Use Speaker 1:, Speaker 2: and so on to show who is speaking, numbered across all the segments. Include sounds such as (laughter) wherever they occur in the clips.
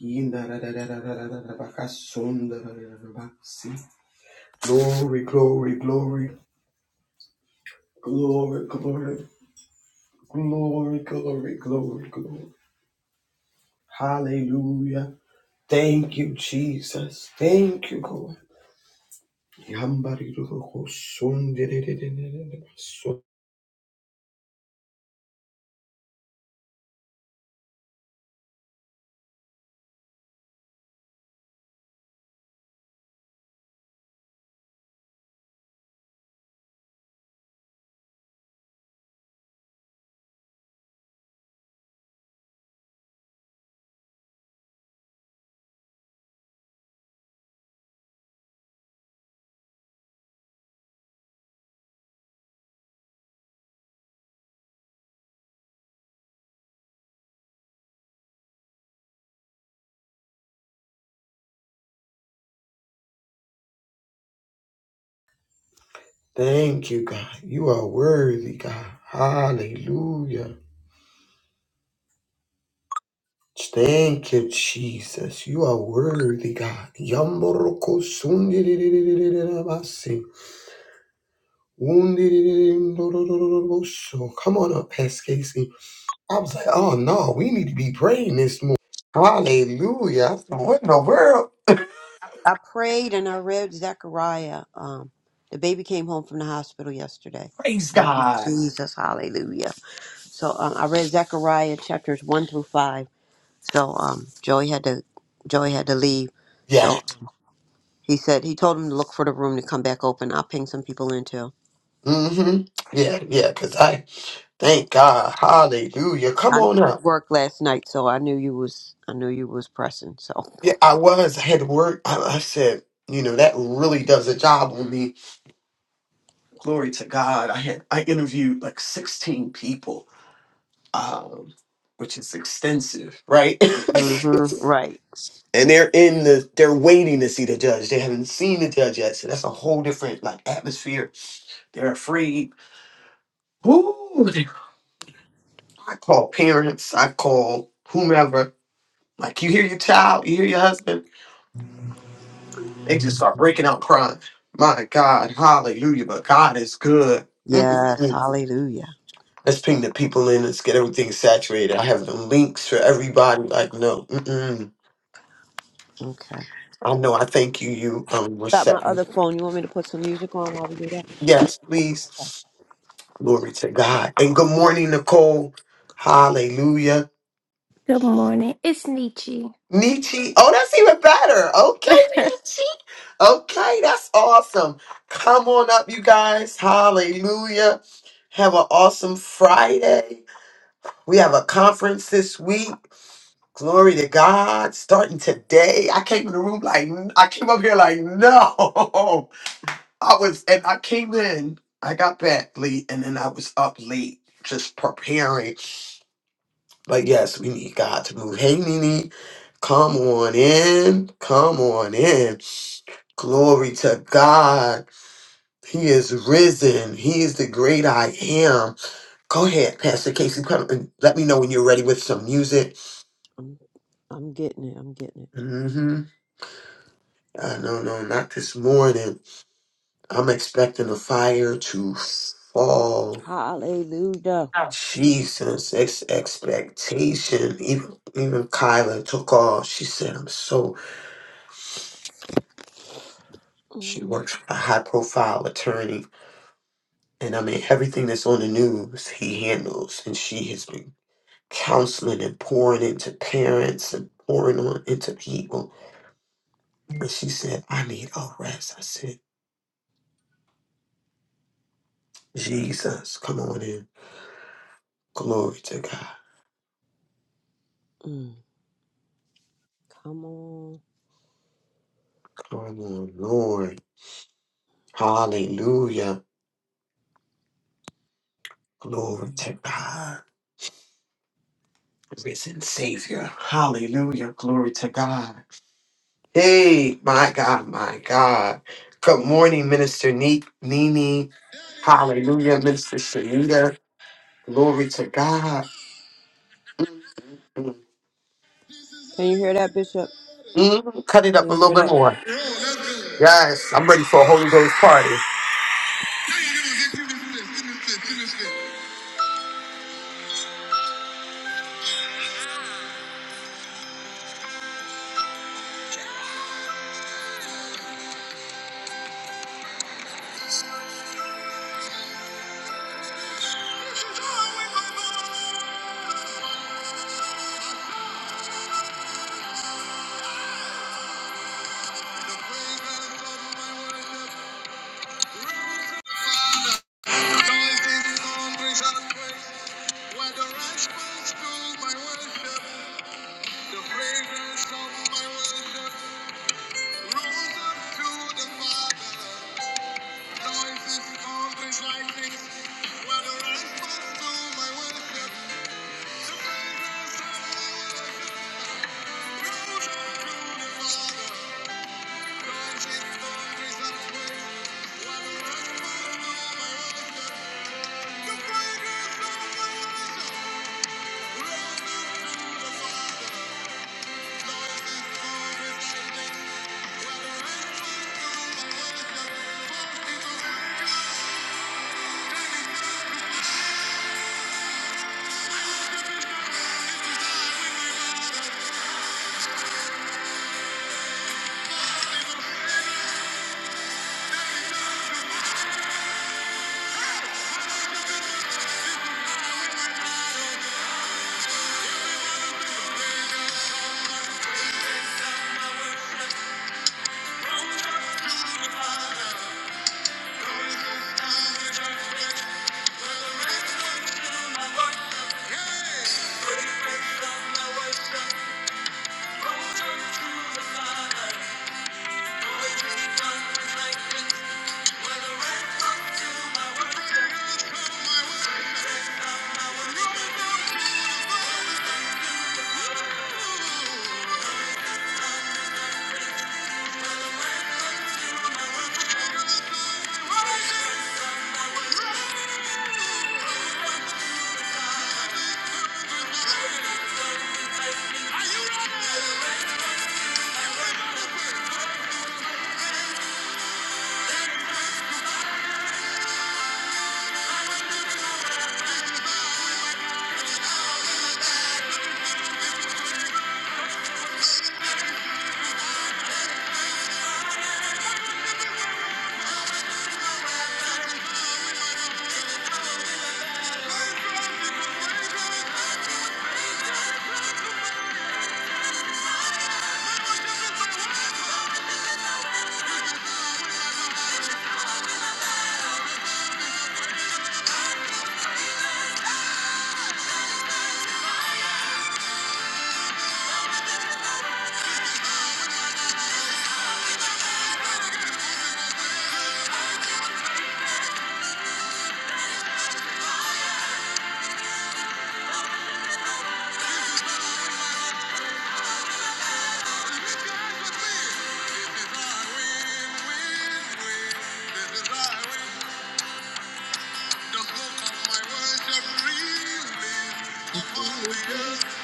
Speaker 1: Glory, glory, glory, glory, glory, glory, glory, glory, glory. Hallelujah. Thank you, Jesus. Thank you, Lord. Thank you, God. You are worthy, God. Hallelujah. Thank you, Jesus. You are worthy, God. wounded in do do so Come on up, Pastor Casey. I was like, oh no, we need to be praying this morning. Hallelujah. I said, what in the world?
Speaker 2: I prayed and I read Zechariah. Um, the baby came home from the hospital yesterday.
Speaker 1: Praise
Speaker 2: Thank you,
Speaker 1: God.
Speaker 2: Jesus. Hallelujah. So um, I read Zechariah chapters one through five. So um, Joey had to Joey had to leave.
Speaker 1: Yeah.
Speaker 2: So he said he told him to look for the room to come back open. I'll ping some people in too.
Speaker 1: Mm-hmm. Yeah, yeah, because I thank God. Hallelujah. Come
Speaker 2: I knew
Speaker 1: on
Speaker 2: you
Speaker 1: up.
Speaker 2: worked last night, so I knew you was I knew you was pressing. So
Speaker 1: Yeah, I was. I had to work. I, I said, you know, that really does a job on me. Glory to God. I had I interviewed like 16 people. Um, which is extensive, right? (laughs)
Speaker 2: hmm right.
Speaker 1: and they're in the they're waiting to see the judge they haven't seen the judge yet so that's a whole different like atmosphere they're afraid Ooh, they- i call parents i call whomever like you hear your child you hear your husband they just start breaking out crying my god hallelujah but god is good
Speaker 2: Yes,
Speaker 1: Mm-mm-mm.
Speaker 2: hallelujah.
Speaker 1: let's ping the people in let's get everything saturated i have the links for everybody like no mm-mm.
Speaker 2: Okay.
Speaker 1: i know i thank you you um were
Speaker 2: Got my
Speaker 1: set
Speaker 2: other phone. You want me to put some music on while we do that?
Speaker 1: yes please Glory to God. And good morning, Nicole. Hallelujah.
Speaker 3: Good morning. It's Nietzsche.
Speaker 1: Nietzsche. Oh, that's even better. Okay, Nietzsche. Okay, that's awesome. Come on up, you guys. Hallelujah. Have an awesome Friday. We have a conference this week. Glory to God. Starting today. I came in the room like, I came up here like, (laughs) no. I was, and I came in, I got back late, and then I was up late just preparing But yes, we need God to move. Hey, Nene, come on in. Come on in. Glory to God. He is risen. He is the great I am. Go ahead, Pastor Casey. Come and let me know when you're ready with some music.
Speaker 2: I'm, I'm getting it. I'm getting it.
Speaker 1: Mm-hmm. Uh, no, no, not this morning. I'm expecting a fire to fall.
Speaker 2: Hallelujah.
Speaker 1: Oh. Jesus, ex- expectation. Even even Kyla took off. She said, "I'm so." She
Speaker 2: Mm,
Speaker 1: works for a high profile attorney. And I mean, everything that's on the news, he handles. And she has been counseling and pouring into parents and pouring on into people. And she said, I need a rest. I said, Jesus, come on in. Glory to God.
Speaker 2: mm. Come on.
Speaker 1: Come on, Lord. Hallelujah. Glory
Speaker 2: Mm.
Speaker 1: to God. Risen Savior. Hallelujah. Glory to God. Hey, my God, my God. Good morning, Minister Ne- Nini. Hallelujah, Minister Shanita. Glory to God. Mm, mm, mm.
Speaker 2: Can you hear that, Bishop?
Speaker 1: Mm, Cut it up a
Speaker 2: Can you
Speaker 1: little
Speaker 2: hear
Speaker 1: bit
Speaker 2: that?
Speaker 1: more.
Speaker 2: Yo, let's go.
Speaker 1: Yes, I'm ready for a Holy Ghost party.
Speaker 2: Now you going get people to do this, finish this, finish this. do my the fragrance of my worship rose up to the Father. This is how I win. This is how I win my life. I set promises for freedom.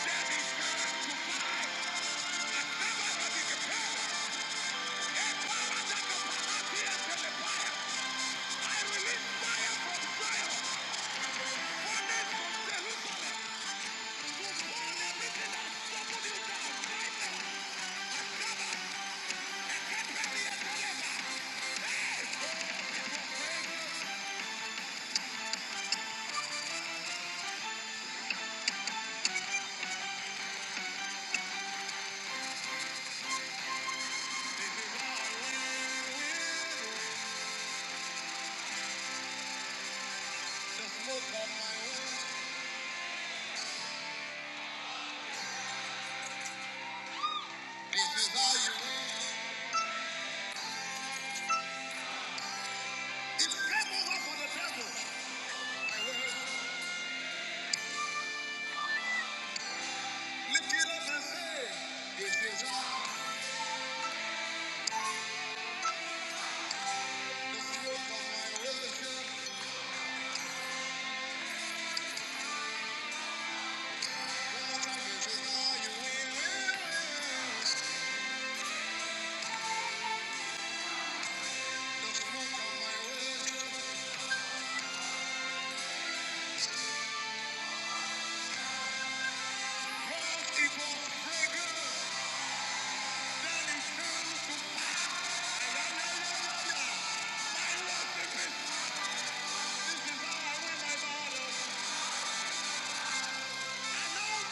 Speaker 2: This is how people desire when I bow. I know you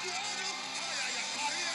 Speaker 2: all know. Oh, yeah, yeah.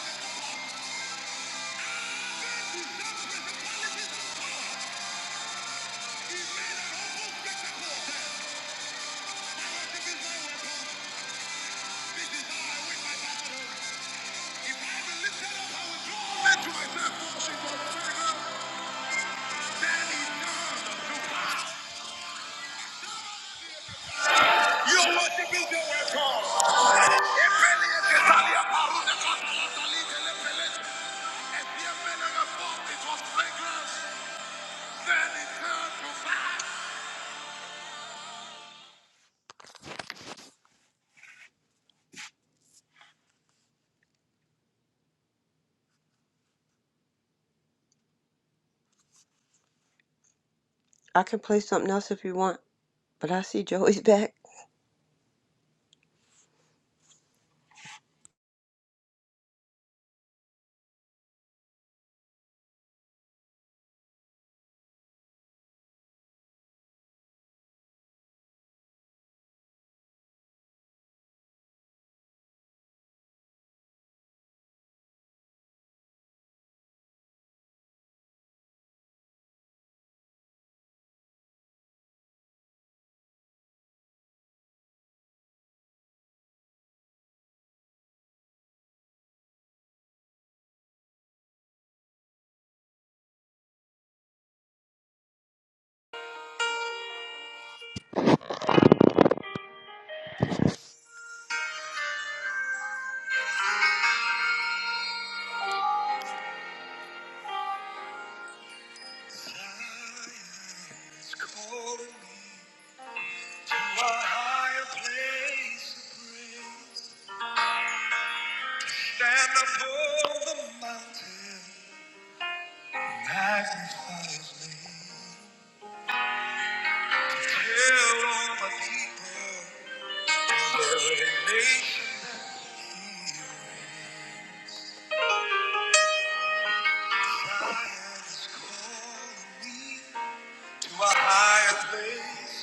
Speaker 2: I can play something else if you want, but I see Joey's back. Stand upon the mountain. Magnifies me. Tell all my people, every nation that he reigns. Zion is calling me to a higher place.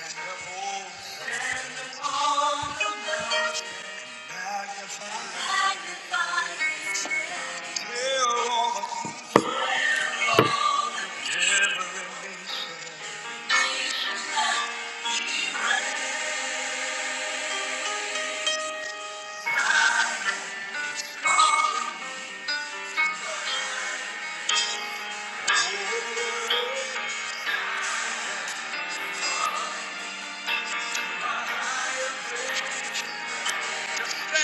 Speaker 2: And the whole magnifies. Tell all my people, every nation.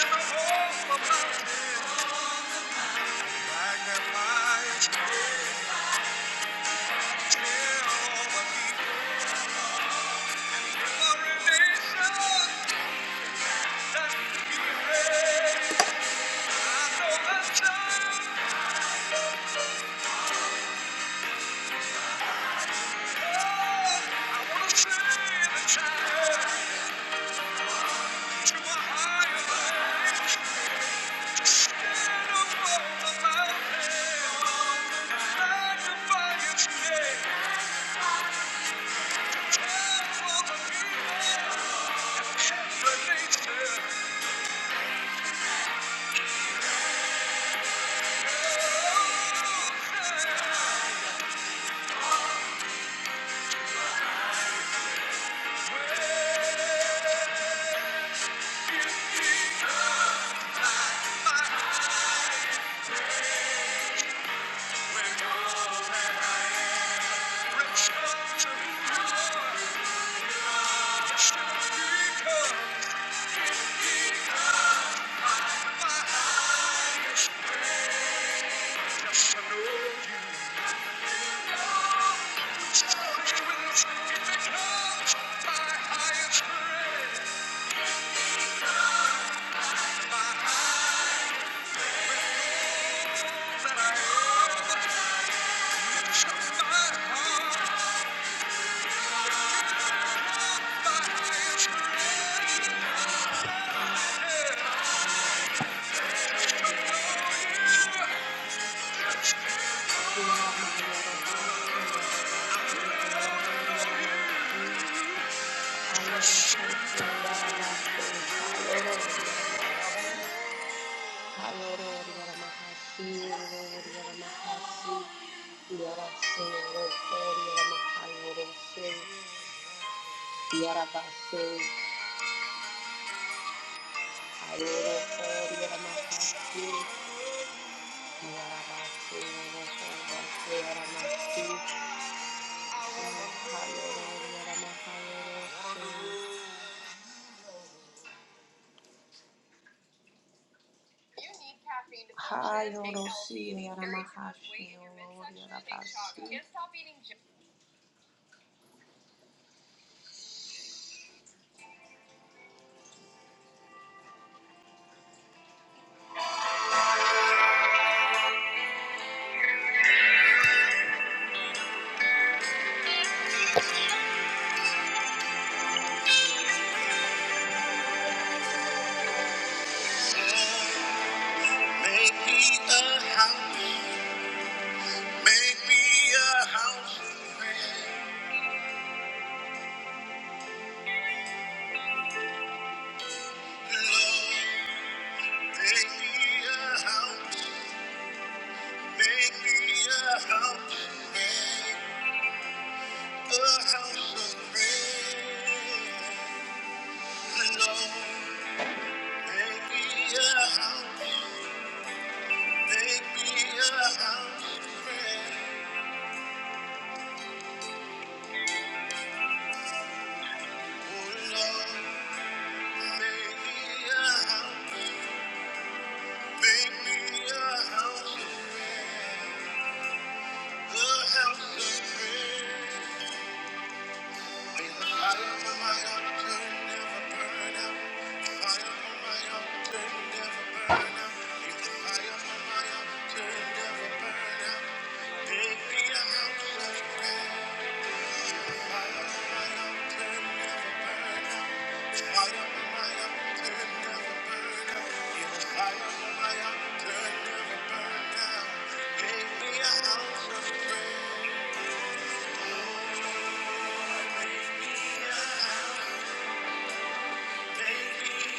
Speaker 2: And the whole of my people Magnify, Tell all my people. Hallelujah. Make me a house, make me a house, Lord. Make me a house, make me a house. A house of prayer, Lord. Make me a house, make a house of prayer. Oh, Lord, make a house, make a house of prayer. A house of prayer. Baby, a house of prayer. Baby,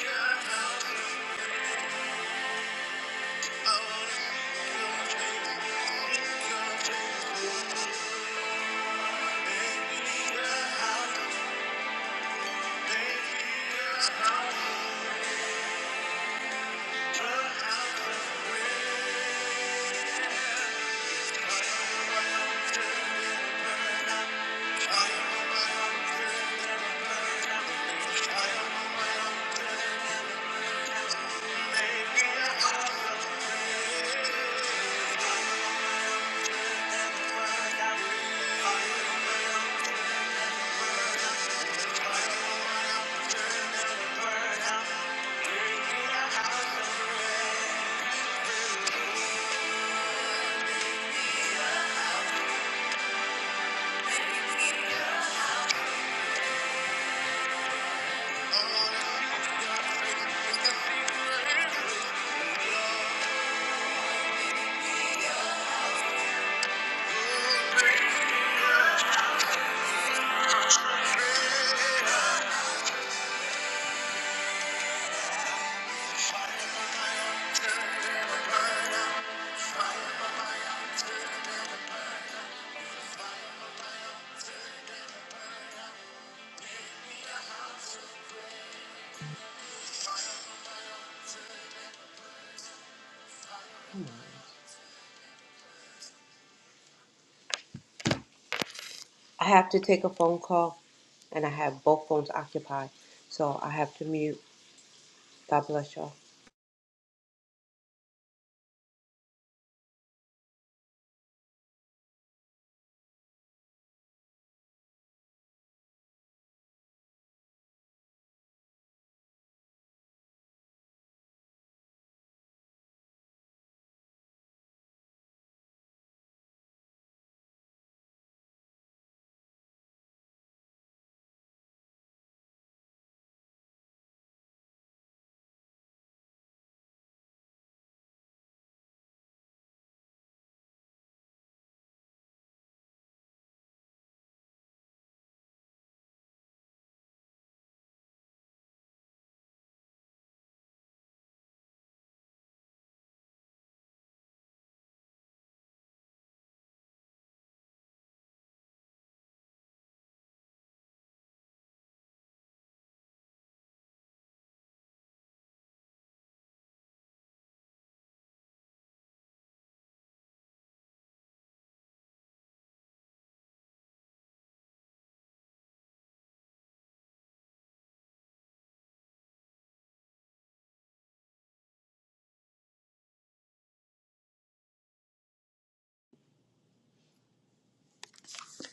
Speaker 2: a I have to take a phone call, and I have both phones occupied, so I have to mute. God bless y'all.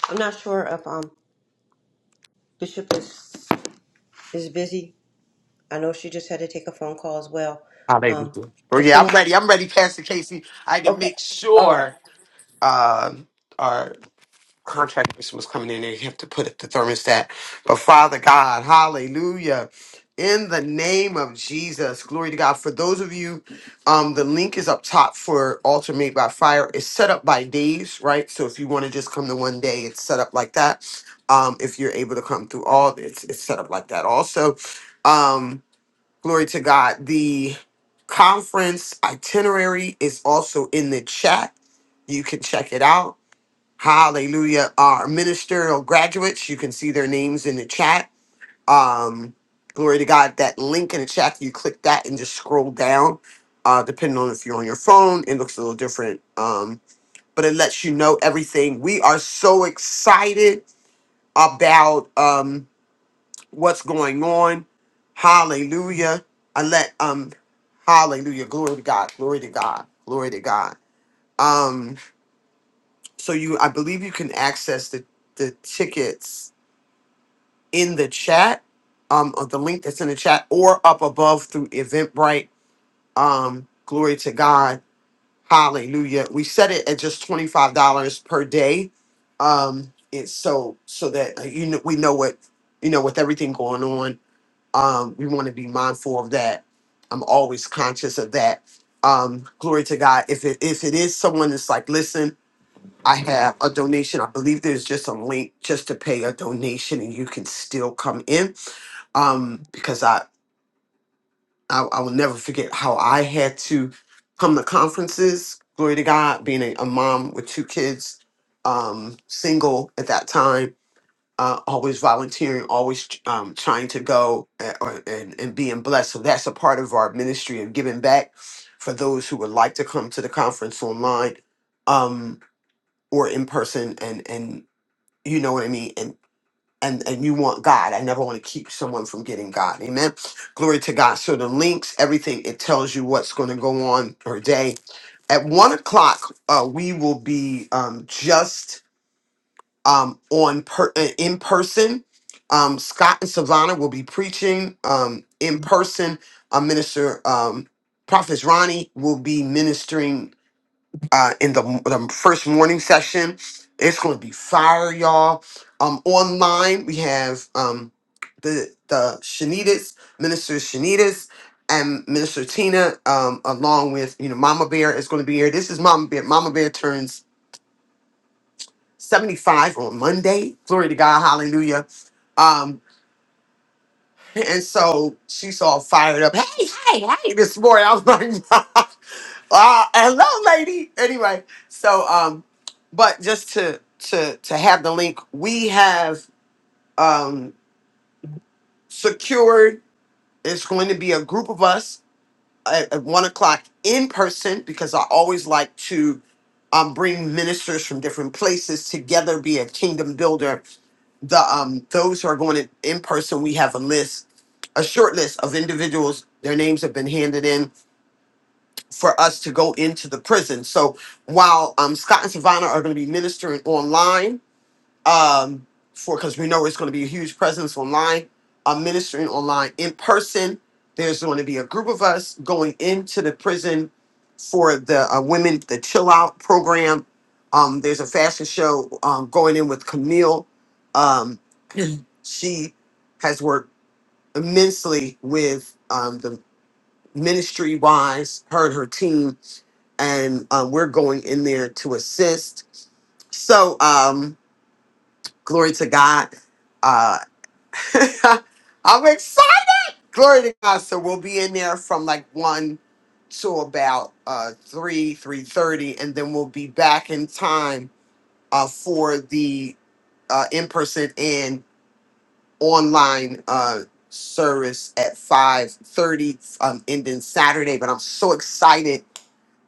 Speaker 2: I'm not sure if um Bishop is is busy. I know she just had to take a phone call as well. Um,
Speaker 1: Hallelujah. Oh,
Speaker 2: is
Speaker 1: yeah, I'm
Speaker 2: someone
Speaker 1: ready. I'm ready, Pastor Casey. I had to
Speaker 2: okay?
Speaker 1: make
Speaker 2: All right.
Speaker 1: sure. Um, contract person was coming in there, you have to put the thermostat. But Father God, hallelujah. In the name of Jesus, glory to God. For those of you, um, the link is up top for Altar Made by Fire. It's set up by days, right? So if you want to just come to one day, it's set up like that. Um, if you're able to come through all, it's it's set up like that. Also, um, glory to God. The conference itinerary is also in the chat. You can check it out Hallelujah. Our ministerial graduates, you can see their names in the chat. Um, glory to God. That link in the chat, you click that and just scroll down. Uh, depending on if you're on your phone, it looks a little different. Um, but it lets you know everything. We are so excited about um what's going on. Hallelujah. I let um hallelujah. Glory to God. Glory to God. Glory to God. Um, so you I believe you can access the the tickets in the chat, um, or the link that's in the chat, or up above through Eventbrite. Um, glory to God, Hallelujah. We set it at just twenty five dollars per day. Um, it's so so that uh, you know we know what you know with everything going on. Um, we want to be mindful of that. I'm always conscious of that. Um, glory to God. If it if it is someone that's like, listen. I have a donation. I believe there's just a link just to pay a donation, and you can still come in. Um, because I, I I will never forget how I had to come to conferences. Glory to God, being a, a mom with two kids, um, single at that time, uh, always volunteering, always um, trying to go and, or- and and being blessed. So that's a part of our ministry of giving back for those who would like to come to the conference online. Um, or in person and and you know what I mean, and and and you want God. I never want to keep someone from getting God. Amen. Glory to God. So the links, everything, it tells you what's going to go on per day. At one o'clock, uh, we will be um, just um, on per- uh, in person. Um, Scott and Savannah will be preaching um, in person. Uh, Minister um, Prophet Ronnie will be ministering uh, in the, the first morning session. It's going to be fire, y'all. Um, online we have um, the the Shanitas, Minister Shanitas, and Minister Tina, um, along with you know Mama Bear is going to be here. This is Mama Bear. Mama Bear turns seventy five on Monday. Glory to God, Hallelujah. Um, and so she's all fired up. Hey, hey, hey, this morning. I was like, (laughs) uh, hello, lady. Anyway, so um, but just to to to have the link, we have um secured it's going to be a group of us at, at one o'clock in person because I always like to um, bring ministers from different places together, be a kingdom builder. The um, those who are going in, in person, we have a list, a short list of individuals. Their names have been handed in for us to go into the prison. So while um, Scott and Savannah are going to be ministering online, um, for because we know it's going to be a huge presence online. I'm ministering online in person. There's going to be a group of us going into the prison for the uh, women, the chill out program. Um, there's a fashion show um, going in with Camille. Um, (clears throat) she has worked immensely with um, the ministry wise, her and her team, and um, we're going in there to assist. So, um, Glory to God. Uh, (laughs) I'm excited. Glory to God. So we'll be in there from like one to about uh, three, three thirty, and then we'll be back in time uh, for the uh, in-person and online uh, service at five thirty, um, ending Saturday. But I'm so excited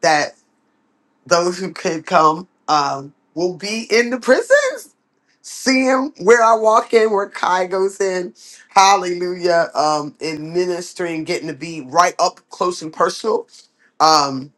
Speaker 1: that those who could come um, will be in the prisons. see him where I walk in, where Kai goes in. Hallelujah. Um, in ministering, getting to be right up close and personal. Um,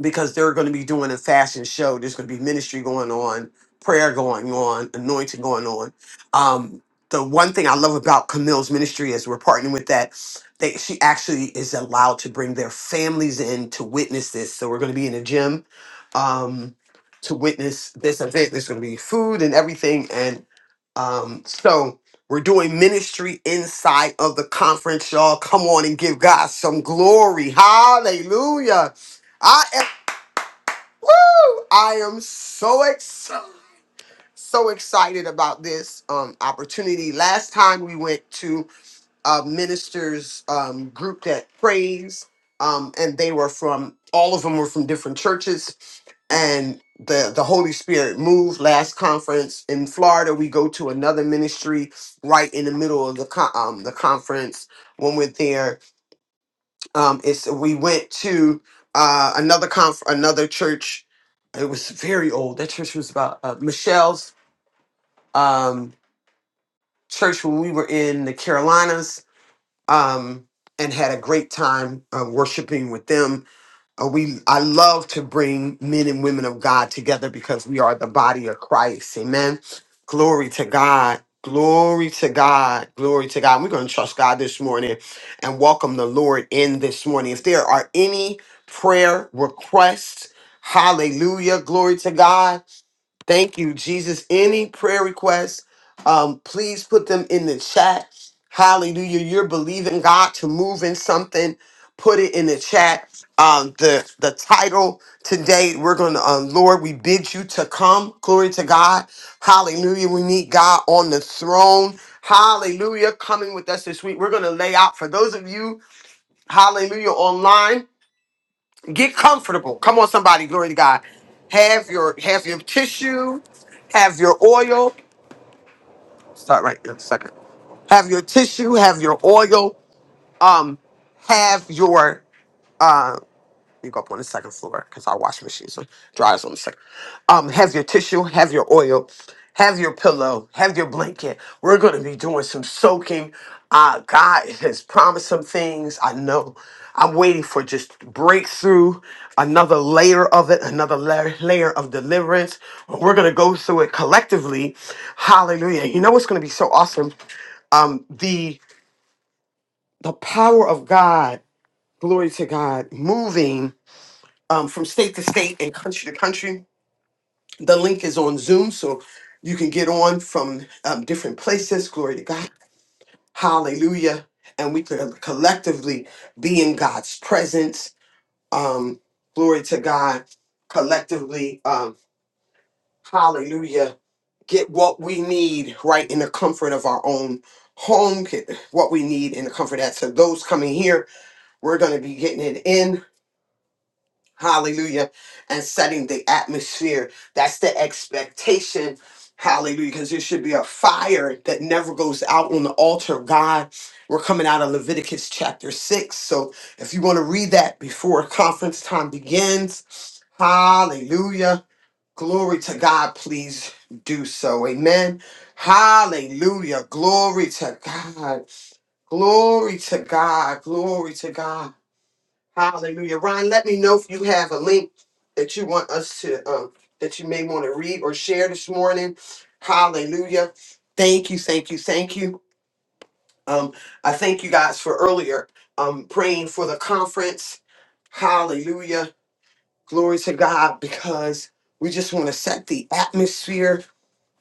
Speaker 1: because they're going to be doing a fashion show. There's going to be ministry going on, prayer going on, anointing going on. Um, the one thing I love about Camille's ministry is we're partnering with that. They, she actually is allowed to bring their families in to witness this. So we're going to be in a gym. Um, to witness this event. There's going to be food and everything, and um, so we're doing ministry inside of the conference, y'all. Come on and give God some glory. Hallelujah. I am woo! I am so excited, so excited about this um opportunity. Last time we went to uh, ministers um, group that prays, um, and they were from all of them were from different churches, and the the Holy Spirit moved. Last conference in Florida, we go to another ministry right in the middle of the con- um, the conference. When we're there, um, it's we went to uh, another conf- another church. It was very old. That church was about uh, Michelle's um, church when we were in the Carolinas um, and had a great time uh, worshiping with them. Uh, we I love to bring men and women of God together because we are the body of Christ. Amen. Glory to God. Glory to God. Glory to God. We're going to trust God this morning and welcome the Lord in this morning. If there are any prayer requests, hallelujah. Glory to God. Thank you, Jesus. Any prayer requests, um, please put them in the chat. Hallelujah. You're believing God to move in something. Put it in the chat. Um, the the title today, we're gonna um, Lord, we bid you to come. Glory to God. Hallelujah. We need God on the throne. Hallelujah. Coming with us this week. We're gonna lay out for those of you, hallelujah, online. Get comfortable. Come on, somebody. Glory to God. Have your have your tissue. Have your oil. Start right in a second. Have your tissue. Have your oil. Um, have your um, you go up on the second floor because our washing machines are dryers on the second. Um, have your tissue, have your oil, have your pillow, have your blanket. We're gonna be doing some soaking. Uh, God has promised some things. I know. I'm waiting for just breakthrough, another layer of it, another layer, layer of deliverance. We're gonna go through it collectively. Hallelujah! You know what's gonna be so awesome? Um, the the power of God. Glory to God, moving um, from state to state and country to country. The link is on Zoom, so you can get on from um, different places. Glory to God. Hallelujah. And we can collectively be in God's presence. Um, glory to God. Collectively, um, hallelujah. Get what we need right in the comfort of our own home. Get what we need in the comfort of that. So, those coming here, we're going to be getting it in. Hallelujah. And setting the atmosphere. That's the expectation. Hallelujah. Because there should be a fire that never goes out on the altar of God. We're coming out of Leviticus chapter 6. So if you want to read that before conference time begins, hallelujah. Glory to God. Please do so. Amen. Hallelujah. Glory to God. Glory to God. Glory to God. Hallelujah. Ron, let me know if you have a link that you want us to, um, that you may want to read or share this morning. Hallelujah. Thank you, thank you, thank you. Um, I thank you guys for earlier um, praying for the conference. Hallelujah. Glory to God because we just want to set the atmosphere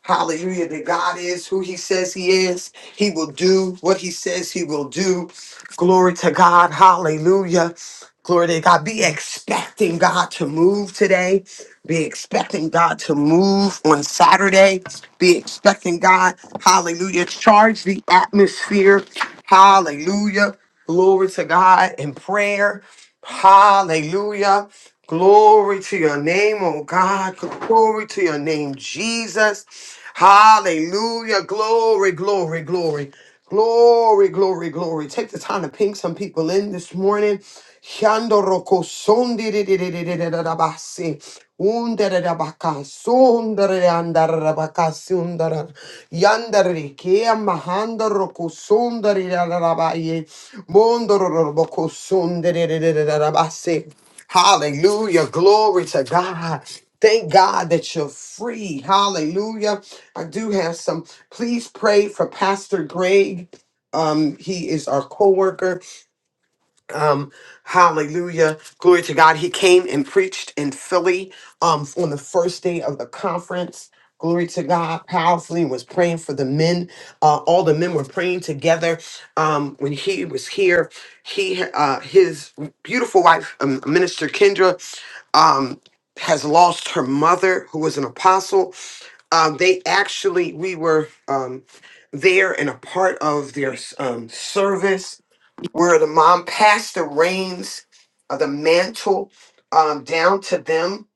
Speaker 1: Hallelujah. That God is who he says he is. He will do what he says he will do. Glory to God. Hallelujah. Glory to God. Be expecting God to move today. Be expecting God to move on Saturday. Be expecting God. Hallelujah. Charge the atmosphere. Hallelujah. Glory to God in prayer. Hallelujah. Glory to your name, oh God. Glory to your name, Jesus. Hallelujah. Glory, glory, glory. Glory, glory, glory. Take the time to ping some people in this morning. Yando roko son di di di di di di di da da ba si. Un da da da ba son da da da da da da ba ka si da da. Yanda ri ke a roko son da di da da da ba ye. Mondo ro ro ro bo son di di di di di da da ba si. Hallelujah. Glory to God. Thank God that you're free. Hallelujah. I do have some. Please pray for Pastor Greg. Um, he is our co-worker um, hallelujah. Glory to God. He came and preached in Philly um, on the first day of the conference. Glory to God, powerfully was praying for the men. Uh, all the men were praying together. Um, when he was here, he uh, his beautiful wife, um, Minister Kendra, um, has lost her mother, who was an apostle. Um, they actually, we were um, there and a part of their um, service where the mom passed the reins of the mantle um, down to them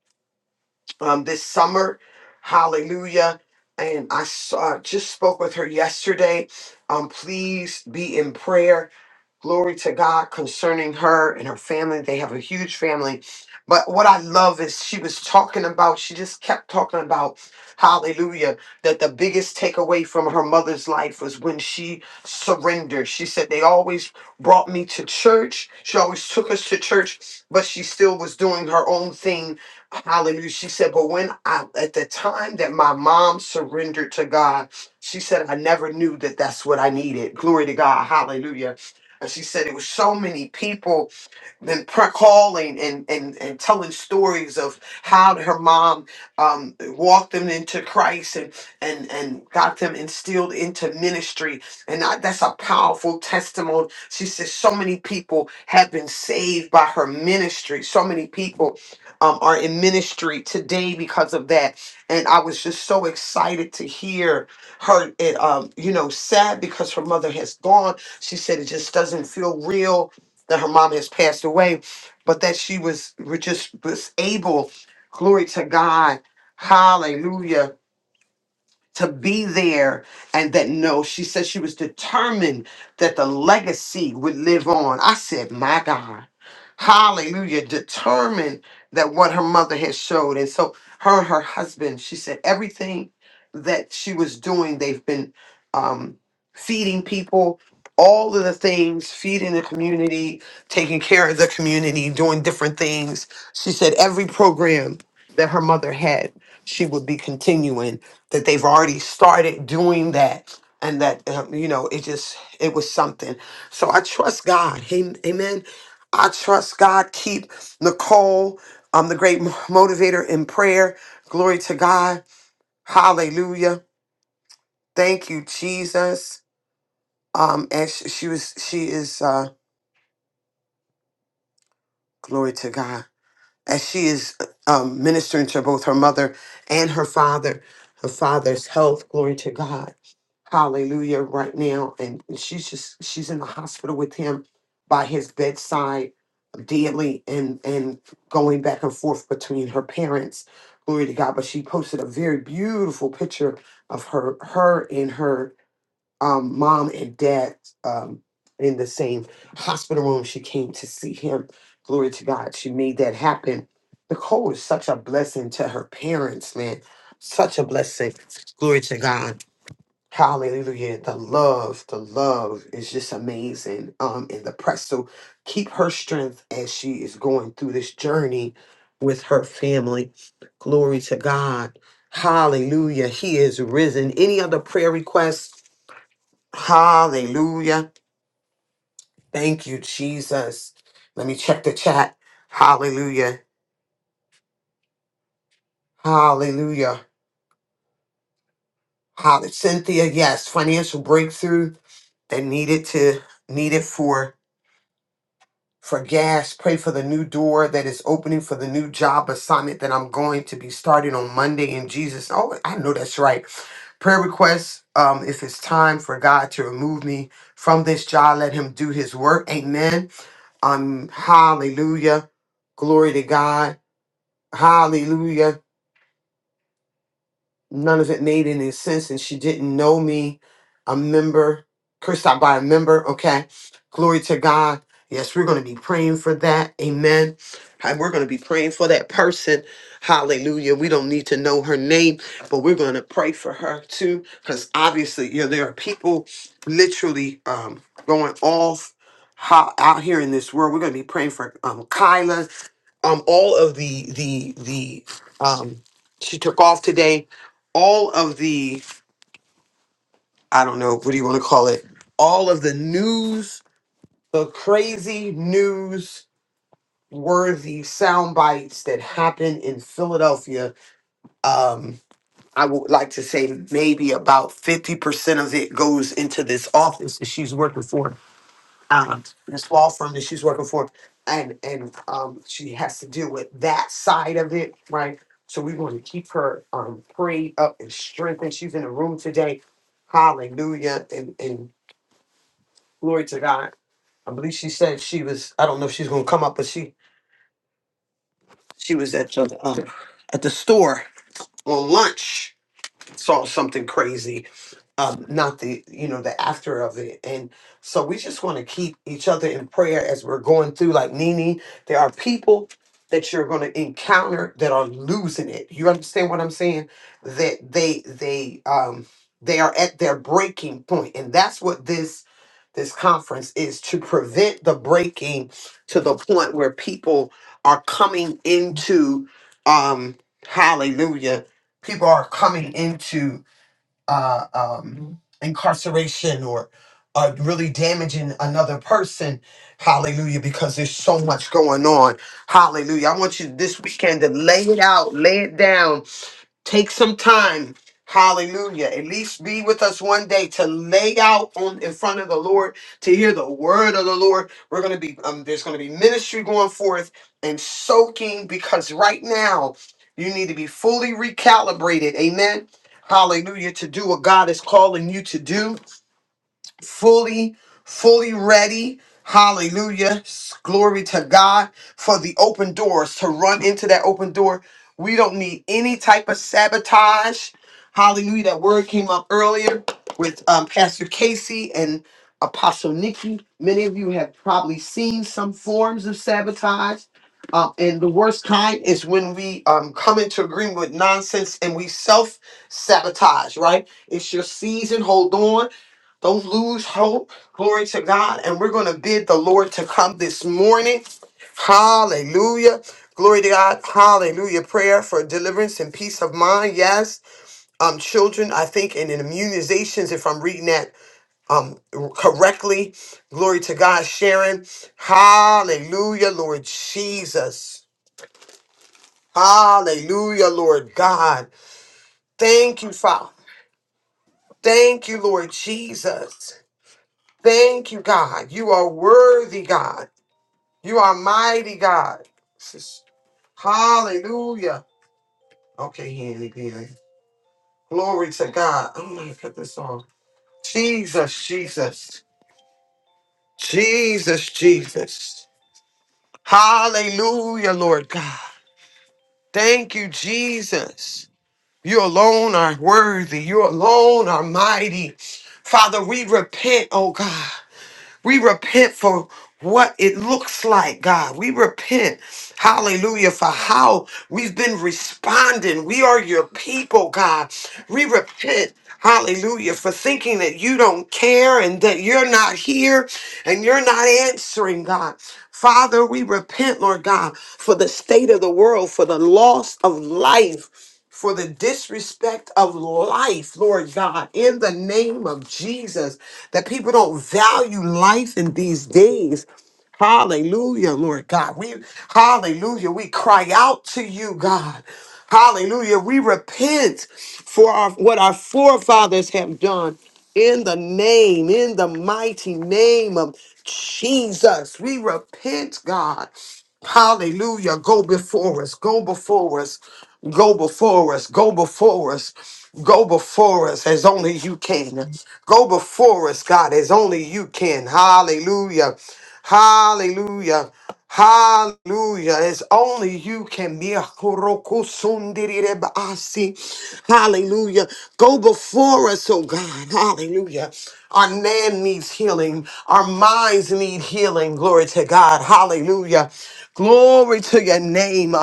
Speaker 1: um, this summer. Hallelujah. And I saw, just spoke with her yesterday. Um, please be in prayer Glory to God concerning her and her family. They have a huge family. But what I love is she was talking about, she just kept talking about, hallelujah, that the biggest takeaway from her mother's life was when she surrendered. She said, They always brought me to church. She always took us to church, but she still was doing her own thing. Hallelujah. She said, But when I, at the time that my mom surrendered to God, she said, I never knew that that's what I needed. Glory to God. Hallelujah and she said it was so many people been pre- calling and, and, and telling stories of how her mom um, walked them into Christ and, and, and got them instilled into ministry. And I, that's a powerful testimony. She says so many people have been saved by her ministry. So many people um, are in ministry today because of that. And I was just so excited to hear her, it, um, you know, sad because her mother has gone. She said it just doesn't feel real that her mom has passed away, but that she was was just was able, glory to God, hallelujah, to be there and that no she said she was determined that the legacy would live on i said my god hallelujah determined that what her mother had showed and so her and her husband she said everything that she was doing they've been um, feeding people all of the things feeding the community taking care of the community doing different things she said every program that her mother had she would be continuing that they've already started doing that and that um, you know it just it was something so i trust god Am- amen i trust god keep nicole um, the great mo- motivator in prayer glory to god hallelujah thank you jesus um and sh- she was she is uh glory to god as she is um, ministering to both her mother and her father, her father's health. Glory to God. Hallelujah. Right now. And she's just, she's in the hospital with him by his bedside daily and, and going back and forth between her parents. Glory to God. But she posted a very beautiful picture of her, her in her um, mom and dad um, in the same hospital room. She came to see him. Glory to God. She made that happen. Nicole is such a blessing to her parents, man. Such a blessing. Glory to God. Hallelujah. The love, the love is just amazing. Um, in the press. So keep her strength as she is going through this journey with her family. Glory to God. Hallelujah. He is risen. Any other prayer requests? Hallelujah. Thank you, Jesus. Let me check the chat. Hallelujah. Hallelujah. Hallelujah. Cynthia, yes, financial breakthrough that needed to needed for for gas. Pray for the new door that is opening for the new job assignment that I'm going to be starting on Monday in Jesus. Oh, I know that's right. Prayer requests. Um, if it's time for God to remove me from this job, let Him do His work. Amen. I'm hallelujah. Glory to God. Hallelujah. None of it made any sense. And she didn't know me, a member, cursed out by a member. Okay. Glory to God. Yes, we're going to be praying for that. Amen. And we're going to be praying for that person. Hallelujah. We don't need to know her name, but we're going to pray for her too. Because obviously, you know, there are people literally um, going off ho- out here in this world. We're going to be praying for um, Kyla um all of the the the um she took off today all of the i don't know what do you want to call it all of the news the crazy news worthy sound bites that happen in philadelphia um i would like to say maybe about 50% of it goes into this office that she's working for um, this law firm that she's working for, and and um, she has to deal with that side of it, right? So we want to keep her um, prayed up and strengthened. She's in the room today. Hallelujah and and glory to God. I believe she said she was. I don't know if she's going to come up, but she she was at the um, at the store on lunch saw something crazy um not the you know the after of it and so we just want to keep each other in prayer as we're going through like nini there are people that you're going to encounter that are losing it you understand what i'm saying that they they um they are at their breaking point and that's what this this conference is to prevent the breaking to the point where people are coming into um hallelujah people are coming into uh um incarceration or uh, really damaging another person hallelujah because there's so much going on hallelujah i want you this weekend to lay it out lay it down Take some time. Hallelujah. At least be with us one day to lay out on in front of the Lord, to hear the word of the Lord. We're gonna be um, there's gonna be ministry going forth and soaking because right now you need to be fully recalibrated. Amen. Hallelujah. To do what God is calling you to do fully, fully ready. Hallelujah. Glory to God for the open doors, to run into that open door. We don't need any type of sabotage. Hallelujah. That word came up earlier with um, Pastor Casey and Apostle Nikki. Many of you have probably seen some forms of sabotage. Um, and the worst kind is when we um, come into agreement with nonsense and we self sabotage, right? It's your season. Hold on. Don't lose hope. Glory to God. And we're going to bid the Lord to come this morning. Hallelujah. Glory to God. Hallelujah. Prayer for deliverance and peace of mind. Yes. Um, children, I think, and in immunizations, if I'm reading that um correctly. Glory to God, Sharon. Hallelujah, Lord Jesus. Hallelujah, Lord God. Thank you, Father. Thank you, Lord Jesus. Thank you, God. You are worthy, God. You are mighty God. Sis- Hallelujah. Okay, Handy Danny. Glory to God. I'm gonna cut this off. Jesus, Jesus, Jesus, Jesus. Hallelujah, Lord God. Thank you, Jesus. You alone are worthy. You alone are mighty. Father, we repent, oh God. We repent for what it looks like, God. We repent, hallelujah, for how we've been responding. We are your people, God. We repent, hallelujah, for thinking that you don't care and that you're not here and you're not answering, God. Father, we repent, Lord God, for the state of the world, for the loss of life for the disrespect of life, Lord God, in the name of Jesus, that people don't value life in these days. Hallelujah, Lord God. We hallelujah. We cry out to you, God. Hallelujah. We repent for our, what our forefathers have done in the name, in the mighty name of Jesus. We repent, God. Hallelujah. Go before us. Go before us. Go before us, go before us, go before us as only you can. Go before us, God, as only you can. Hallelujah. Hallelujah. Hallelujah. As only you can be a Hallelujah. Go before us, oh God. Hallelujah. Our land needs healing. Our minds need healing. Glory to God. Hallelujah. Glory to your name.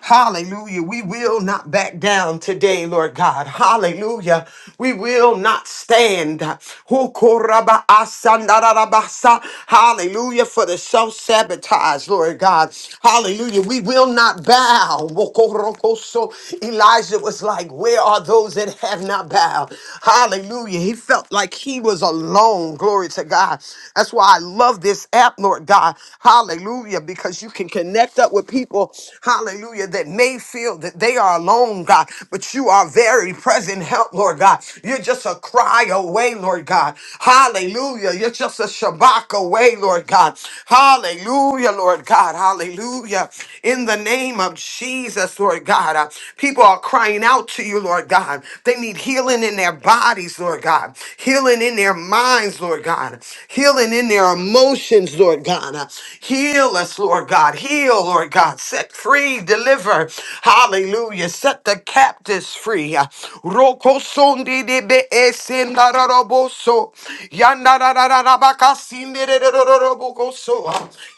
Speaker 1: Hallelujah. We will not back down today, Lord God. Hallelujah. We will not stand. Hukorabaasandarabasa. Hallelujah. For the self sabotage, Lord God. Hallelujah. We will not bow. Wokorokoso Elijah was like, Where are those that have not bowed? Hallelujah. He felt like he was alone. Glory to God. That's why I love this app, Lord God. Hallelujah. Because you can connect up with people, hallelujah, that may feel that they are alone, God, but you are very present help, Lord God. You're just a cry away, Lord God. Hallelujah. You're just a shabak away, Lord God. Hallelujah. Hallelujah, Lord God. Hallelujah. In the name of Jesus, Lord God. Uh, people are crying out to you, Lord God. They need healing in their bodies, Lord God. Healing in their minds, Lord God. Healing in their emotions, Lord God. Uh, heal us, Lord God. Heal, Lord God. Set free, deliver. Hallelujah. Set the captives free. Uh, Roko sondi de Yandarararaboso. Yandarararabakasindererorobokoso.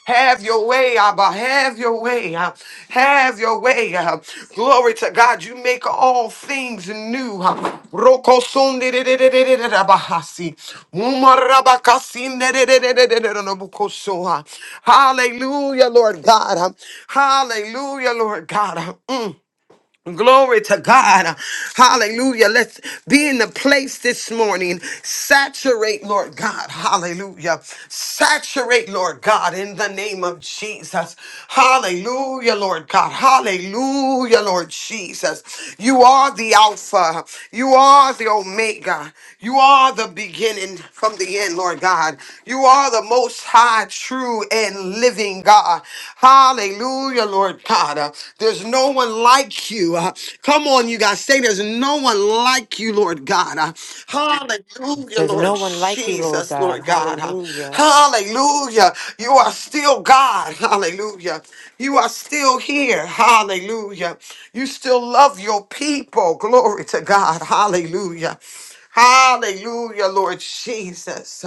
Speaker 1: Have your way, Abba. Have your way. uh, Have your way. uh. Glory to God. You make all things new. uh. Rokosunderererererabahasi. Umarabakasinderererererorobokoso, uh. Hallelujah, Lord God. uh. Hallelujah, Lord God. uh. Mm. Glory to God. Hallelujah. Let's be in the place this morning. Saturate, Lord God. Hallelujah. Saturate, Lord God, in the name of Jesus. Hallelujah, Lord God. Hallelujah, Lord Jesus. You are the Alpha. You are the Omega. You are the beginning from the end, Lord God. You are the most high, true, and living God. Hallelujah. Hallelujah, Lord God. Uh, There's no one like you. Uh, Come on, you guys. Say there's no one like you, Lord God. Uh, Hallelujah,
Speaker 4: There's
Speaker 1: Lord
Speaker 4: no one like you, Lord
Speaker 1: Jesus,
Speaker 4: God.
Speaker 1: Lord God. Uh,
Speaker 4: Hallelujah.
Speaker 1: Hallelujah. You are still God. Hallelujah. You are still here. Hallelujah. You still love your people. Glory to God. Hallelujah. Hallelujah, Lord Jesus.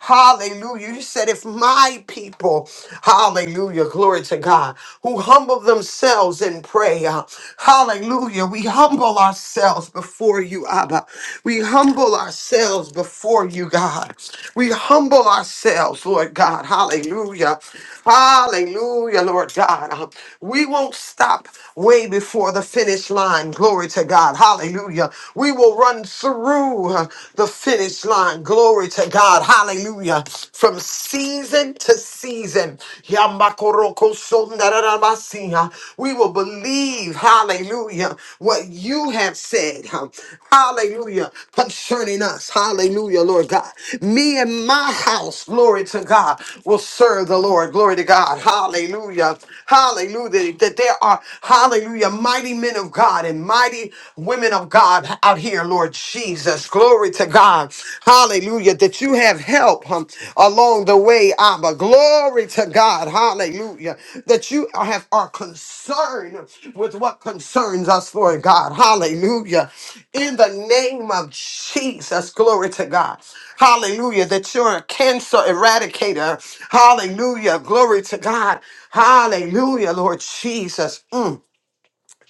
Speaker 1: Hallelujah. You said, if my people, hallelujah, glory to God, who humble themselves in prayer, hallelujah, we humble ourselves before you, Abba. We humble ourselves before you, God. We humble ourselves, Lord God. Hallelujah. Hallelujah, Lord God. We won't stop way before the finish line. Glory to God. Hallelujah. We will run through uh, the finish line. Glory to God. Hallelujah. From season to season. Yamakorokosondarabasiya. We will believe, hallelujah, what you have said. huh, Hallelujah. Concerning us. Hallelujah, Lord God. Me and my house, glory to God, will serve the Lord. Glory to God. Hallelujah. Hallelujah. That there are Hallelujah. Mighty men of God and mighty women of God out here, Lord Jesus. Glory to God. Hallelujah. That you have help um, along the way, Abba. Glory to God. Hallelujah. That you have are concerned with what concerns us, Lord God. Hallelujah. In the name of Jesus. Glory to God. Hallelujah. That you're a cancer eradicator. Hallelujah. Glory to God. Hallelujah, Lord Jesus. Mm.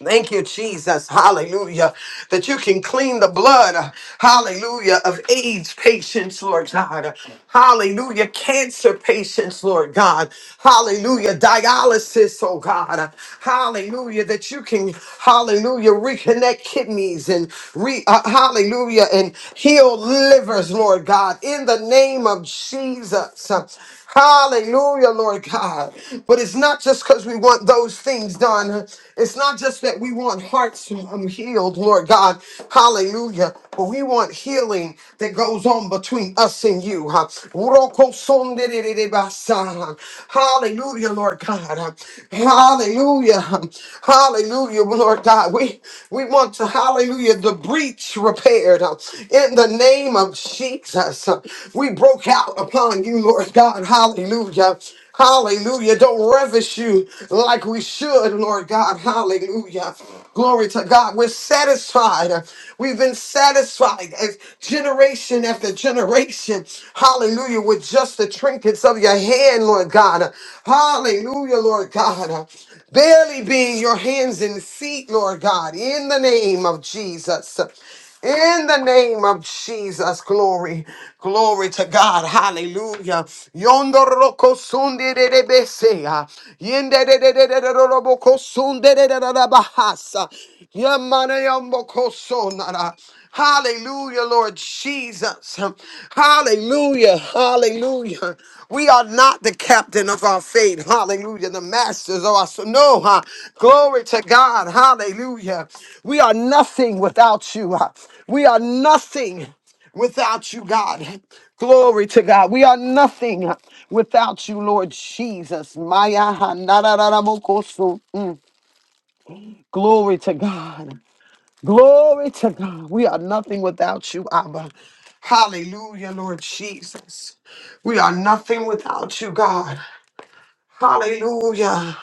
Speaker 1: Thank you, Jesus. Hallelujah. That you can clean the blood, hallelujah, of AIDS patients, Lord God. Hallelujah. Cancer patients, Lord God. Hallelujah. Dialysis, oh God. Hallelujah. That you can, hallelujah, reconnect kidneys and re, uh, hallelujah, and heal livers, Lord God, in the name of Jesus. Hallelujah, Lord God. But it's not just because we want those things done. It's not just that we want hearts um, healed, Lord God. Hallelujah. But we want healing that goes on between us and you. huh? Urokosondererebasa. Hallelujah, Lord God. Hallelujah. Hallelujah, Lord God. We, we want to, hallelujah, the breach repaired huh? in the name of Jesus. Uh, We broke out upon you, Lord God. Hallelujah. Hallelujah. Don't ravish you like we should, Lord God. Hallelujah. Glory to God. We're satisfied. We've been satisfied as generation after generation. Hallelujah. With just the trinkets of your hand, Lord God. Hallelujah, Lord God. Barely being your hands and feet, Lord God, in the name of Jesus. In the name of Jesus, glory, glory to God, hallelujah. Yondo roko sunde de de besea, yende de de de de de robo kosunde de de de de bahasa, yamane yambo kosonara. Hallelujah, Lord Jesus. Hallelujah. Hallelujah. We are not the captain of our fate. Hallelujah. The masters of our so no. huh? Glory to God. Hallelujah. We are nothing without you. huh? We are nothing without you, God. Glory to God. We are nothing without you, Lord Jesus. Maya ha na na na ra mo ko so. Mm. Glory to God. Glory to God. We are nothing without you, Abba. Hallelujah, Lord Jesus. We are nothing without you, God. Hallelujah.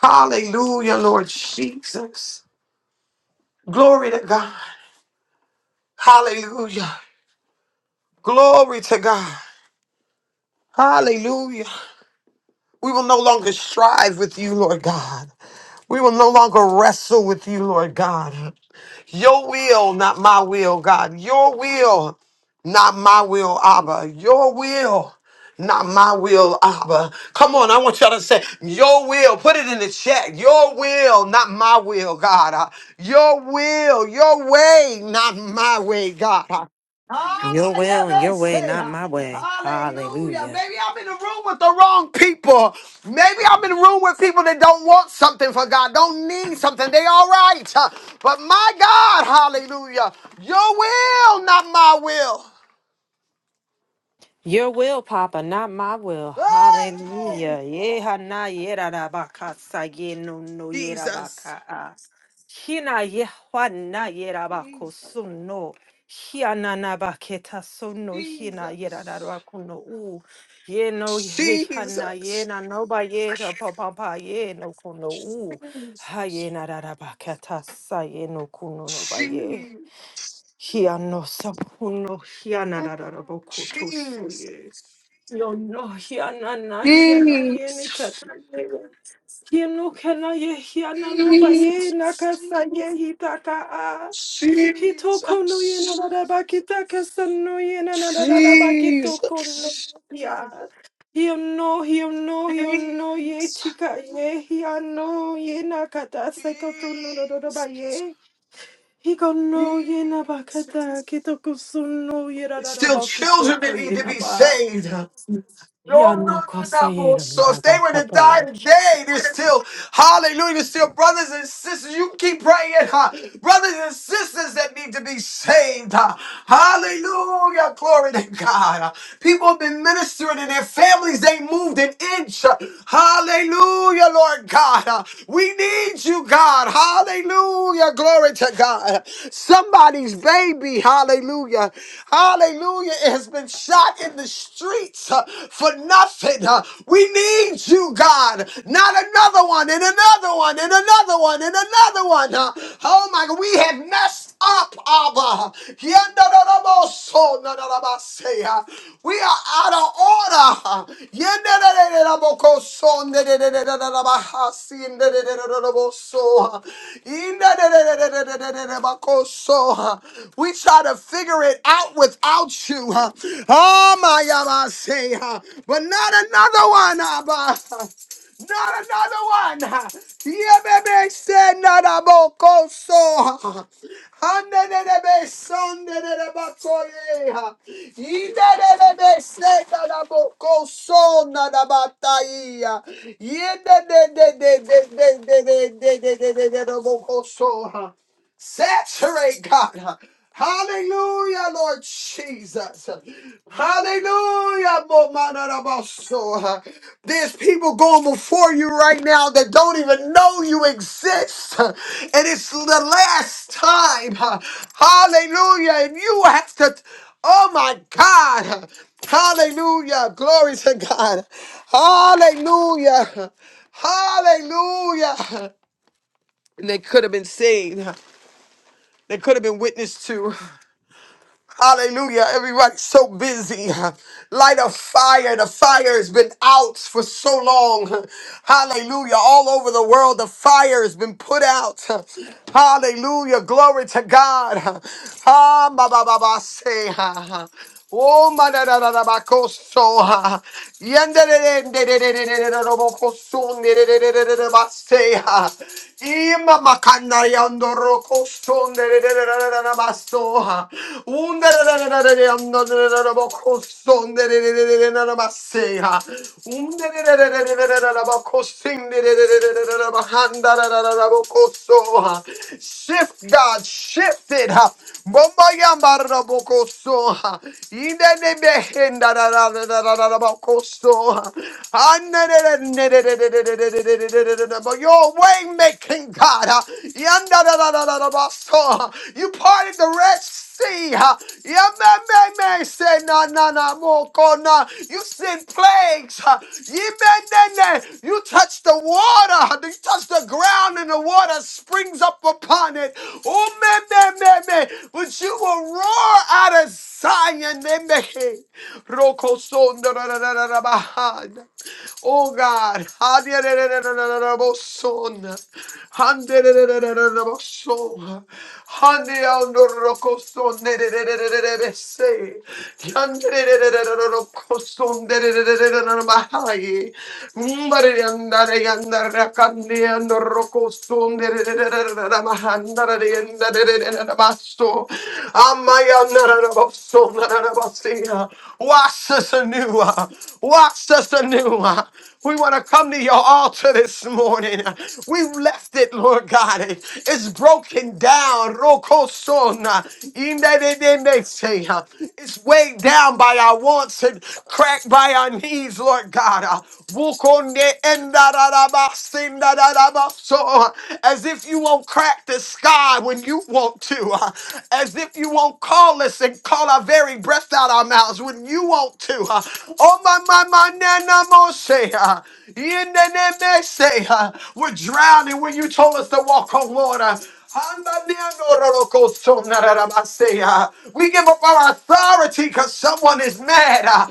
Speaker 1: Hallelujah, Lord Jesus. Glory to God. Hallelujah. Glory to God. Hallelujah. We will no longer strive with you, Lord God. We will no longer wrestle with you, Lord God. Your will, not my will, God. Your will, not my will, Abba. Your will, not my will, Abba. Come on, I want y'all to say, Your will. Put it in the chat. Your will, not my will, God. Uh, Your will, your way, not my way, God. Uh,
Speaker 4: Your
Speaker 1: I
Speaker 4: will and
Speaker 1: never
Speaker 4: your way,
Speaker 1: say
Speaker 4: not my way.
Speaker 1: hallelujah.
Speaker 4: Hallelujah.
Speaker 1: Maybe I'm in the room with the wrong people. Maybe I'm in the room with people that don't want something for God, don't need something. They all right. Huh? But my God, hallelujah. Your will, not my will.
Speaker 4: Your will, Papa, not my will.
Speaker 1: Hey, glory.
Speaker 4: Hallelujah. Yeah, na yera da baka sa ye no no yera
Speaker 1: Jesus.
Speaker 4: baka ah. Hina ye wa na yera bako
Speaker 1: Jesus.
Speaker 4: so no. Hia na na baketa so no hina yera da
Speaker 1: Jesus.
Speaker 4: bako no u. Ye no ye ha
Speaker 1: Jesus.
Speaker 4: na ye na no ba ye
Speaker 1: Jesus.
Speaker 4: pa pa pa ye no kuno u. Ha ye na da da baketa sa ye no kuno no no, ba ye. Hia no sa kuno hia na da da da
Speaker 1: Jesus.
Speaker 4: bako to so
Speaker 1: Jesus.
Speaker 4: ye. No, no, here, na, na, here, no, ye, ni, kata, here, no, kana, ye, here, na, no, ba,
Speaker 1: Jesus.
Speaker 4: ye, na,
Speaker 1: Jesus.
Speaker 4: kasa, ye, he, taka, ah, he, toko, no, ye, na,
Speaker 1: Jesus,
Speaker 4: na, da, ba, ki, ta, kasa, no, ye, na, na, da, da, da, ba, ki, toko, no,
Speaker 1: Jesus,
Speaker 4: ya, here, no, here, no, here, no, ye,
Speaker 1: Jesus,
Speaker 4: tika, ye, here, no, ye, na, kata, seko, to, no, no, no, no, ba, ye, he, go, no, ye, na, ba,
Speaker 1: Jesus.
Speaker 4: kata, ki, so, no, ye, da,
Speaker 1: It's
Speaker 4: da, da,
Speaker 1: still
Speaker 4: ba, ki,
Speaker 1: children that need
Speaker 4: ye,
Speaker 1: to be
Speaker 4: na, ba.
Speaker 1: saved. No, no,
Speaker 4: Yano
Speaker 1: no, no.
Speaker 4: Kasayedam
Speaker 1: So if they
Speaker 4: Rabba
Speaker 1: were to die
Speaker 4: Papa.
Speaker 1: today, there's still hallelujah, there's still brothers and sisters. You keep praying, huh? Brothers and sisters that need to be saved. Huh? Hallelujah. Glory to God. huh? People have been ministering in their families, they moved an inch. huh? Hallelujah, Lord God. huh? We need you, God. God. Hallelujah. Glory to God. Somebody's baby, hallelujah. Hallelujah, has been shot in the streets uh, for nothing. Uh, We need you, God. Not another one, and another one, and another one, and another one. Uh, Oh my God, we have messed up, Abba. Yendarabosonarabasea. We are out of order. Yendarabokosonarabasindaraboso. Indarabokoso. We try to figure it out without you. Oh, my Abba, but not another one, Abba. Not another one. Yeah, baby, say not about Koso. Handelebe sandelebe soye. Idelebe say not about Koso, not about Taia. Yende de de de de de de de de de de de de de de boko so. Saturate, God. Hallelujah, Lord Jesus. Hallelujah. Mo Momanarabaso. There's people going before you right now that don't even know you exist. And it's the last time. Hallelujah. And you have to, oh my God. Hallelujah. Glory to God. Hallelujah. Hallelujah. And they could have been saved. They could have been witness to. Hallelujah. Everybody's so busy. Light a fire. The fire has been out for so long. Hallelujah. All over the world, the fire has been put out. Hallelujah. Glory to God. Ah, ba, ba, ba, ba, say. Oh, manararabacoso. Yanderererererererererebocoso, nerererererebasea. Imamacanayandorocoso, nererererererabasoa. Undererererererebocoso, nerererererebasea. Undererererererebocoso, nererererererabahandarararabocoso. Shift, God, shift it. Bombayambarrabocoso, Idenebehindarabocoso, and your way making God, Yandarabaso, you parted the rest say na na na mo ko na. You send plagues. ha. Yemenene. You touch the water. huh? You touch the ground and the water springs up upon it. Oh man, man, man, man. But you will roar out of Zion. Nemehe. Roko son da da da da da da bahana. Oh God. Ha da da da da da da da da bo son. Han da da da da da da da bo son. Wash us anew. uh, Wash us anew. uh. We want to come to your altar this morning. uh. We've left it, Lord God. It- It's broken down down. Rokosona. Indededemeseya. It's weighed down by our wants and cracked by our needs, Lord God. Uh, Wukonde endararabasindararabaso. As if you won't crack the sky when you want to. Uh, As if you won't call us and call our very breath out our mouths when you want to. Uh, Oh, my, my, my, nana, moseya. Indedemeseya. We're drowning when you told us to walk on water. We give up our authority because someone is mad.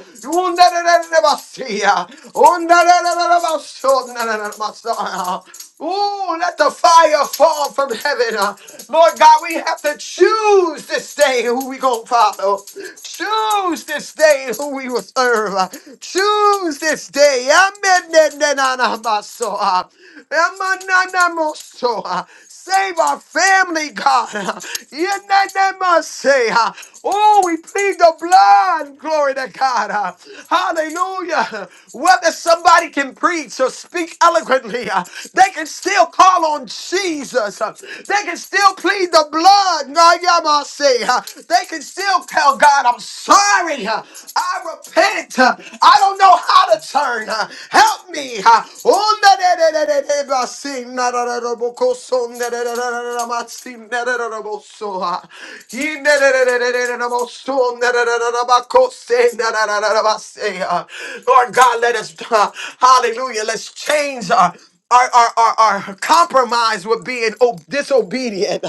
Speaker 1: Ooh, let the fire fall from heaven. Lord God, we have to choose this day who we gonna follow. Choose this day who we will serve. Choose this day. Amen. Save our family, God. (laughs) Yenanamase. Oh, we plead the blood. Glory to God. uh, Hallelujah. Whether somebody can preach or speak eloquently, uh, they can still call on Jesus. uh, They can still plead the blood. Nayamase. They can still tell God, I'm sorry. uh, I repent. uh, I don't know how to turn. uh, Help me. uh, Oh, na- na- na- na- na- na- ma- say, Lord God, let us, (laughs) hallelujah, let's change our, our, our, our, our compromise with being o- disobedient.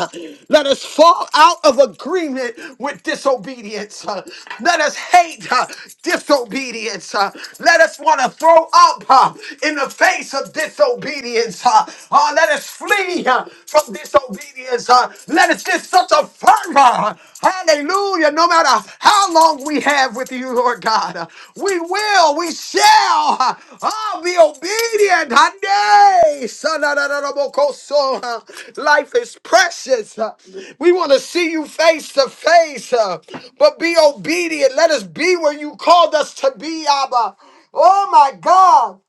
Speaker 1: Let us fall out of agreement with disobedience. Uh, Let us hate uh, disobedience. Uh, Let us want to throw up uh, in the face of disobedience disobedience. Uh, uh, let us flee uh, from disobedience. Uh, let us get such a fervor. uh, Hallelujah. No matter how long we have with you, Lord God, uh, we will, we shall uh, uh, be obedient. Hyundai. Sanadadadabokoso, uh, Life is precious. Uh, we want to see you face to face, uh, but be obedient. Let us be where you called us to be, Abba. Oh my God.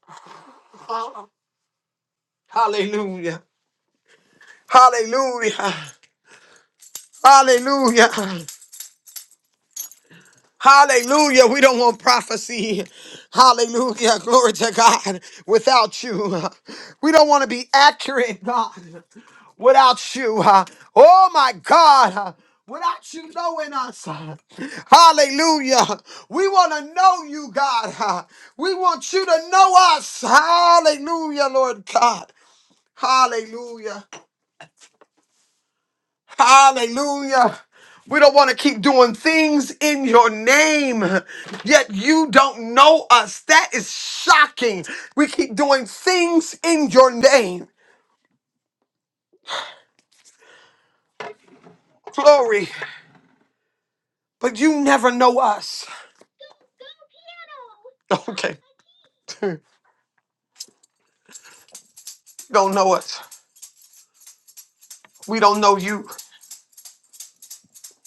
Speaker 1: Hallelujah. Hallelujah. Hallelujah. Hallelujah. We don't want prophecy. Hallelujah. Glory to God. Without you, we don't want to be accurate, God. Without you. Oh, my God. Without you knowing us. Hallelujah. We want to know you, God. We want you to know us. Hallelujah, Lord God. Hallelujah. Hallelujah. We don't want to keep doing things in your name, yet you don't know us. That is shocking. We keep doing things in your name. Glory. But you never know us. Okay. (laughs) don't know us. We don't know you.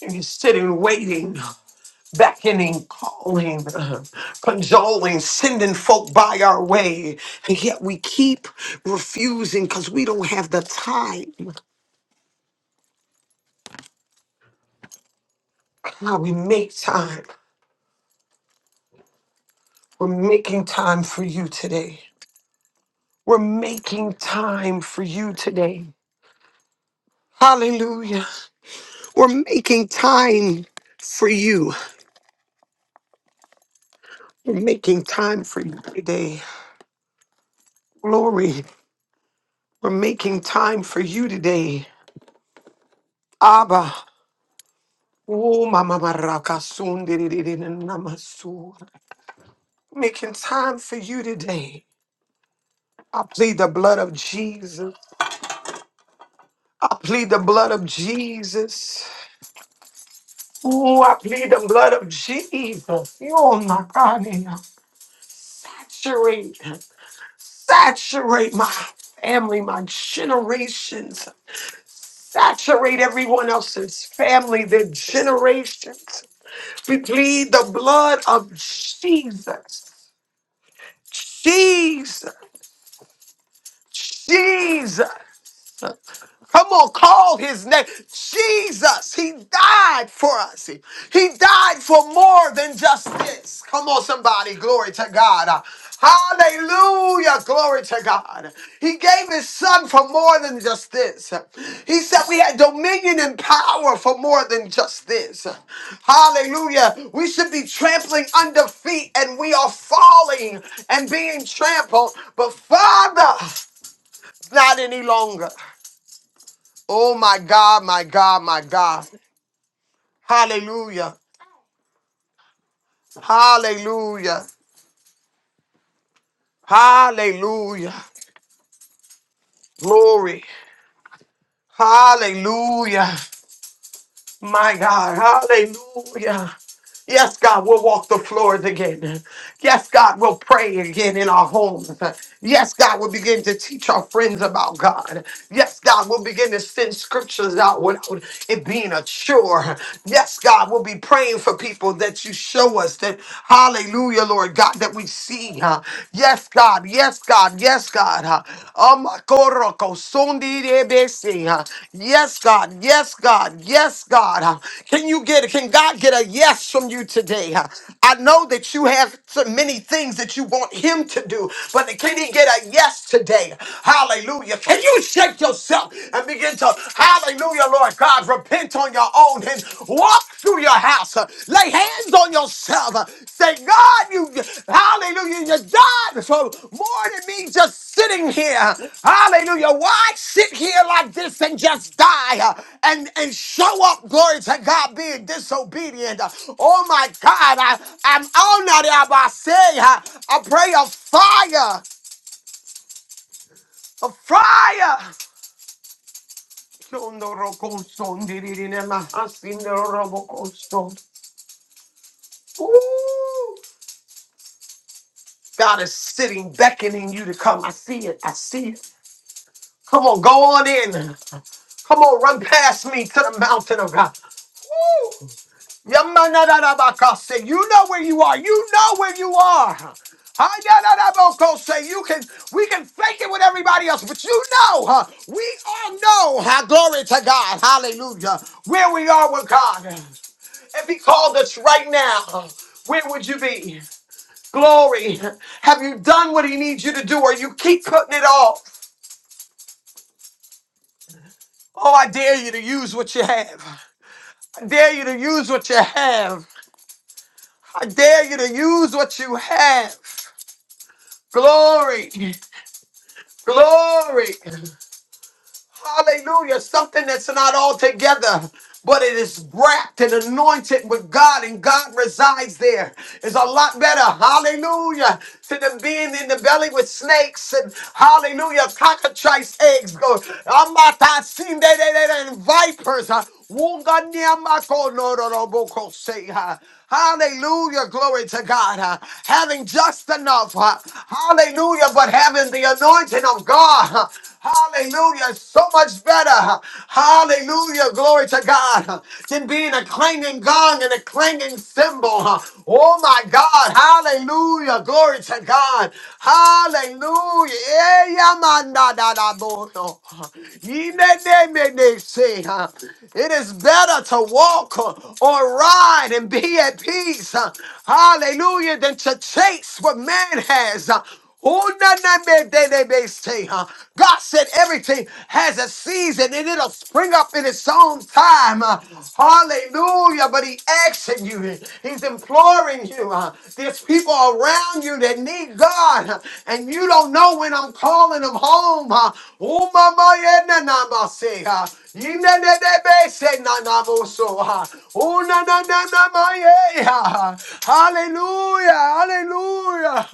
Speaker 1: And you're sitting, waiting, beckoning, calling, consoling, sending folk by our way. And yet we keep refusing because we don't have the time. God, we make time. We're making time for you today. We're making time for you today. Hallelujah. We're making time for you. We're making time for you today. Glory. We're making time for you today. Abba. Oh, mama baraka namasu. Making time for you today. I plead the blood of Jesus. I plead the blood of Jesus. Ooh, I plead the blood of Jesus. Oh my God, now. Saturate, saturate my family, my generations. Saturate everyone else's family, their generations. We plead the blood of Jesus. Jesus, Jesus. Come on, call his name. Jesus, he died for us. He, he died for more than just this. Come on, somebody. Glory to God. Hallelujah. Glory to God. He gave his son for more than just this. He said we had dominion and power for more than just this. Hallelujah. We should be trampling under feet and we are falling and being trampled. But Father, not any longer. Oh my God, my God, my God. Hallelujah. Hallelujah. Hallelujah. Glory. Hallelujah. My God. Hallelujah. Yes, God, we'll walk the floors again. Yes, God, we'll pray again in our homes. Yes, God, we'll begin to teach our friends about God. Yes, God, we'll begin to send scriptures out without it being a chore. Yes, God, we'll be praying for people that you show us that, hallelujah, Lord God, that we see. huh? Yes, God, yes, God, yes, God. huh? Amakoroko sundi debesi. Yes, God. Yes, God. Yes, God. Can you get can God get a yes from you today? I know that you have so many things that you want him to do, but can he get a yes today? Hallelujah. Can you shake yourself and begin to hallelujah, Lord God, repent on your own and walk through your house. Uh, Lay hands on yourself. Uh, Say, God, you, hallelujah, you died for more than me just sitting here. Hallelujah. Why sit here like this and just die uh, and, and show up, glory to God, being disobedient? Uh, Oh my God, I, I'm honored if I say, uh, I pray a fire, a fire. Ooh. God is sitting, beckoning you to come. I see it. I see it. Come on, go on in. Come on, run past me to the mountain of God. Woo! Yamanadadabaka, Say, you know where you are. You know where you are. Hayadadaboko, Say, you can, we can fake it with everybody else, but you know, huh? we all know, huh? glory to God, hallelujah, where we are with God. If He called us right now, huh, where would you be? Glory. Have you done what he needs you to do or you keep putting it off? Oh, I dare you to use what you have. I dare you to use what you have. I dare you to use what you have. Glory. Glory. Hallelujah. Something that's not all together. but it is wrapped and anointed with God, and God resides there. It's a lot better, hallelujah, to them being in the belly with snakes and hallelujah, cockatrice eggs, go, amatasinde, de- de- de- and vipers. uh, wunganiamako, no- no- no- boko- say, uh, Hallelujah, glory to God. uh, having just enough, uh, hallelujah, but having the anointing of God. uh, Hallelujah. So much better. uh, Hallelujah. Hallelujah. Glory to God. Than being a clanging gong and a clanging cymbal. huh. Oh my God. Hallelujah. Glory to God. Hallelujah. Eh, yamanda da da bono. Yine ne me ne se, huh? It is better to walk uh, or ride and be at peace. huh? Hallelujah. Than to chase what man has. huh? Oh, na- na- me- de- de- de- say, huh? God said everything has a season and it'll spring up in its own time. uh, hallelujah. But he asking you, he- he's imploring you. Uh, there's people around you that need God uh, and you don't know when I'm calling them home. Uh, oh, mama, yeah, na- na- ma say, huh? Yinenenebe se nanamoso, ha. Unanananamaye, ha. Hallelujah, hallelujah.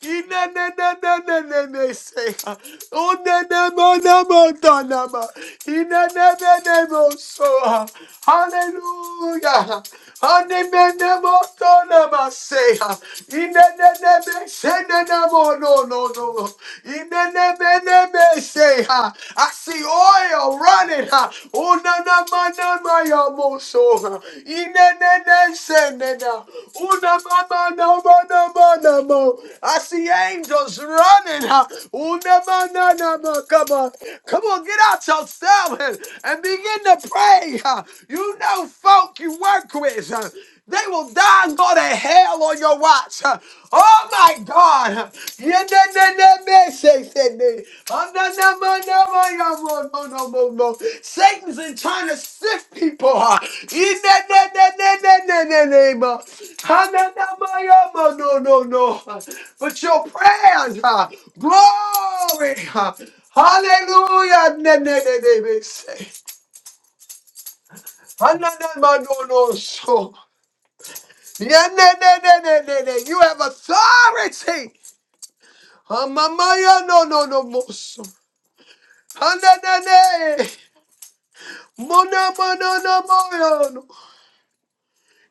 Speaker 1: Yinenenenenenene se, ha. Unenemonemotonama. Yinenenenemoso, ha. Hallelujah. Hanemenemotonama se, ha. Yinenenebe se no, no, no, no. Imenemeneme, Say, ha. I see oil running. ha. Una, na, ma, na, ma, ya, mo, so, ha. Inenene, se, ne, na. Oh, na, ma, ma, na, ma, na, ma, na, mo. I see angels running. ha. Una, ma, na, na, ma. Come on. Come on, get out yourself and and begin to pray. ha. You know folk you work with. ha! They will die and go to hell on your watch. Oh my God. Satan's in trying to sift people. Yeah, yeah, yeah, yeah, yeah, yeah, yeah, yeah, yeah, yeah, yeah, yeah. Oh, No, no, no. no, no, no, no, no. But your prayers, glory. Hallelujah. Hallelujah. Yeah, nah, nah, nah, nah, nah, nah. You have authority. Ah, mama, yeah, no, no, no, mo- so. Ah, nah, nah, nah. Mo, no, mo, no, no, mo, yeah, no.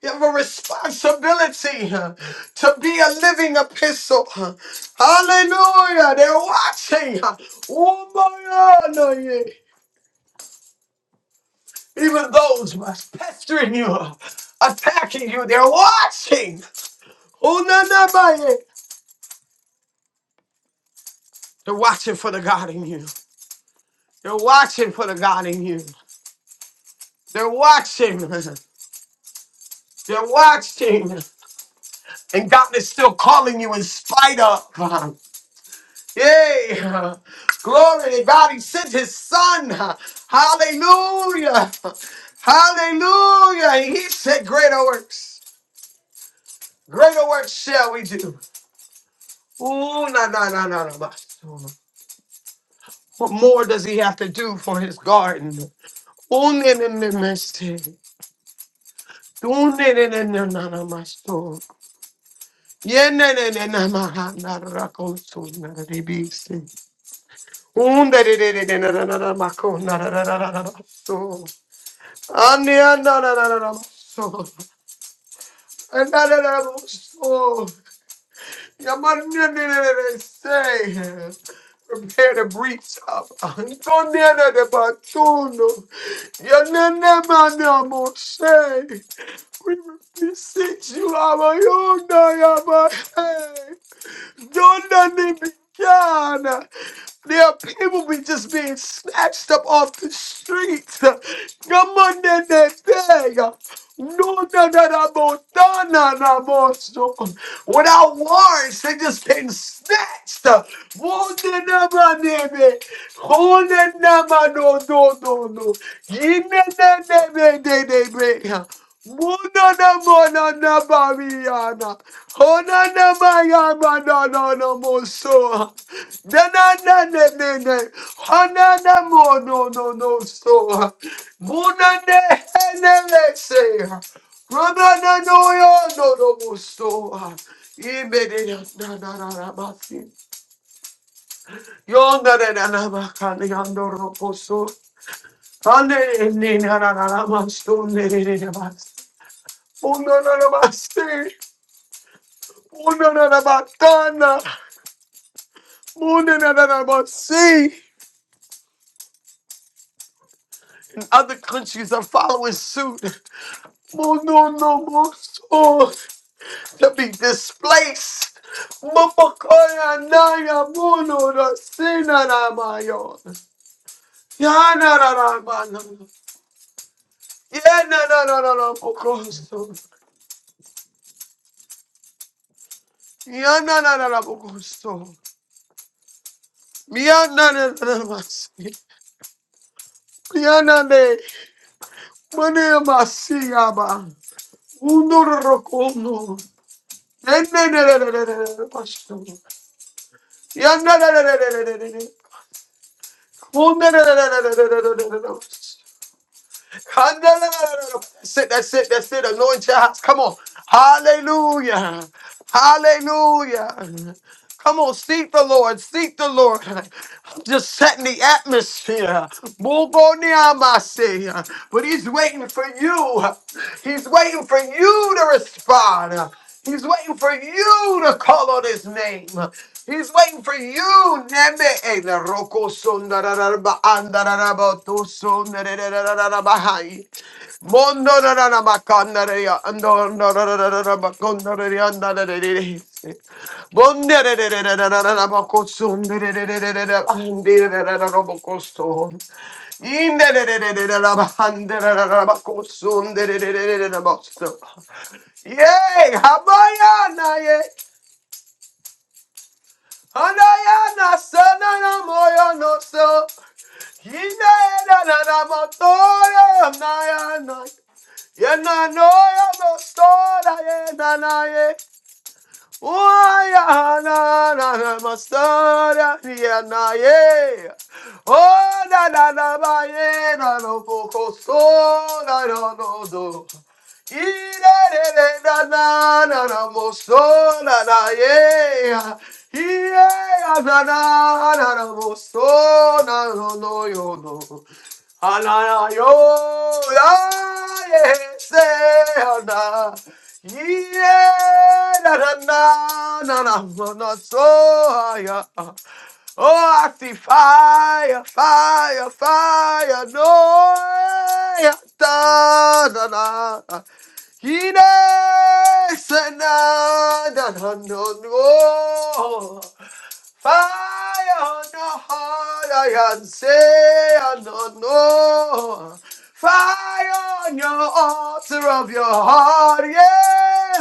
Speaker 1: You have a responsibility huh, to be a living epistle. huh. Hallelujah. They're watching. huh. Oh, mo, yeah, no, yeah. Even those who are pestering you, huh, attacking you, they're watching. Oh, no, no, my, yeah. They're watching for the God in you. They're watching for the God in you. They're watching. (laughs) They're watching. And God is still calling you in spite of. (laughs) Yay. Glory to God. He sent his son. (laughs) Hallelujah. Hallelujah. He said, Greater works. Greater works shall we do. Ooh, no, no, no, no, no. What more does he have to do for his garden? Ooh, no, no, no, no, no. Ooh, no, no, no, no, no, no, no. Yeah, na na na na ma na ra ko so na ra ri bi si. Un da na na na ma ko ra ra ra ra ra so. Ani na na na na na so. Na na na na so. Ya ma ni ni ni ni say. Prepare the breach of Anton na na de batuno. Ya na na ma na mo say. We beseech you, our own, our Don't nothing begun. There are people be just being snatched up off the streets. Come on, that day. No, no, no, no, no, no, no, no, no, so- Without words, they just been snatched. Oh, no, no, no, no, no. Oh, no, no, no, no, no, no, no. Yeah, no, no, no, no, no, no, no. Oh, no, no, no, no, no, no, no, no. Oh na na ma ya ma no no no mo so. Na na na ne ne ne, Ha na na mo no no no so. Mo na ne he ne le se. Ra na na no yo no no mo so. Ibe de ya na na na na ba si. Yo na na na na ma ka ni ya no ro po so. Ha ne ne na na na na ma so ne ne ne ba, ma. Oh na na na ma si. Oh na na na ma ta na. More than that, I must see. Other countries are following suit. More, no, no more so to be displaced. Mapakoya naya mono da sina na mayo. Ya na na na mano. Ya na na na na na pokoso. Ya na na na na pokoso. Ya na na na na masi. Ya na ne. Mane masi yaba. Uno rokono. Yandere that's it, that's it, that's it. Anoint your house. Come on. Hallelujah. Hallelujah. Come on, seek the Lord, seek the Lord. I'm Just setting the atmosphere. Move on the Amasi. But he's waiting for you. He's waiting for you to respond. He's waiting for you to call on his name. He's waiting for you, Neme. Hey, the roko sundararaba andararaba to sundarararabahai. Mondorararaba kandareya andorararaba kondareya andararere. Bondarararararaba kosundararararaba andararararaba kosun. Indarararararaba andararararaba kosundararararaba Yay! Habayana! Anayana sanana moyo no so. Hinayana nana motoya nayana. Yana noya no so na ye nanaye. Oh, yeah, na, na, na, masara, yeah, na, yeah. Oh, na, na, na, ba, yeah, na, no, ko, ko, so, na, no, no, do. Ee, re, re, re, na, na, na, na, mo, so, na, na, yeah. Ee, yeah, na, na, na, na, mo, so, na, no, no, yo, no. Ah, na, na, yo, ah, yeah, say, ah, na. Yeah, na na na na na na so yeah. Oh, I see fire, fire, fire, no yeah, da da da. he se na da da no no. Fire on your heart, I can say I don't know. Fire on your altar of your heart, yeah.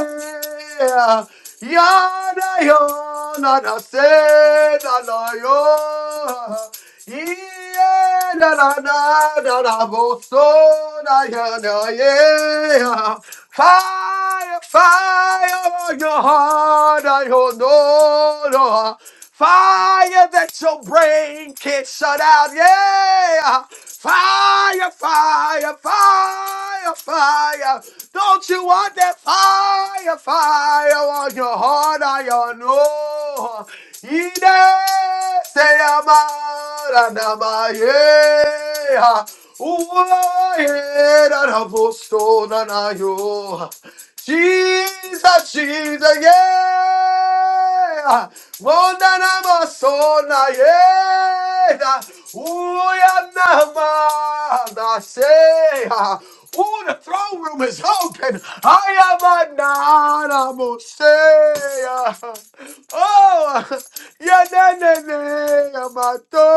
Speaker 1: Yada yona na se na na yo. Yeah, na na na na na bo so na ya na yeah. Fire, fire on your heart, I don't know. no. Fire that your brain can't shut out. Yeah. Fire, fire, fire, fire. Don't you want that fire, fire on your heart, on your nose? Ine, say amara namaye. Uwa, yeah, na na, busto, na na, yo. Jesus, Jesus, yeah. Mondana masona, yeah. Uyanama, I say. ah. Ooh, the throne room is open. I am a nana Oh, ya na na na, ya mató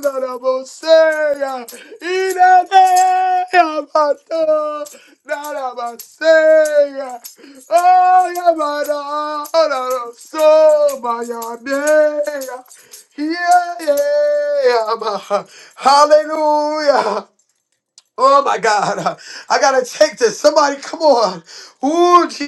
Speaker 1: la la bocella, y na na, ya mató la la bocella. Oh, ya mató la la soma, ya mea. Yeah, yeah, ma. hallelujah. Oh my God, I gotta take this. Somebody, come on. Ooh,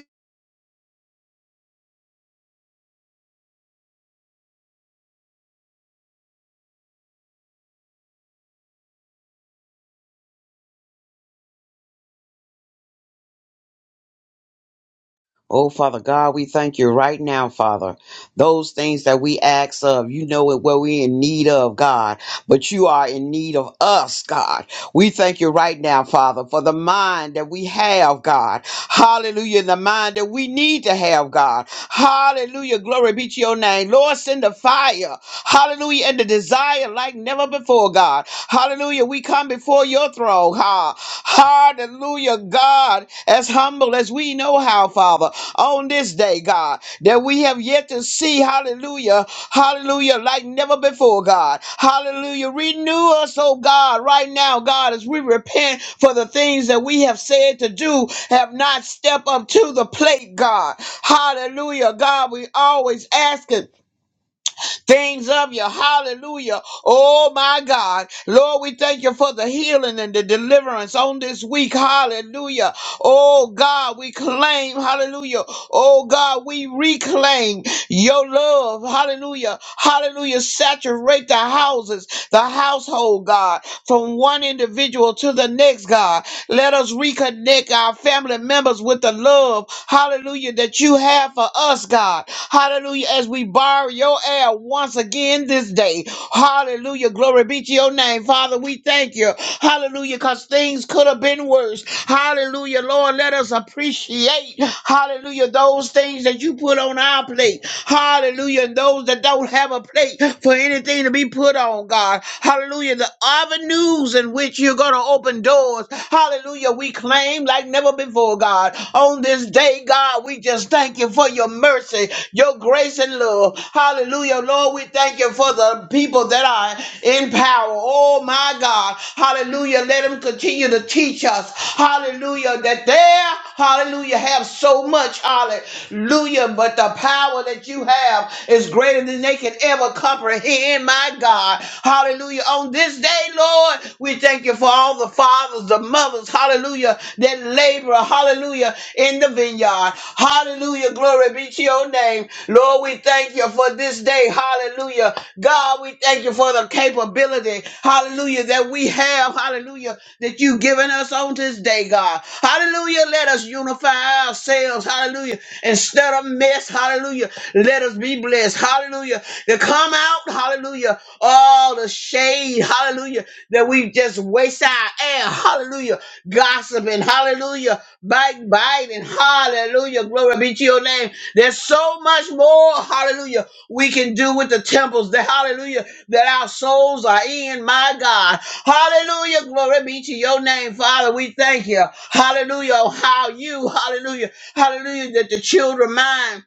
Speaker 5: Oh, Father God, we thank you right now, Father. Those things that we ask of, you know it what we're in need of, God. But you are in need of us, God. We thank you right now, Father, for the mind that we have, God. Hallelujah. And the mind that we need to have, God. Hallelujah. Glory be to your name. Lord, send the fire. Hallelujah. And the desire like never before, God. Hallelujah. We come before your throne. Ha. Hallelujah, God. As humble as we know how, Father, on this day, God that we have yet to see. Hallelujah. Hallelujah. Like never before, God. Hallelujah. Renew us, oh God, right now, God, as we repent for the things that we have said to do, have not stepped up to the plate, God. Hallelujah. God, we always ask it things of you. Hallelujah. Oh my God. Lord, we thank you for the healing and the deliverance on this week. Hallelujah. Oh God, we claim. Hallelujah. Oh God, we reclaim your love. Hallelujah. Hallelujah. Saturate the houses, the household, God, from one individual to the next, God. Let us reconnect our family members with the love, hallelujah, that you have for us, God. Hallelujah, as we borrow your air once again this day. Hallelujah, glory be to your name. Father, we thank you. Hallelujah, because things could have been worse. Hallelujah, Lord, let us appreciate, hallelujah, those things that you put on our plate. Hallelujah, and those that don't have a plate for any anything to be put on, God. Hallelujah. The avenues in which you're going to open doors. Hallelujah. We claim like never before, God. On this day, God, we just thank you for your mercy, your grace and love. Hallelujah. Lord, we thank you for the people that are in power. Oh, my God. Hallelujah. Let them continue to teach us. Hallelujah. That they, hallelujah, have so much much. Hallelujah. But the power that you have is greater than they can ever comprehend, my God. Hallelujah. On this day, Lord, we thank you for all the fathers, the mothers, hallelujah, that labor, hallelujah, in the vineyard. Hallelujah. Glory be to your name. Lord, we thank you for this day. Hallelujah. God, we thank you for the capability, hallelujah, that we have. 12, hallelujah, that you've given us on this day, God. Hallelujah, let us unify ourselves, hallelujah, instead of mess, hallelujah, let us be blessed, hallelujah, to come out, hallelujah, all the shade, hallelujah, that we just waste our air, hallelujah, gossiping, hallelujah, backbiting, hallelujah, glory be to your name. There's so much more, hallelujah, we can do with the temples, the hallelujah that our souls are in, my God. Hallelujah. Glory be to your name, Father. We thank you. Hallelujah. Oh, How you, hallelujah, hallelujah, that the children mind,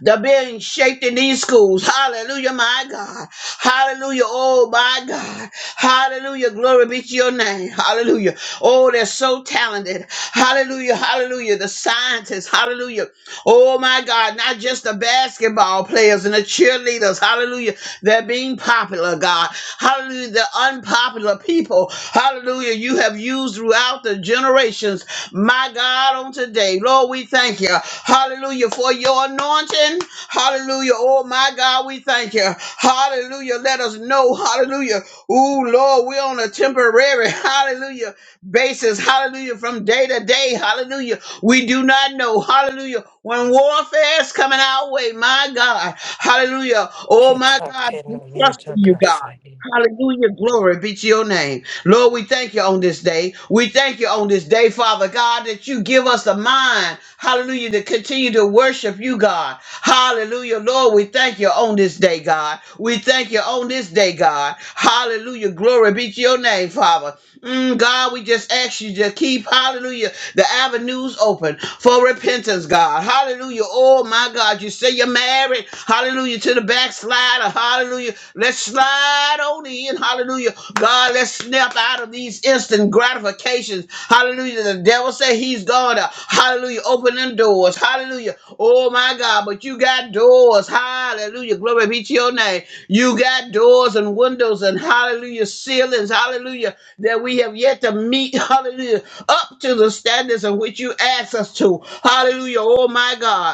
Speaker 5: they're being shaped in these schools. Hallelujah, my God. Hallelujah. Oh, my God. Hallelujah. Glory be to your name. Hallelujah. Oh, they're so talented. Hallelujah. Hallelujah. The scientists. Hallelujah. Oh my God, not just the basketball players and the cheerleaders, hallelujah, they're being popular, God. Hallelujah, the unpopular people, hallelujah, you have used throughout the generations, my God, on today. Lord, we thank you, hallelujah, for your anointing, hallelujah. Oh my God, we thank you, hallelujah. Let us know, hallelujah. Oh Lord, we're on a temporary, (laughs) hallelujah, basis, hallelujah, from day to day, hallelujah. We do not know, hallelujah, when warfare is coming our way, my God, hallelujah. Oh, my God, we
Speaker 4: Kitakeno
Speaker 5: trust
Speaker 4: yeta
Speaker 5: in you, God.
Speaker 4: kasai.
Speaker 5: Hallelujah, glory be to your name. Lord, we thank you on this day. We thank you on this day, Father God, that you give us a mind, hallelujah, to continue to worship you, God. Hallelujah, Lord, we thank you on this day, God. We thank you on this day, God. Hallelujah, glory be to your name, Father. Mm, God, we just ask you to keep, hallelujah, the avenues open for repentance, God. Hallelujah. Oh, my God, you say you're married. Hallelujah to the backslider. Hallelujah. Let's slide on in. Hallelujah. God, let's snap out of these instant gratifications. Hallelujah. The devil said he's going to, hallelujah, open them doors. Hallelujah. Oh, my God, but you got doors. Hallelujah. Glory be to your name. You got doors and windows and, hallelujah, ceilings. Hallelujah that we have yet to meet, hallelujah, up to the standards of which you ask us to. Hallelujah, oh my God.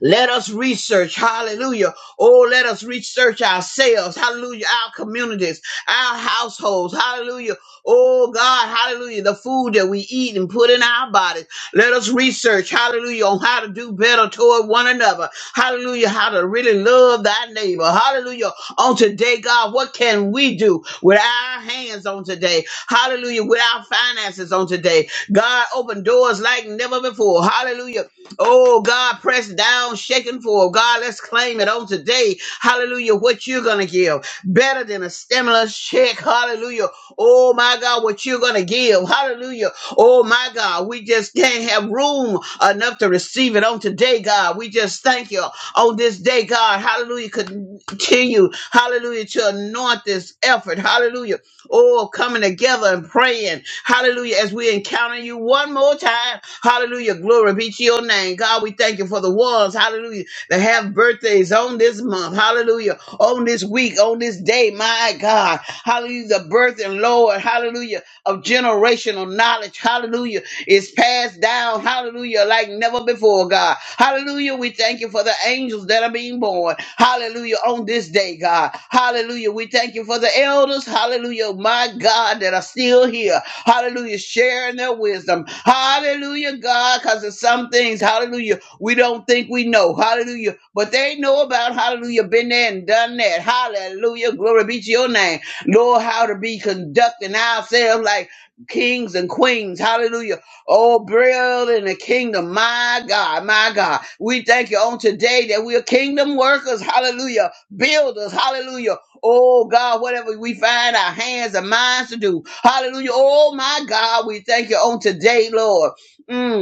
Speaker 5: Let us research, hallelujah. Oh, let us research ourselves, hallelujah, our communities, our households, hallelujah. Oh, God, hallelujah, the food that we eat and put in our bodies. Let us research, hallelujah, on how to do better toward one another. Hallelujah, how to really love thy neighbor. Hallelujah. On today, God, what can we do with our hands on today? Hallelujah, with our finances on today. God, open doors like never before. Hallelujah. Oh God, press down, shaken for God, let's claim it on today. Hallelujah. What you're gonna give. Better than a stimulus check. Hallelujah. Oh my God, what you're gonna give. Hallelujah. Oh my God. We just can't have room enough to receive it on today, God. We just thank you on this day, God. Hallelujah. Continue. Hallelujah. To anoint this effort. Hallelujah Oh, coming together and praying. Hallelujah. As we encounter you one more time. Hallelujah. Glory be to your name. God, we thank you for the ones, hallelujah, that have birthdays on this month. Hallelujah. On this week, on this day. My God. Hallelujah. The birth and Lord. Hallelujah. Of generational knowledge. Hallelujah is passed down, hallelujah, like never before, God. Hallelujah, we thank you for the angels that are being born, hallelujah, on this day, God. Hallelujah, we thank you for the elders, hallelujah, my God, that are still here, hallelujah, sharing their wisdom, hallelujah, God, because of some things, hallelujah, we don't think we know, hallelujah, but they know about, hallelujah, been there and done that, hallelujah, glory be to your name. Lord, how to be conducting ourselves like kings and queens. Hallelujah Oh, build in the kingdom. My God, my God. We thank you on today that we are kingdom workers. Hallelujah. Builders. Hallelujah. Oh God, whatever we find our hands and minds to do. Hallelujah. Oh my God, we thank you on today, Lord. Mm.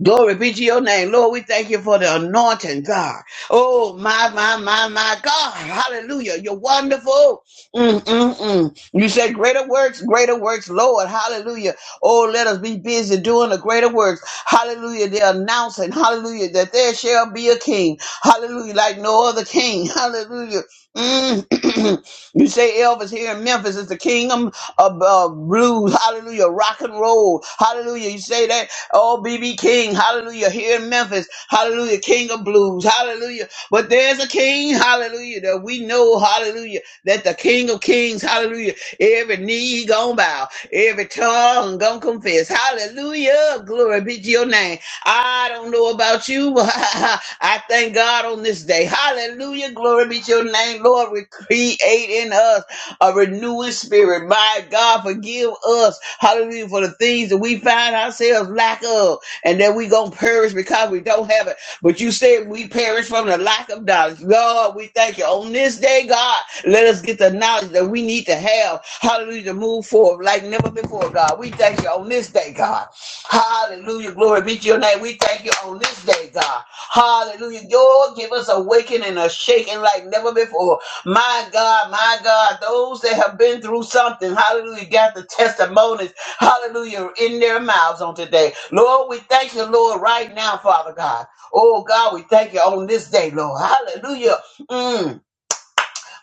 Speaker 5: Glory be to your name. Lord, we thank you for the anointing, God. Oh, my, my, my, my God. Hallelujah. You're wonderful. Mm, mm, mm. You said greater works, greater works, Lord. Hallelujah. Oh, let us be busy doing the greater works. Hallelujah. They're announcing, hallelujah, that there shall be a king. Hallelujah. Like no other king. (laughs) Hallelujah. Mm. (clears throat) You say Elvis here in Memphis is the kingdom of uh, blues. Hallelujah. Rock and roll. Hallelujah. You say that. Oh, BB King. Hallelujah. Here in Memphis. Hallelujah. King of blues. Hallelujah. But there's a king. Hallelujah. That we know. Hallelujah. That the king of kings. Hallelujah. Every knee gonna bow. Every tongue gonna confess. Hallelujah. Glory be to your name. I don't know about you, but (laughs) I thank God on this day. Hallelujah. Glory be to your name, Lord. We create in us a renewing spirit. My God, forgive us. Hallelujah. For the things that we find ourselves lack of and that we going to perish because we don't have it. But you said we perish from the lack of knowledge. Lord, we thank you. On this day, God, let us get the knowledge that we need to have. Hallelujah. To move forward like never before, God. We thank you on this day, God. Hallelujah. Glory be to your name. We thank you on this day, God. Hallelujah. Lord, give us a waking and a shaking like never before. My God, my God, those that have been through something, hallelujah, got the testimonies, hallelujah, in their mouths on today. Lord, we thank you, Lord, right now, Father God. Oh, God, we thank you on this day, Lord. Hallelujah. Mm.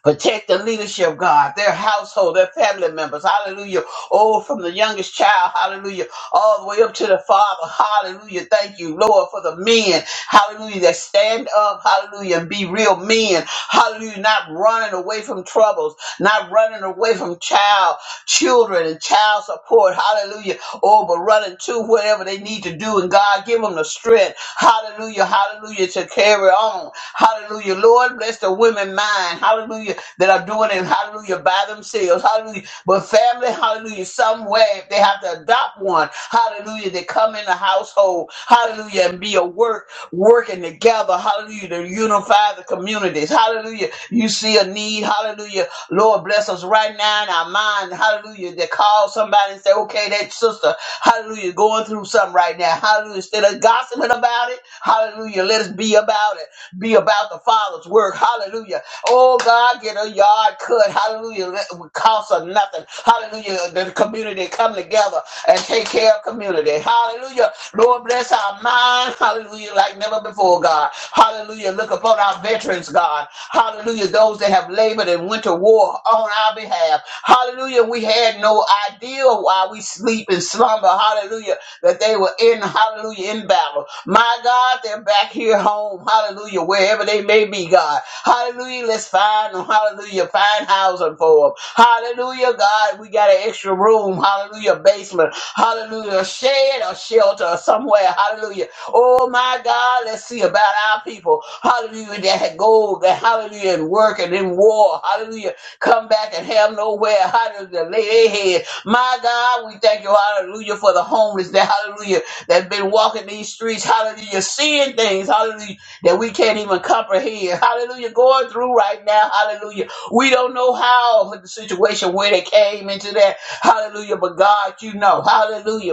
Speaker 5: Protect the leadership, God, their household, their family members. Hallelujah. Oh, from the youngest child, hallelujah, all the way up to the father. Hallelujah. Thank you, Lord, for the men. Hallelujah. That stand up, hallelujah, and be real men. Hallelujah. Not running away from troubles, not running away from child, children, and child support. Hallelujah oh, but running to whatever they need to do. And God, give them the strength. Hallelujah, hallelujah, to carry on. Hallelujah. Lord, bless the women mind. Hallelujah, that are doing it. Hallelujah, by themselves. Hallelujah. But family, hallelujah, somewhere, if they have to adopt one, hallelujah, they come in the household. Hallelujah, and be a work, working together. Hallelujah, to unify the communities. Hallelujah. You see a need. Hallelujah Lord, bless us right now in our mind. Hallelujah. That call somebody and say, okay, that sister, hallelujah, going through something right now. Hallelujah. Instead of gossiping about it, hallelujah, let us be about it. Be about the Father's work. Hallelujah. Oh God, get a yard cut. Hallelujah. it would cost us nothing. Hallelujah. The community come together and take care of community. Hallelujah. Lord bless our mind. Hallelujah. Like never before, God. Hallelujah. Look upon our veterans, God. Hallelujah. Those that have labored and went to war on our behalf. Hallelujah. We had no idea why we sleep and slumber. Hallelujah that they were in, hallelujah, in battle. My God, they're back here home, hallelujah, wherever they may be, God. Hallelujah, let's find them, hallelujah, find housing for them. Hallelujah, God, we got an extra room, hallelujah, basement, hallelujah, a shed or shelter or somewhere, hallelujah. Oh my God, let's see about our people, hallelujah, that had gold, that hallelujah, and work and in war, hallelujah, come back and have nowhere, hallelujah, lay their head, my God, we thank you, hallelujah, for the homeless that, hallelujah, that's been walking these streets, hallelujah, seeing things, hallelujah, that we can't even comprehend, hallelujah, going through right now, hallelujah. We don't know how the situation, where they came into that, hallelujah, but God, you know, hallelujah.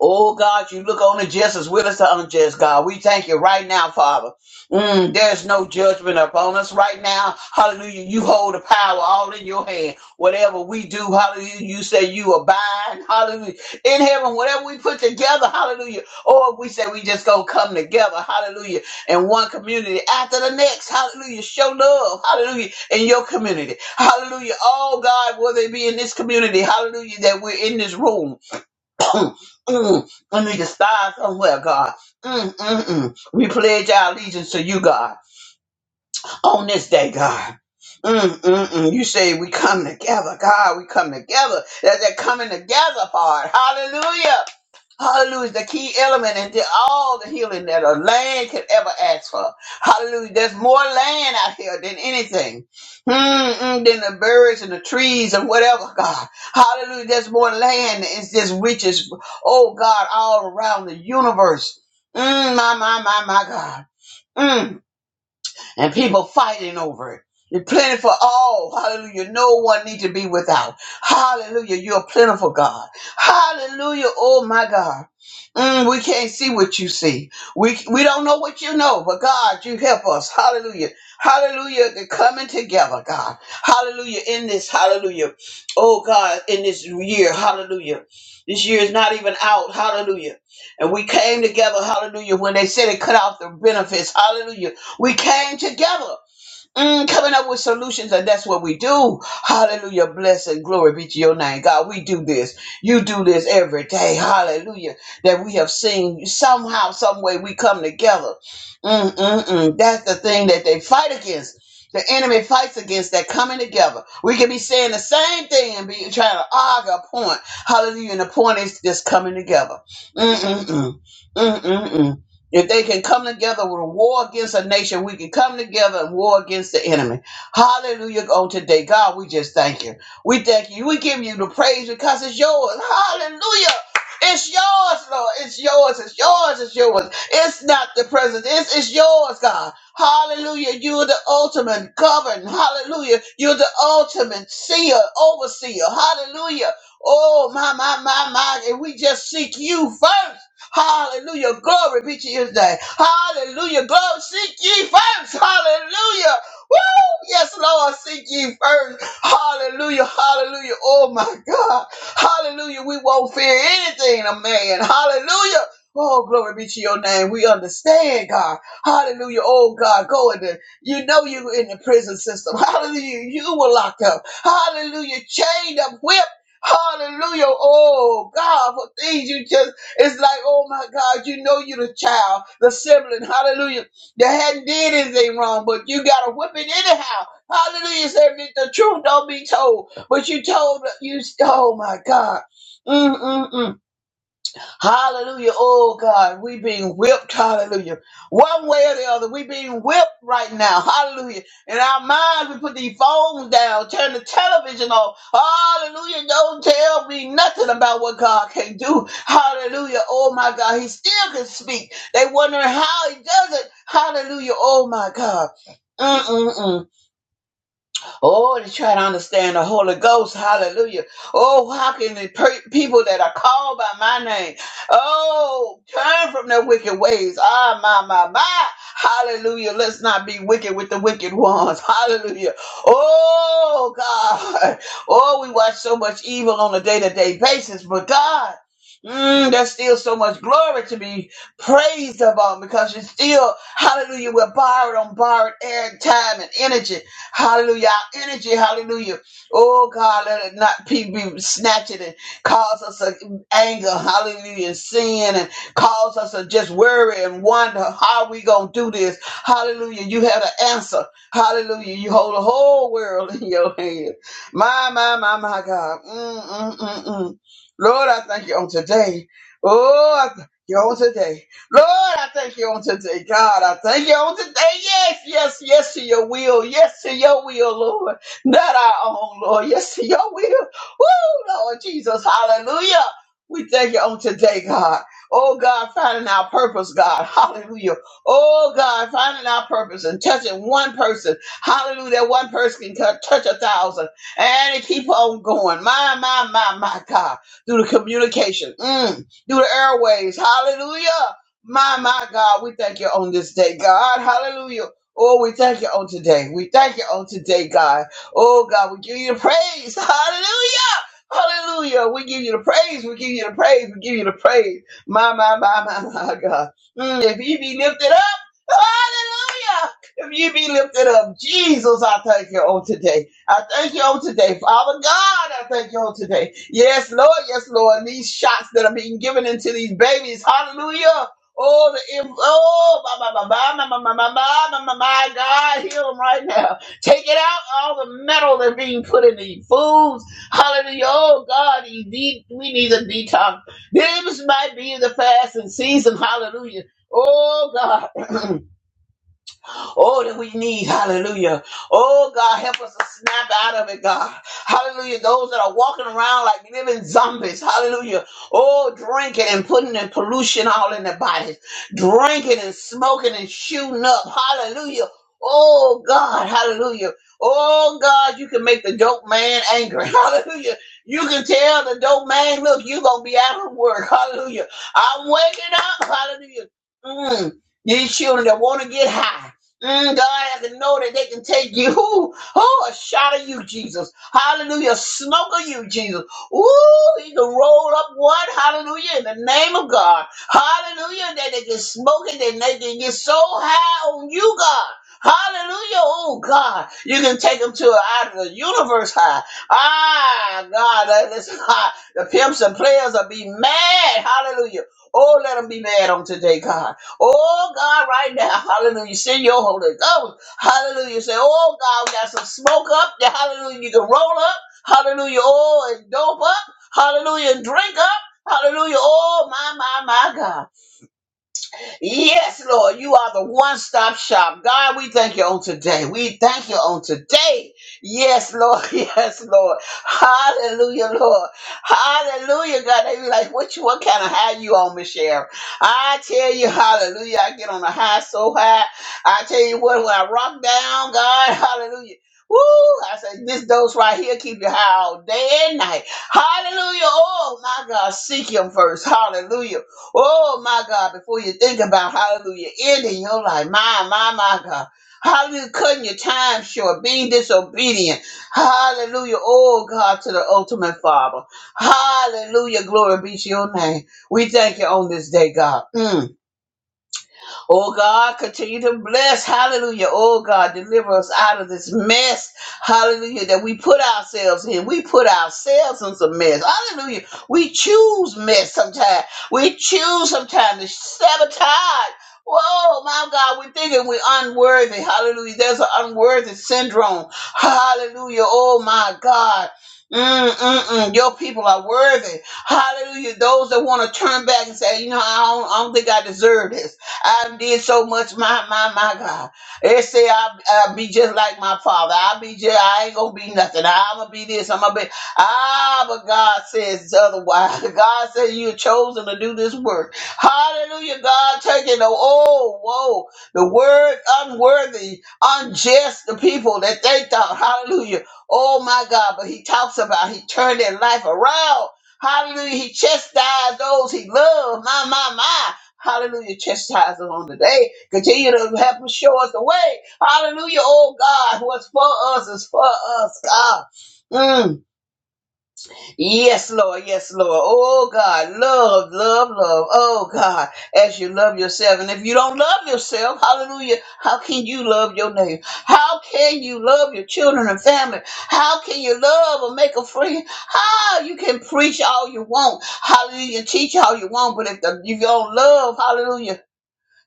Speaker 5: Oh God, you look on the just as well as the unjust, God. We thank you right now, Father. Mm, there's no judgment upon us right now. Hallelujah. You hold the power all in your hand. Whatever we do, hallelujah, you say you abide. Hallelujah. In heaven, whatever we put together, hallelujah. Or we say we just gonna come together, hallelujah, in one community after the next. Hallelujah. Show love, hallelujah, in your community. Hallelujah. Oh God, whether it be in this community, hallelujah, that we're in this room. Mm, mm. I need to start somewhere, God. Mm, mm, mm. We pledge our allegiance to you, God, on this day, God. Mm, mm, mm. You say we come together, God. We come together. That's that coming together part. Hallelujah. Hallelujah, the key element into all the healing that a land could ever ask for. Hallelujah, there's more land out here than anything, Mm-mm, than the birds and the trees and whatever, God. Hallelujah, there's more land. It just reaches, oh God, all around the universe. Mm, my, my, my, my God. Mm and people fighting over it. You're plentiful all. Hallelujah. No one need to be without. Hallelujah. You're a plentiful God. Hallelujah. Oh my God. Mm, we can't see what you see. We we don't know what you know, but God, you help us. Hallelujah. Hallelujah. They're coming together, God. Hallelujah. In this, hallelujah. Oh God, in this year, hallelujah. This year is not even out. Hallelujah. And we came together, hallelujah, when they said they cut off the benefits. Hallelujah we came together, mm, coming up with solutions, and that's what we do. Hallelujah. Bless and glory be to your name. God, we do this. You do this every day. Hallelujah. That we have seen somehow, some way we come together. Mm, mm, mm. That's the thing that they fight against. The enemy fights against that coming together. We can be saying the same thing and be trying to argue a point. Hallelujah. And the point is just coming together. Mm-mm-mm. If they can come together with a war against a nation, we can come together and war against the enemy. Hallelujah. On today, God, we just thank you. We thank you. We give you the praise because it's yours. Hallelujah. It's yours, Lord. It's yours. It's yours. It's yours. It's not the present. It's, it's yours, God. Hallelujah. You're the ultimate governor. Hallelujah. You're the ultimate seer, overseer. Hallelujah. Oh, my, my, my, my. And we just seek you first. Hallelujah. Glory be to his name. Hallelujah. Glory. Seek ye first. Hallelujah. Yes, Lord, seek ye first. Hallelujah, hallelujah. Oh my God. Hallelujah. We won't fear anything, a man. Hallelujah. Oh, glory be to your name. We understand, God. Hallelujah. Oh, God, go in the, you know you in the prison system. Hallelujah. You were locked up. Hallelujah. Chained up, whipped. Hallelujah. Oh, God, for things you just, it's like, oh my God, you know you're the child, the sibling. Hallelujah they hadn't did anything wrong, but you got a whipping anyhow. Hallelujah. Said "If the truth don't be told, but you told you. Oh my God. Mm-mm-mm. Hallelujah. Oh God, we being whipped. Hallelujah. One way or the other, we being whipped right now. Hallelujah. In our minds, we put the phones down, turn the television off. Hallelujah. Don't tell me nothing about what God can do. Hallelujah. Oh my God, He still can speak. They wondering how He does it. Hallelujah. Oh my God. Mm-mm-mm. Oh, to try to understand the Holy Ghost. Hallelujah. Oh, how can the per- people that are called by my name, oh, turn from their wicked ways? Ah, my, my, my. Hallelujah. Let's not be wicked with the wicked ones. (laughs) Hallelujah. Oh, God. Oh, we watch so much evil on a day to day basis, but God. Mm, there's still so much glory to be praised about because you still, hallelujah, we're borrowed on borrowed air, time, and energy. Hallelujah. Our energy, hallelujah. Oh God, let it not be be snatched and cause us a anger, hallelujah, and sin and cause us to just worry and wonder how we gonna do this. Hallelujah. You have an answer. Hallelujah. You hold the whole world (laughs) in your hand. My, my, my, my God. Mm, mm, mm, mm. Lord, I thank you on today. Oh, I thank you on today. Lord, I thank you on today. God, I thank you on today. Yes, yes, yes to your will. Yes to your will, Lord. Not our own, Lord. Yes to your will. Woo, Lord Jesus. Hallelujah. We thank you on today, God. Oh, God, finding our purpose, God. Hallelujah. Oh, God, finding our purpose and touching one person. Hallelujah. That one person can cut- touch a thousand. And it keep on going. My, my, my, my, God. Through the communication. Mm through the airways. Hallelujah. My, my God, we thank you on this day, God. Hallelujah. Oh, we thank you on today. We thank you on today, God. Oh, God, we give you the praise. (laughs) Hallelujah. Hallelujah. We give you the praise. We give you the praise. We give you the praise. My, my, my, (laughs) my, my, God. Mm, if you be lifted up, hallelujah. If you be lifted up, Jesus, I thank you on today. I thank you on today. Father God, I thank you on today. Yes, Lord. Yes, Lord. These shots that are being given into these babies. Hallelujah. Oh, the im- oh, my, my, my, my, my, my, my, my, my, my, my God, heal them right now. Take it out, all the metal that's being put in the foods. Hallelujah. Oh, God, you need, we need a detox. This might be the fasting season. Hallelujah. Oh, God. (clears throat) Oh, that we need. Hallelujah. Oh, God, help us to snap out of it, God. Hallelujah. Those that are walking around like living zombies. Hallelujah. Oh, drinking and putting in pollution all in their bodies. Drinking and smoking and shooting up. Hallelujah. Oh, God. Hallelujah. Oh, God, you can make the dope man angry. (laughs) Hallelujah. You can tell the dope man, look, you're going to be out of work. (laughs) Hallelujah. I'm waking up. Hallelujah. Mm. These children that want to get high. Mm, God has to know that they can take you. (laughs) Ooh, oh, a shot of you, Jesus. Hallelujah. A Smoke of you, Jesus. Ooh, he can roll up one. Hallelujah. In the name of God. Hallelujah. That they can smoke it. That they can get so high on you, God. Hallelujah. Oh, God. You can take them to out of the universe high. Ah, God. That is high. The pimps and players will be mad. Hallelujah. Oh, let them be mad on today, God. Oh God, right now, hallelujah. Send your Holy Ghost. Hallelujah. Say, oh God, we got some smoke up. Yeah, hallelujah. You can roll up. Hallelujah. Oh, and dope up. Hallelujah. And drink up. Hallelujah. Oh my, my, my God. Yes, Lord, you are the one stop shop. God, we thank you on today. We thank you on today. Yes, Lord. (laughs) Yes, Lord. Hallelujah, Lord. Hallelujah, God. They be like, what you, what kind of high you on, Michelle? I tell you, hallelujah. I get on a high so high. I tell you what, when I rock down, God, (laughs) hallelujah. Woo! I say this dose right here keep you high all day and night. Hallelujah! Oh my God, seek Him first. Hallelujah! Oh my God, before you think about hallelujah, ending your life. My, my, my God. Hallelujah, cutting your time short, being disobedient. Hallelujah. Oh God, to the ultimate Father. Hallelujah. Glory be to your name. We thank you on this day, God. Mm. Oh God, continue to bless. Hallelujah. Oh God, deliver us out of this mess. Hallelujah. That we put ourselves in. We put ourselves in some mess. Hallelujah. We choose mess sometimes. We choose sometimes to sabotage. Whoa, my God, we're thinking we're unworthy. Hallelujah. There's an unworthy syndrome. Hallelujah. Oh my God. Mm, mm, mm. Your people are worthy. Hallelujah. Those that want to turn back and say, you know, I don't, I don't think I deserve this. I did so much, my my my God. They say I I be just like my father. I be just I ain't gonna be nothing. I'ma be this. I'ma be ah, but God says otherwise. (laughs) God says you're chosen to do this work. Hallelujah. God taking the oh whoa the word unworthy, unjust the people that they thought. Hallelujah. Oh my God, but he talks about he turned their life around. Hallelujah. He chastised those he loved. My, my, my. Hallelujah. Chastise us on today. Continue to help us show us the way. Hallelujah. Oh God, what's for us is for us, God. Mm. Yes, Lord. Yes, Lord. Oh God. Love, love, love. Oh God. As you love yourself. And if you don't love yourself, hallelujah, how can you love your neighbor? How can you love your children and family? How can you love or make a friend? How you can preach all you want. Hallelujah. Teach all you want. But if, the, if you don't love, hallelujah.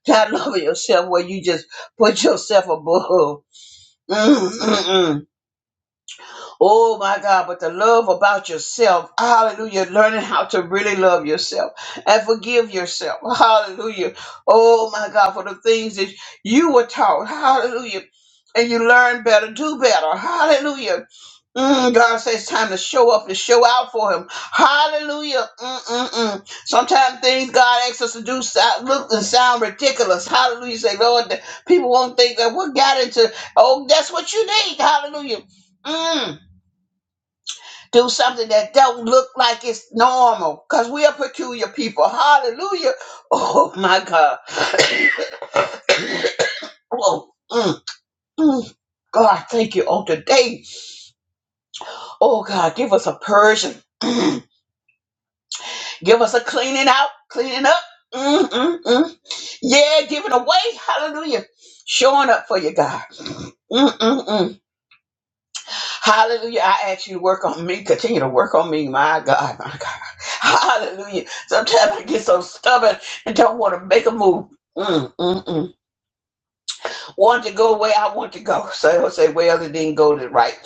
Speaker 5: That (laughs) love of yourself where you just put yourself above. Mm, mm, mm. Oh my God, but the love about yourself, hallelujah, learning how to really love yourself and forgive yourself, hallelujah. Oh my God, for the things that you were taught, hallelujah, and you learn better, do better, hallelujah. Mm, God says it's time to show up and show out for Him. Hallelujah. Mm-mm-mm. Sometimes things God asks us to do sound, look and sound ridiculous. Hallelujah. Say, Lord, the people won't think that what got into. Oh, that's what you need. Hallelujah. Mm, do something that don't look like it's normal because we are peculiar people. Hallelujah. Oh, my God. Oh, mm, mm. God, thank you. On today, oh, God, give us a Persian. (clears throat) Give us a cleaning out, cleaning up. Mm, mm, mm. Yeah, giving away. Hallelujah. Showing up for you, God. Mm, mm, mm. Hallelujah. I ask you to work on me. Continue to work on me, my God, my God. Hallelujah. Sometimes I get so stubborn and don't want to make a move. Mm, mm, mm. Want to go where I want to go. So I will say, well, it didn't go the right.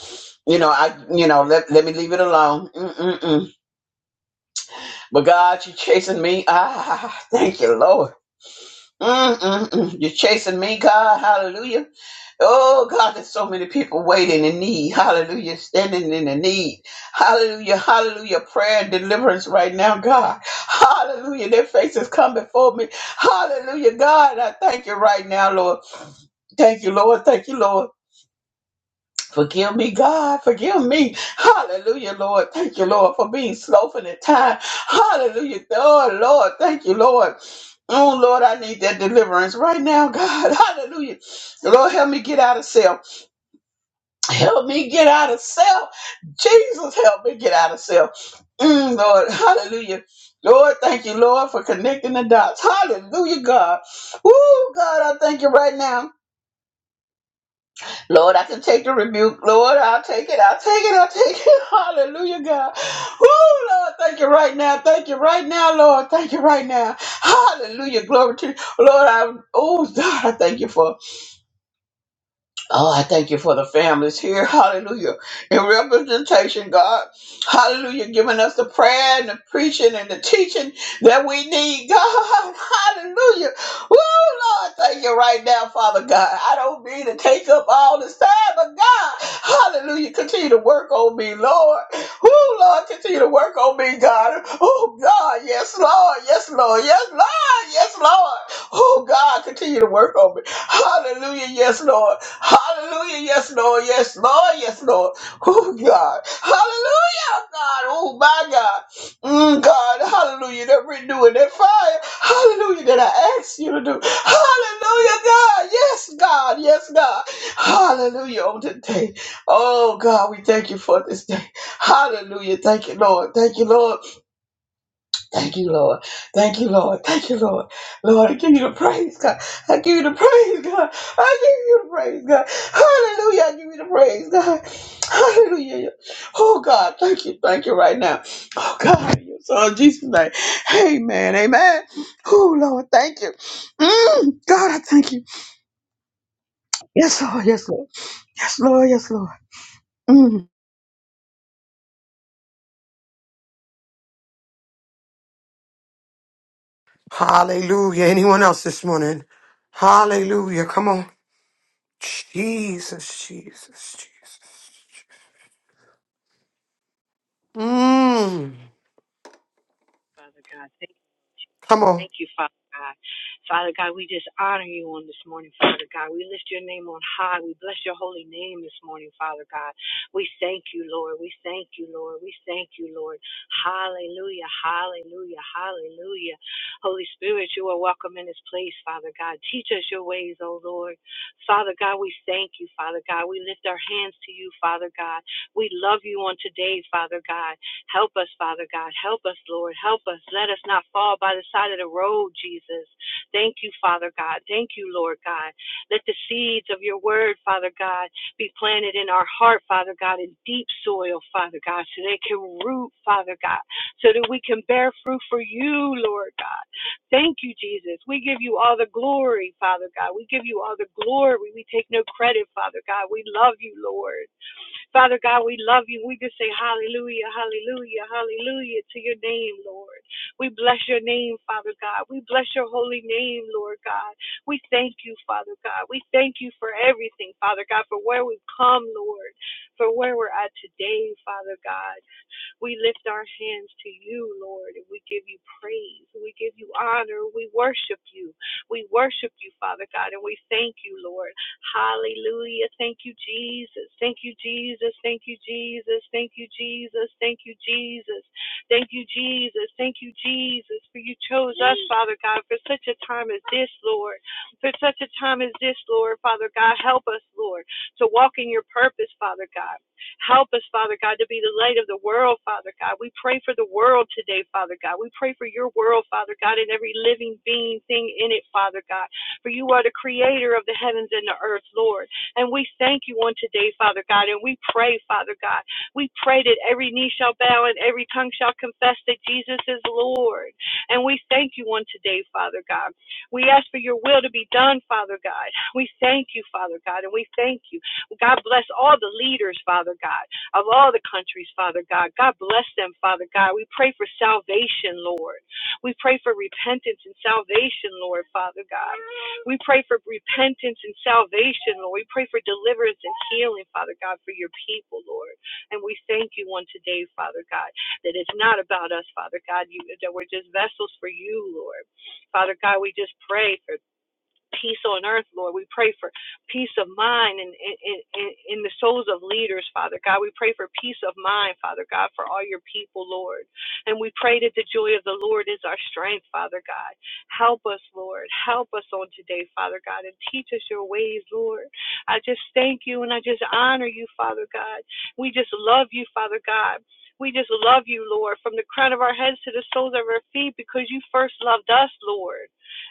Speaker 5: You know, I, you know, let, let me leave it alone. Mm, mm, mm. But God, you're chasing me. Ah, thank you, Lord. Mm-mm-mm. You're chasing me, God. Hallelujah. Oh, God, there's so many people waiting in need. Hallelujah. Standing in the need. Hallelujah. Hallelujah. Prayer and deliverance right now, God. Hallelujah. Their faces come before me. Hallelujah. God, I thank you right now, Lord. Thank you, Lord. Thank you, Lord. Forgive me, God. Forgive me. Hallelujah, Lord. Thank you, Lord, for being slow for the time. Hallelujah. Oh, Lord. Thank you, Lord. Oh, Lord, I need that deliverance right now, God. (laughs) Hallelujah. Lord, help me get out of self. Help me get out of self. Jesus, help me get out of self. Mm, Lord, hallelujah. Lord, thank you, Lord, for connecting the dots. Hallelujah, God. Woo, God, I thank you right now. Lord, I can take the rebuke. Lord, I'll take it. I'll take it. I'll take it. (laughs) Hallelujah, God. Oh, Lord, thank you right now. Thank you right now, Lord. Thank you right now. Hallelujah. Glory to you. Lord, I, oh, God, I thank you for Oh, I thank you for the families here. (laughs) Hallelujah. In representation, God. Hallelujah. Giving us the prayer and the preaching and the teaching that we need, God. (laughs) Hallelujah. Woo, Lord, thank you right now, Father God. I don't mean to take up all this time, but God, hallelujah. Continue to work on me, Lord. Woo, Lord, continue to work on me, God. Oh, God. Yes, Lord. Yes, Lord. Yes, Lord. Yes, Lord. Oh, God, continue to work on me. Hallelujah. Yes, Lord. Hallelujah. Yes, Lord. Yes, Lord. Yes, Lord. Oh, God. Hallelujah, God. Oh, my God. Mm, God. Hallelujah. That renewing that fire. Hallelujah. That I asked you to do. Hallelujah, God. Yes, God. Yes, God. Hallelujah. On today. Oh, God. We thank you for this day. Hallelujah. Thank you, Lord. Thank you, Lord. Thank you, Lord. Thank you, Lord. Thank you, Lord. Lord, I give you the praise, God. I give you the praise, God. I give you the praise, God. Hallelujah. I give you the praise, God. Hallelujah. Oh, God. Thank you. Thank you right now. Oh, God. in Your son, Jesus' name. Amen. Amen. Oh, Lord. Thank you. Mm, God, I thank you. Yes, Lord. Yes, Lord. Yes, Lord. Yes, Lord. Mm.
Speaker 1: Hallelujah. Anyone else this morning? Hallelujah. Come on. Jesus, Jesus, Jesus. Mm.
Speaker 6: Father God. Thank you.
Speaker 1: Come on.
Speaker 6: Thank you, Father God. Father God, we just honor you on this morning, Father God. We lift your name on high. We bless your holy name this morning, Father God. We thank you, Lord. We thank you, Lord. We thank you, Lord. Hallelujah. Hallelujah. Hallelujah. Holy Spirit, you are welcome in this place, Father God. Teach us your ways, O Lord. Father God, we thank you, Father God. We lift our hands to you, Father God. We love you on today, Father God. Help us, Father God. Help us, Lord. Help us. Let us not fall by the side of the road, Jesus. Thank you, Father God. Thank you, Lord God. Let the seeds of your word, Father God, be planted in our heart, Father God, in deep soil, Father God, so they can root, Father God, so that we can bear fruit for you, Lord God. Thank you, Jesus. We give you all the glory, Father God. We give you all the glory. We take no credit, Father God. We love you, Lord. Father God, we love you. We just say hallelujah, hallelujah, hallelujah to your name, Lord. We bless your name, Father God. We bless your holy name, Lord God. We thank you, Father God. We thank you for everything, Father God, for where we've come, Lord, for where we're at today, Father God. We lift our hands to you, Lord, and we give you praise. We give you honor. We worship you. We worship you, Father God, and we thank you, Lord. Hallelujah. Thank you, Jesus. Thank you, Jesus. Thank you, Jesus. Thank you, Jesus. Thank you, Jesus. Thank you, Jesus. Thank you, Jesus, for you chose us, Father God, for such a time as this, Lord. For such a time as this, Lord, Father God, help us, Lord, to walk in your purpose, Father God. Help us, Father God, to be the light of the world, Father God. We pray for the world today, Father God. We pray for your world, Father God, and every living being thing in it, Father God. For you are the creator of the heavens and the earth, Lord. And we thank you on today, Father God. And we pray, Father God. We pray that every knee shall bow and every tongue shall confess that Jesus is Lord. And we thank you on today, Father God. We ask for your will to be done, Father God. We thank you, Father God, and we thank you. God bless all the leaders, Father God, of all the countries, Father God. God bless them, Father God. We pray for salvation, Lord. We pray for repentance and salvation, Lord, Father God. We pray for repentance and salvation, Lord. We pray for deliverance and healing, Father God, for your people, Lord. And we thank you on today, Father God, that it's not about us, Father God, you, that we're just vessels for you, Lord. Father God, we just pray for peace on earth, Lord. We pray for peace of mind and in, in, in, the souls of leaders, Father God. We pray for peace of mind, Father God, for all your people, Lord. And we pray that the joy of the Lord is our strength, Father God. Help us, Lord. Help us on today, Father God, and teach us your ways, Lord. I just thank you and I just honor you, Father God. We just love you, Father God. We just love you, Lord, from the crown of our heads to the soles of our feet because you first loved us, Lord.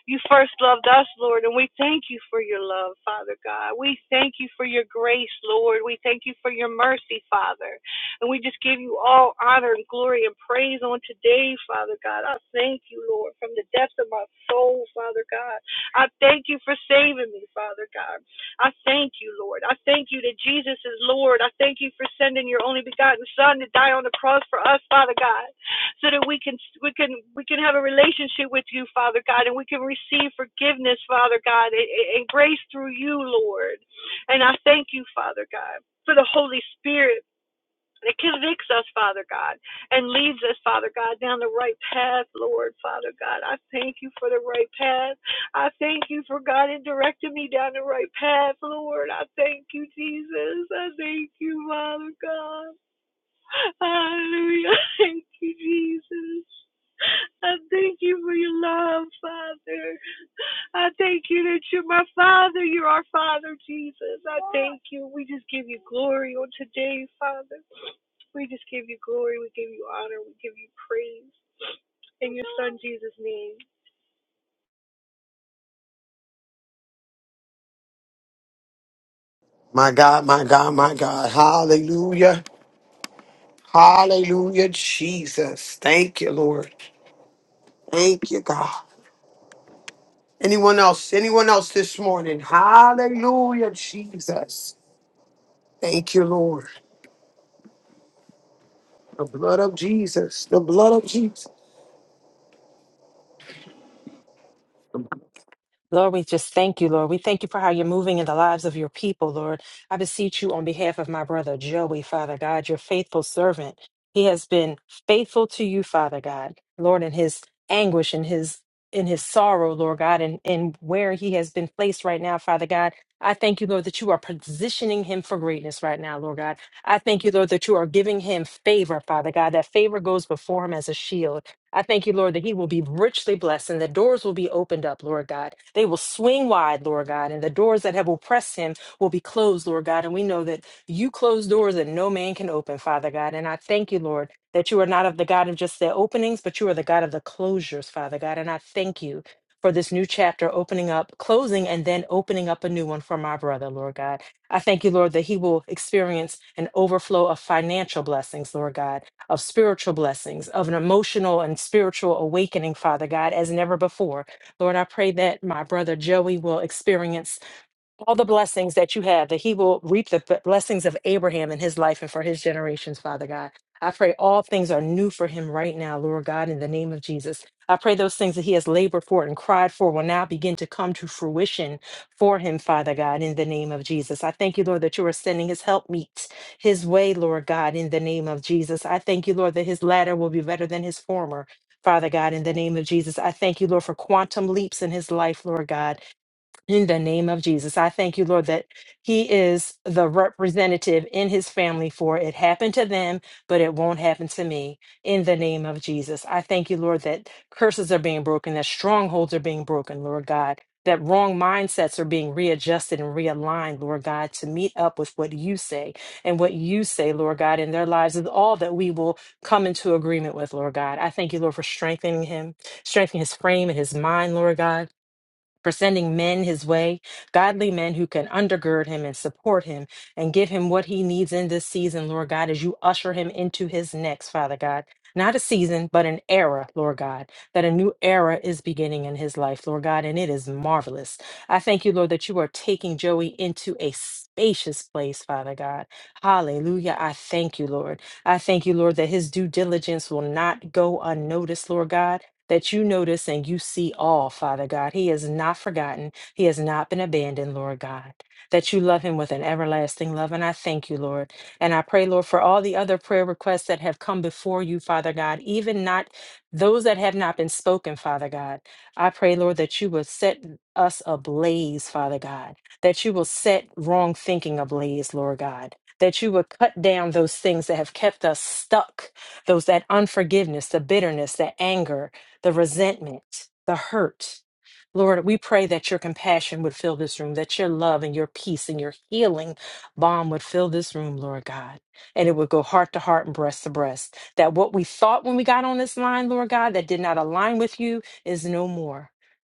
Speaker 6: You first loved us, Lord, and we thank you for your love, Father God. We thank you for your grace, Lord. We thank you for your mercy, Father. And we just give you all honor and glory and praise on today, Father God. I thank you, Lord, from the depths of my soul, Father God. I thank you for saving me, Father God. I thank you, Lord. I thank you that Jesus is Lord. I thank you for sending your only begotten Son to die on the cross for us, Father God so that we can we can we can have a relationship with you, Father God, and we can receive forgiveness, Father God, and, and grace through you, Lord. And I thank you, Father God, for the Holy Spirit that convicts us, Father God, and leads us, Father God, down the right path, Lord, Father God. I thank you for the right path. I thank you for God directing me down the right path, Lord. I thank you, Jesus. I thank you, Father God. Hallelujah. (laughs) Thank you, Jesus. I thank you for your love, Father. I thank you that you're my Father. You're our Father, Jesus. I thank you. We just give you glory on today, Father. We just give you glory. We give you honor. We give you praise. In your Son, Jesus' name.
Speaker 1: My God, my God, my God. Hallelujah. Hallelujah, Jesus. Thank you, Lord. Thank you, God. Anyone else? Anyone else this morning? Hallelujah, Jesus. Thank you, Lord. The blood of Jesus. The blood of Jesus.
Speaker 4: Lord, we just thank you, Lord. We thank you for how you're moving in the lives of your people, Lord. I beseech you on behalf of my brother Joey, Father God, your faithful servant. He has been faithful to you, Father God, Lord, in his anguish and his in his sorrow, Lord God, and, and where he has been placed right now, Father God. I thank you, Lord, that you are positioning him for greatness right now, Lord God. I thank you, Lord, that you are giving him favor, Father God. That favor goes before him as a shield. I thank you, Lord, that he will be richly blessed and the doors will be opened up, Lord God. They will swing wide, Lord God, and the doors that have oppressed him will be closed, Lord God. And we know that you close doors that no man can open, Father God. And I thank you, Lord, that you are not of the God of just the openings, but you are the God of the closures, Father God. And I thank you for this new chapter opening up, closing, and then opening up a new one for my brother, Lord God. I thank you, Lord, that he will experience an overflow of financial blessings, Lord God of spiritual blessings, of an emotional and spiritual awakening, Father God, as never before. Lord, I pray that my brother Joey will experience all the blessings that you have, that he will reap the b- blessings of Abraham in his life and for his generations, Father God. I pray all things are new for him right now, Lord God, in the name of Jesus. I pray those things that he has labored for and cried for will now begin to come to fruition for him, Father God, in the name of Jesus. I thank you, Lord, that you are sending his help meet his way, Lord God, in the name of Jesus. I thank you, Lord, that his latter will be better than his former. Father God, in the name of Jesus, I thank you, Lord, for quantum leaps in his life, Lord God. In the name of Jesus, I thank you, Lord, that he is the representative in his family for it happened to them, but it won't happen to me. In the name of Jesus, I thank you, Lord, that curses are being broken, that strongholds are being broken, Lord God, that wrong mindsets are being readjusted and realigned, Lord God, to meet up with what you say and what you say, Lord God, in their lives is all that we will come into agreement with, Lord God. I thank you, Lord, for strengthening him, strengthening his frame and his mind, Lord God for sending men his way, godly men who can undergird him and support him and give him what he needs in this season, Lord God, as you usher him into his next, Father God. Not a season, but an era, Lord God, that a new era is beginning in his life, Lord God, and it is marvelous. I thank you, Lord, that you are taking Joey into a spacious place, Father God. Hallelujah. I thank you, Lord. I thank you, Lord, that his due diligence will not go unnoticed, Lord God that you notice and you see all, Father God. He has not forgotten. He has not been abandoned, Lord God. That you love him with an everlasting love. And I thank you, Lord. And I pray, Lord, for all the other prayer requests that have come before you, Father God, even not those that have not been spoken, Father God. I pray, Lord, that you will set us ablaze, Father God, that you will set wrong thinking ablaze, Lord God, that you will cut down those things that have kept us stuck, those that unforgiveness, the bitterness, the anger, the resentment, the hurt. Lord, we pray that your compassion would fill this room, that your love and your peace and your healing balm would fill this room, Lord God. And it would go heart to heart and breast to breast. That what we thought when we got on this line, Lord God, that did not align with you is no more.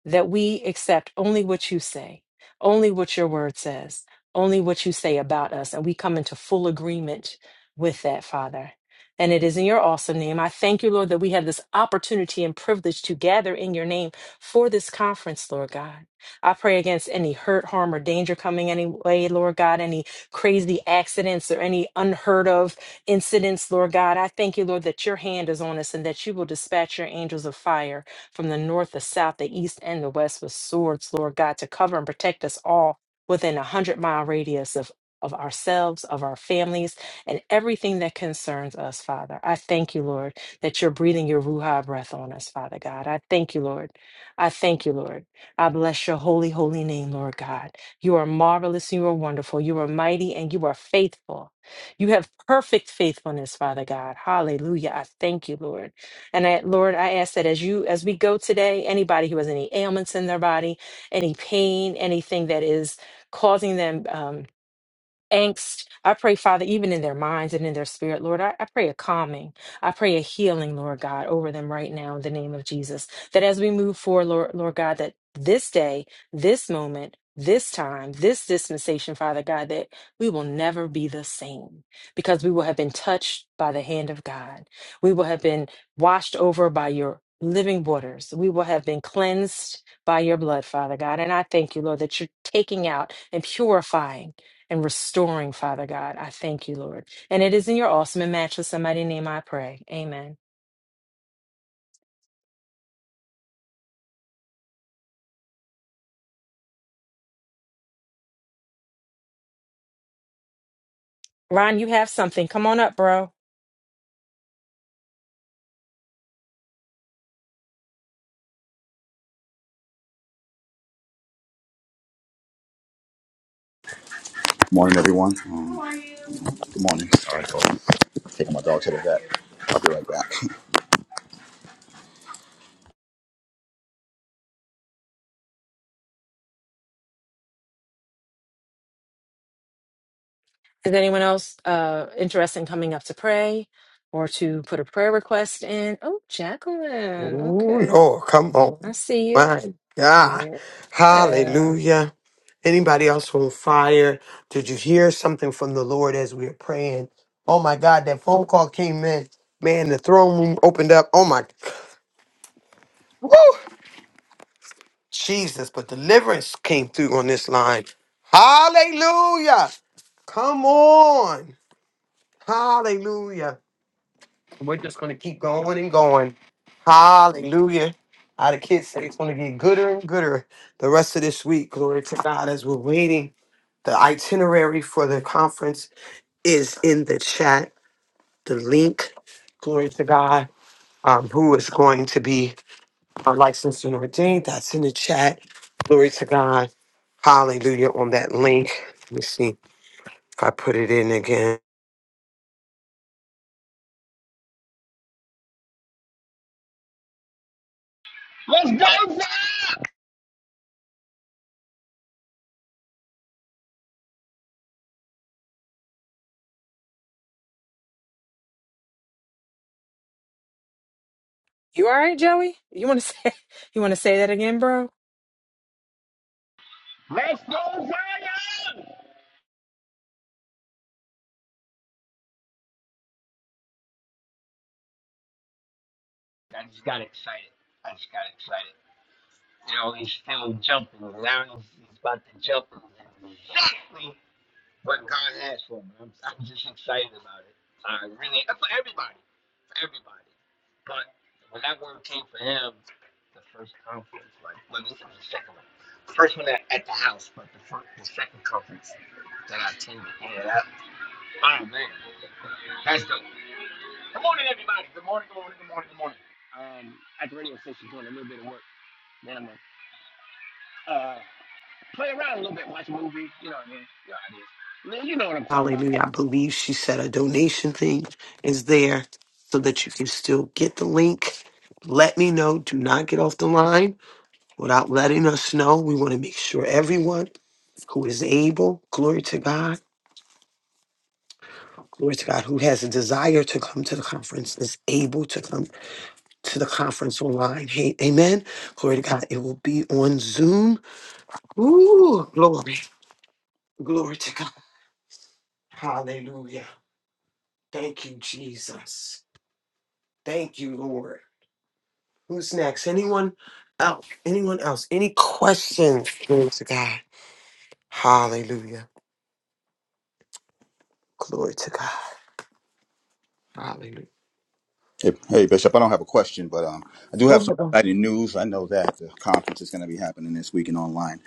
Speaker 4: That we accept only what you say, only what your word says, only what you say about us. And we come into full agreement with that, Father. And it is in your awesome name. I thank you, Lord, that we have this opportunity and privilege to gather in your name for this conference, Lord God. I pray against any hurt, harm, or danger coming any way, Lord God, any crazy accidents or any unheard of incidents, Lord God. I thank you, Lord, that your hand is on us and that you will dispatch your angels of fire from the north, the south, the east, and the west with swords, Lord God, to cover and protect us all within a hundred mile radius of, of ourselves, of our families and everything that concerns us, Father. I thank you, Lord, that you're breathing your Ruha breath on us, Father God. I thank you, Lord. I thank you, Lord. I bless your holy, holy name, Lord God. You are marvelous and you are wonderful. You are mighty and you are faithful. You have perfect faithfulness, Father God. Hallelujah. I thank you, Lord. And I, Lord, I ask that as you as we go today, anybody who has any ailments in their body, any pain, anything that is causing them. um, angst. I pray, Father, even in their minds and in their spirit, Lord, I, I pray a calming. I pray a healing, Lord God, over them right now in the name of Jesus. That as we move forward, Lord, Lord God, that this day, this moment, this time, this dispensation, Father God, that we will never be the same because we will have been touched by the hand of God. We will have been washed over by your living waters. We will have been cleansed by your blood, Father God. And I thank you, Lord, that you're taking out and purifying and restoring, Father God. I thank you, Lord. And it is in your awesome and matchless somebody name I pray. Amen. Ron, you have something. Come on up, bro.
Speaker 7: Morning, everyone. Um, good morning. All right, hold on. Taking my dog to the vet. I'll be right back. (laughs)
Speaker 4: Is anyone else uh interested in coming up to pray or to put a prayer request in? Oh,
Speaker 1: Oh
Speaker 4: Jacqueline. Okay.
Speaker 1: Lord, come on.
Speaker 4: I see you.
Speaker 1: My God.
Speaker 4: Yeah.
Speaker 1: Hallelujah. Anybody else on fire? Did you hear something from the Lord as we were praying? Oh my God, that phone call came in. Man, the throne room opened up. Oh my woo, Jesus, but deliverance came through on this line. Hallelujah. Come on. Hallelujah. We're just gonna keep going and going. Hallelujah. How the kids say it's gonna get gooder and gooder the rest of this week. Glory to God as we're waiting. The itinerary for the conference is in the chat. The link, glory to God, um, who is going to be uh, licensed and ordained. That's in the chat. Glory to God. Hallelujah on that link. Let me see if I put it in again.
Speaker 4: You all right, Joey? You wanna say (laughs) you wanna say that again, bro?
Speaker 1: Hallelujah. I believe she said a donation thing is there so that you can still get the link. Let me know. Do not get off the line without letting us know. We want to make sure everyone who is able, glory to God, glory to God, who has a desire to come to the conference is able to come to the conference online. Hey, amen. Glory to God. It will be on Zoom. Ooh, glory. Glory to God. Hallelujah. Thank you, Jesus. Thank you, Lord. Who's next? Anyone else? Anyone else? Any questions? Glory to God. Hallelujah. Glory to God. Hallelujah.
Speaker 7: Hey, hey, Bishop, I don't have a question, but um, I do
Speaker 1: Go
Speaker 7: have some
Speaker 1: ahead. Go.
Speaker 7: exciting news. I know that the conference is going to be happening this weekend online.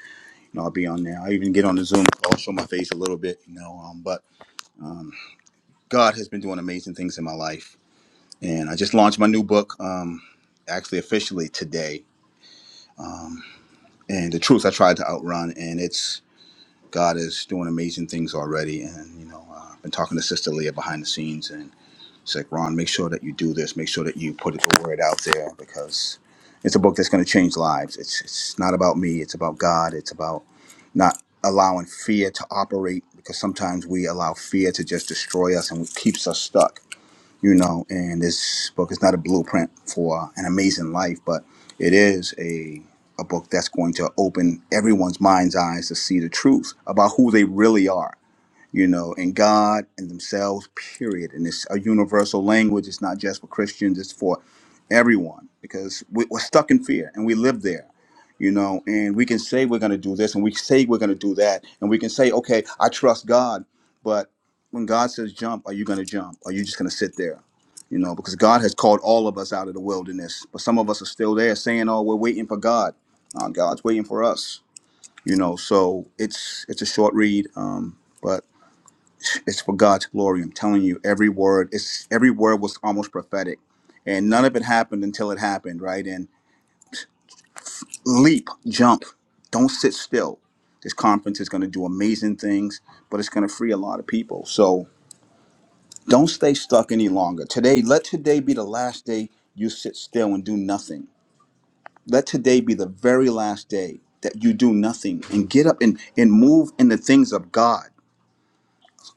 Speaker 7: You know, I'll be on there. I even get on the Zoom call, show my face a little bit, you know. Um, but God has been doing amazing things in my life. And I just launched my new book, um, actually officially today. Um, and the truth I tried to outrun, and it's God is doing amazing things already. And, you know, uh, I've been talking to Sister Leah behind the scenes, and It's like, Ron, make sure that you do this. Make sure that you put the word out there because it's a book that's going to change lives. It's, it's not about me, it's about God. It's about not allowing fear to operate because sometimes we allow fear to just destroy us and it keeps us stuck, you know. And this book is not a blueprint for an amazing life, but it is a a book that's going to open everyone's mind's eyes to see the truth about who they really are you know, in God and themselves, period. And it's a universal language. It's not just for Christians, it's for everyone because we, we're stuck in fear and we live there, you know, and we can say we're going to do this and we say we're going to do that. And we can say, okay, I trust God. But when God says jump, are you going to jump? Are you just going to sit there? You know, because God has called all of us out of the wilderness, but some of us are still there saying, oh, we're waiting for God. Uh, God's waiting for us. You know, so it's it's a short read. Um, but it's for God's glory. I'm telling you, every word It's every word was almost prophetic, and none of it happened until it happened, right? And leap, jump, don't sit still. This conference is going to do amazing things, but it's going to free a lot of people. So don't stay stuck any longer. Today, let today be the last day you sit still and do nothing. Let today be the very last day that you do nothing and get up and, and move in the things of God.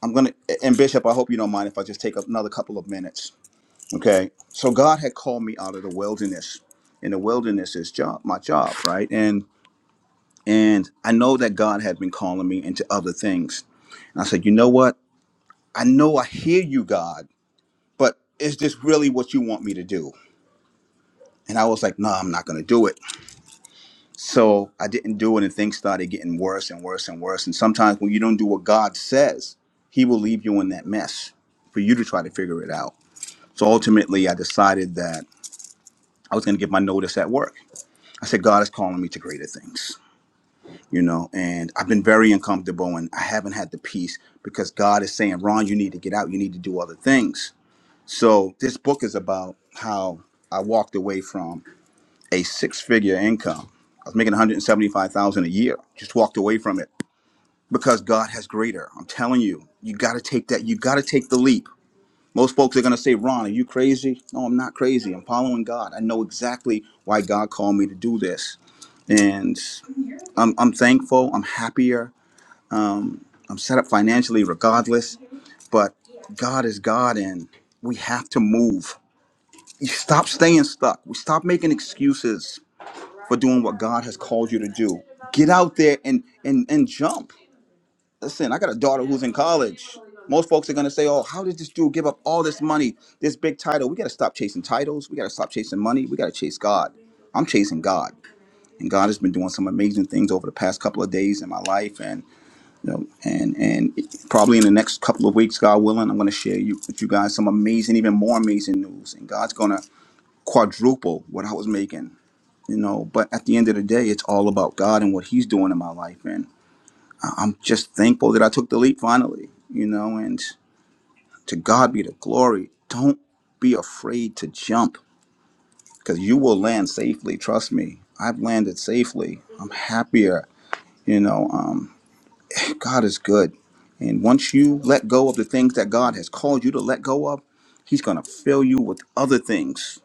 Speaker 7: I'm going to, and Bishop, I hope you don't mind if I just take another couple of minutes Okay. So God had called me out of the wilderness. And the wilderness is job my job, right? And and I know that God had been calling me into other things. And I said, you know what? I know I hear you, God, but is this really what you want me to do? And I was like, no, I'm not gonna do it. So I didn't do it and things started getting worse and worse and worse. And sometimes when you don't do what God says, he will leave you in that mess for you to try to figure it out. So ultimately I decided that I was gonna give my notice at work I said, God is calling me to greater things, you know, and I've been very uncomfortable and I haven't had the peace because God is saying, Ron, you need to get out. You need to do other things. So this book is about how I walked away from a six figure income. I was making 175,000 a year, just walked away from it because God has greater. I'm telling you, you got to take that. You got to take the leap. Most folks are going to say, Ron, are you crazy? No, I'm not crazy. I'm following God. I know exactly why God called me to do this. And I'm, I'm thankful. I'm happier. I'm set up financially regardless. But God is God, and we have to move. You stop staying stuck. We stop making excuses for doing what God has called you to do. Get out there and, and, and jump listen, I got a daughter who's in college. Most folks are gonna say, "Oh, how did this dude give up all this money, this big title?" We gotta stop chasing titles. We gotta stop chasing money. We gotta chase God. I'm chasing God, and God has been doing some amazing things over the past couple of days in my life, and you know, and and probably in the next couple of weeks, God willing, I'm gonna share you with you guys some amazing, even more amazing news, and God's gonna quadruple what I was making. You know, but at the end of the day, it's all about God and what He's doing in my life. I'm just thankful that I took the leap finally, you know, and to God be the glory. Don't be afraid to jump because you will land safely. Trust me. I've landed safely. I'm happier, you know. Um, God is good. And once you let go of the things that God has called you to let go of, He's going to fill you with other things.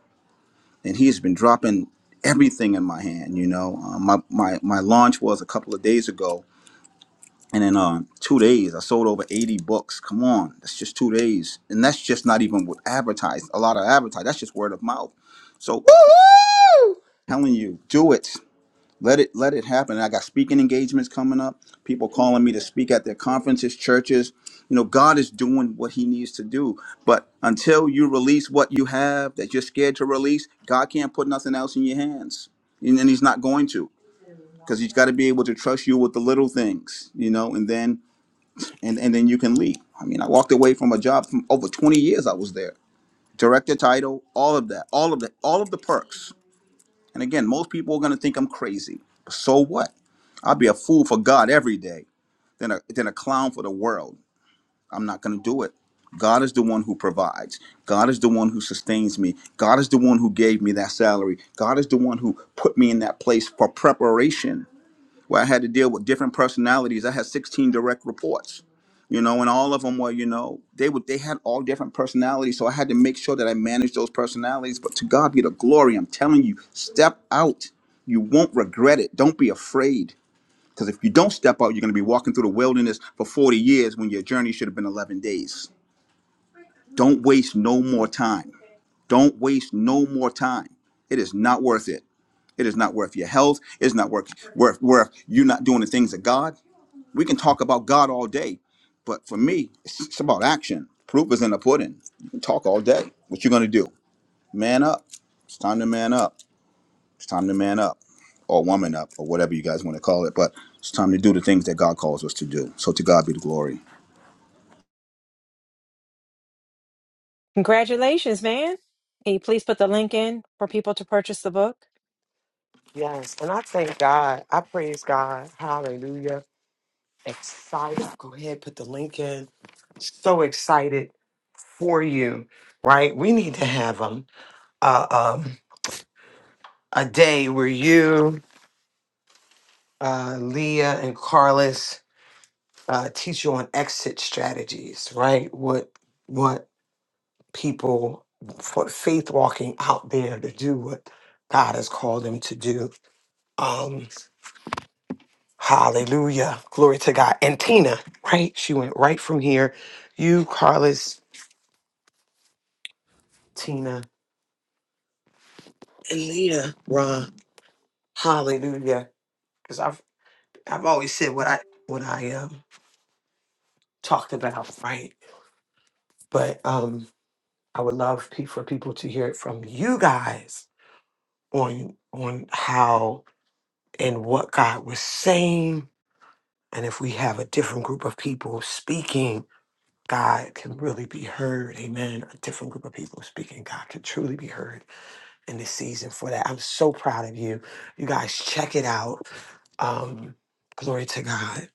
Speaker 7: And He has been dropping everything in my hand, you know. Um, my, my, my launch was a couple of days ago And in uh, two days, I sold over 80 books. Come on, that's just two days. And that's just not even with advertised. A lot of advertised. That's just word of mouth. So
Speaker 1: Woo!
Speaker 7: telling you, do it. Let it let it happen. And I got speaking engagements coming up. People calling me to speak at their conferences, churches. You know, God is doing what he needs to do. But until you release what you have that you're scared to release, God can't put nothing else in your hands. And, and he's not going to. Because he's got to be able to trust you with the little things, you know, and then and and then you can leave. I mean, I walked away from a job from over 20 years. I was there, director title, all of that, all of that, all of the perks. And again, most people are going to think I'm crazy. But so what? I'll be a fool for God every day, then a then a clown for the world. I'm not going to do it. God is the one who provides. God is the one who sustains me. God is the one who gave me that salary. God is the one who put me in that place for preparation where I had to deal with different personalities. I had 16 direct reports, you know, and all of them were, you know, they would they had all different personalities. So I had to make sure that I managed those personalities. But to God be the glory. I'm telling you, step out. You won't regret it. Don't be afraid. Because if you don't step out, you're going to be walking through the wilderness for 40 years when your journey should have been 11 days. Don't waste no more time. Don't waste no more time. It is not worth it. It is not worth your health. It's not worth worth worth you not doing the things of God we can talk about God all day, but for me, it's, it's about action. Proof is in the pudding. You can talk all day. What you gonna do? Man up. It's time to man up. It's time to man up, or woman up, or whatever you guys want to call it. But it's time to do the things that God calls us to do. So to God be the glory.
Speaker 4: Congratulations, man. Can you please put the link in for people to purchase the book?
Speaker 1: Yes, and I thank God. I praise God. Hallelujah. Excited. Go ahead, put the link in. So excited for you, right? We need to have um, uh, um, a day where you, uh, Leah, and Carlos uh, teach you on exit strategies, right? What what people what faith walking out there to do what God has called them to do. Um, hallelujah, glory to God. And Tina, right? She went right from here. You, Carlos, Tina, and Leah, Ron. Hallelujah, because I've I've always said what I what I um talked about, right? But um, I would love pe- for people to hear it from you guys on on how and what God was saying. And if we have a different group of people speaking, God can really be heard. Amen. A different group of people speaking, God can truly be heard in this season for that. I'm so proud of you. You guys check it out. Um, glory to God.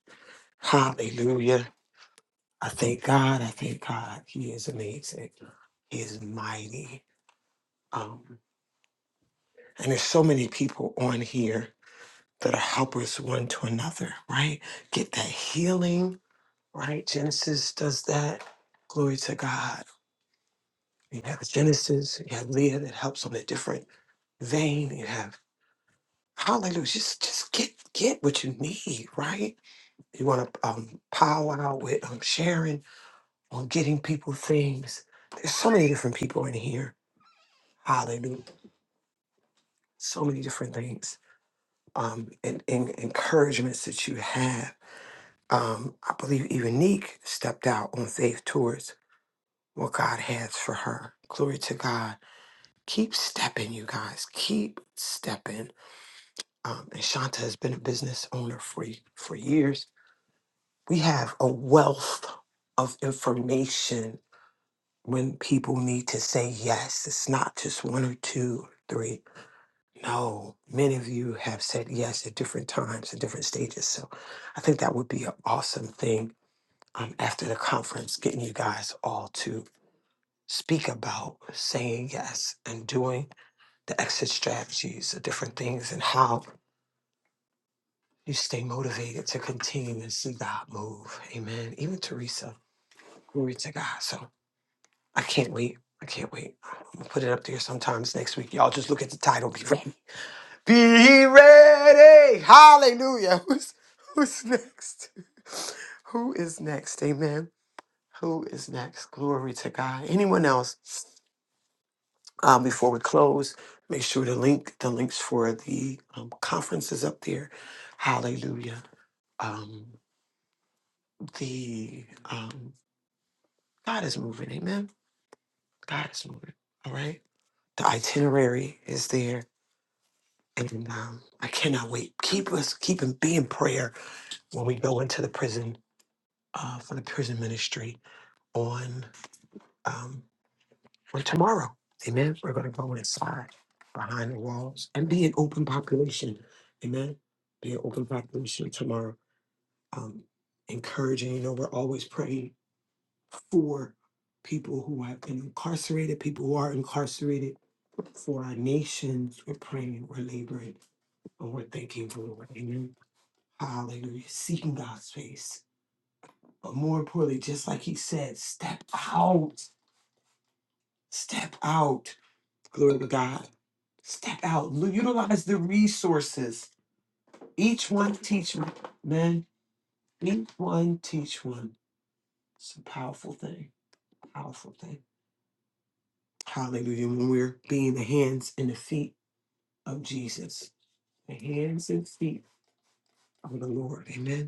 Speaker 1: Hallelujah. I thank God. I thank God. He is amazing. He is mighty. Um, and there's so many people on here that are helpers one to another, right? Get that healing, right? Genesis does that. Glory to God. You have Genesis, you have Leah that helps on a different vein, you have hallelujah. Just just get get what you need, right? You want to um powwow with um sharing on getting people things. There's so many different people in here. Hallelujah. So many different things. Um and, and encouragements that you have. um, I believe even Neek stepped out on faith towards what God has for her. Glory to God. Keep stepping, you guys. Keep stepping. Um, and Shanta has been a business owner for, for years. We have a wealth of information when people need to say yes. It's not just one or two, three. No, many of you have said yes at different times and different stages. So I think that would be an awesome thing um, after the conference, getting you guys all to speak about saying yes and doing the exit strategies, the different things, and how you stay motivated to continue and see God move. Amen. Even Teresa, glory to God. So I can't wait. I can't wait. I'm gonna put it up there sometimes next week. Y'all just look at the title. Be ready. Be ready. Hallelujah. (laughs) Who's who's next? (laughs) Who is next? Amen. Who is next? Glory to God. Anyone else? Um, before we close, make sure the link, the links for the um, conference is up there. Hallelujah. Um, the um, God is moving. Amen. God is moving. All right. The itinerary is there, and um, I cannot wait. Keep us, keep and be in prayer when we go into the prison uh, for the prison ministry on. um, on tomorrow. Amen. We're going to go inside behind the walls and be an open population. Amen. Be an open population tomorrow. Um, encouraging, you know, we're always praying for people who have been incarcerated, people who are incarcerated, for our nations. We're praying, we're laboring, and we're thanking for the Lord. Amen. Hallelujah. Seeking God's face. But more importantly, just like he said, step out, step out. Glory to God. Step out. Lu- Utilize the resources. Each one teach one. Man, each one teach one. It's a powerful thing. Powerful thing. Hallelujah. When we're being the hands and the feet of Jesus. The hands and feet of the Lord. Amen.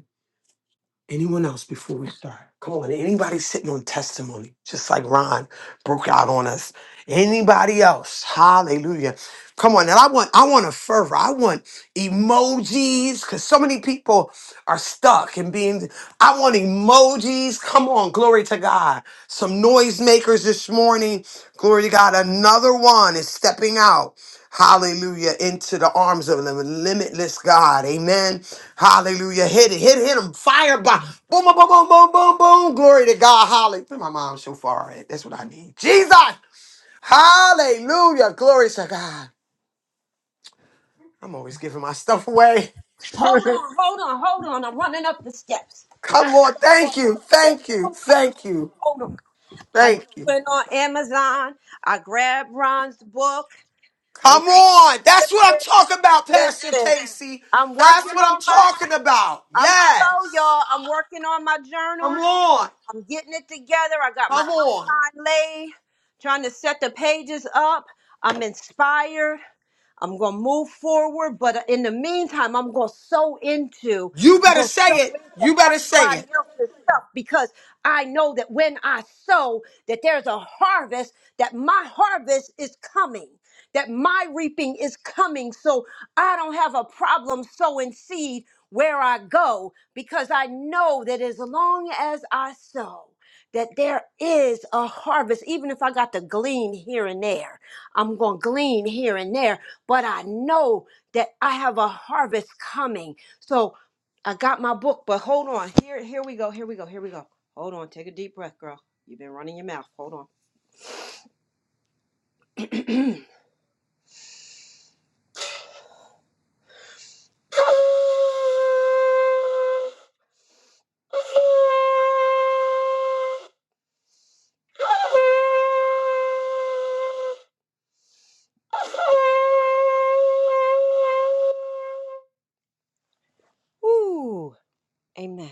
Speaker 1: Anyone else before we start? Come on, anybody sitting on testimony, just like Ron broke out on us. Anybody else? Hallelujah. Come on, and I want I want a fervor. I want emojis because so many people are stuck and being. I want emojis. Come on, glory to God. Some noisemakers this morning. Glory to God. Another one is stepping out. Hallelujah. Into the arms of the limitless God. Amen. Hallelujah. Hit it. Hit it. Hit them! Fire by. Boom, boom, boom, boom, boom, boom, boom. Glory to God. Hallelujah. My mom so far. ahead. That's what I need. Jesus. Hallelujah. Glory to God. I'm always giving my stuff away.
Speaker 2: Hold on, hold on, hold on. I'm running up the steps.
Speaker 1: Come
Speaker 2: Got
Speaker 1: on. Thank you. Thank you. Thank you.
Speaker 2: hold on. I just
Speaker 1: Thank you.
Speaker 2: went on Amazon. I grabbed Ron's book. Hey,
Speaker 1: Come on. That's what I'm talking about, Pastor
Speaker 2: listen,
Speaker 1: Casey.
Speaker 2: I'm
Speaker 1: That's
Speaker 2: working
Speaker 1: what I'm
Speaker 2: on my.
Speaker 1: talking about.
Speaker 2: I'm
Speaker 1: Yes.
Speaker 2: slow, y'all. I'm working on my journal.
Speaker 1: Come on.
Speaker 2: I'm getting it together. I got my
Speaker 1: Come on.
Speaker 2: eye laid, trying to set the pages up. I'm inspired. I'm going to move forward, but uh, in the meantime, I'm going to sow into,
Speaker 1: You
Speaker 2: I'm
Speaker 1: better
Speaker 2: going to
Speaker 1: say
Speaker 2: sow
Speaker 1: it.
Speaker 2: into
Speaker 1: You better say it.
Speaker 2: everybody else's stuff because I know that when I sow, that there's a harvest, that my harvest is coming, that my reaping is coming. So I don't have a problem sowing seed where I go because I know that as long as I sow, that there is a harvest, even if I got to glean here and there. I'm going to glean here and there but I know that I have a harvest coming. So I got my book, but hold on. Here, here we go. Here we go. Here we go. Hold on. Take a deep breath, girl. You've been running your mouth. Hold on. Ooh, amen.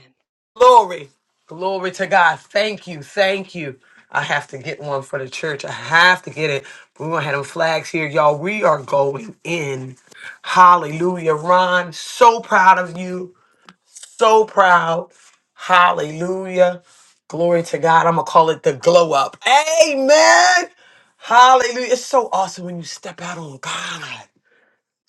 Speaker 1: Glory. Glory to God. Thank you. Thank you. I have to get one for the church. I have to get it. We're going to have them flags here, y'all. We are going in. Hallelujah. Ron, so proud of you. So proud. Hallelujah. Glory to God. I'm going to call it the glow up. Amen. Hallelujah. It's so awesome when you step out on God.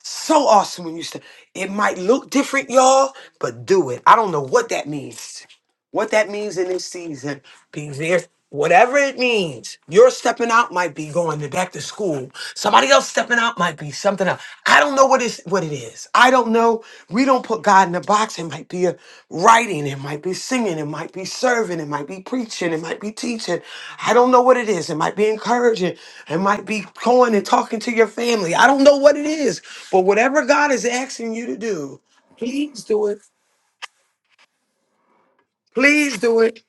Speaker 1: So awesome when you step. It might look different, y'all, but do it. I don't know what that means what that means in this season. Because there's whatever it means, your stepping out might be going to back to school. Somebody else stepping out might be something else. I don't know what is what it is. I don't know. We don't put God in a box. It might be a writing, it might be singing, it might be serving, it might be preaching, it might be teaching. I don't know what it is. It might be encouraging. It might be going and talking to your family. I don't know what it is. But whatever God is asking you to do, please do it. Please do it.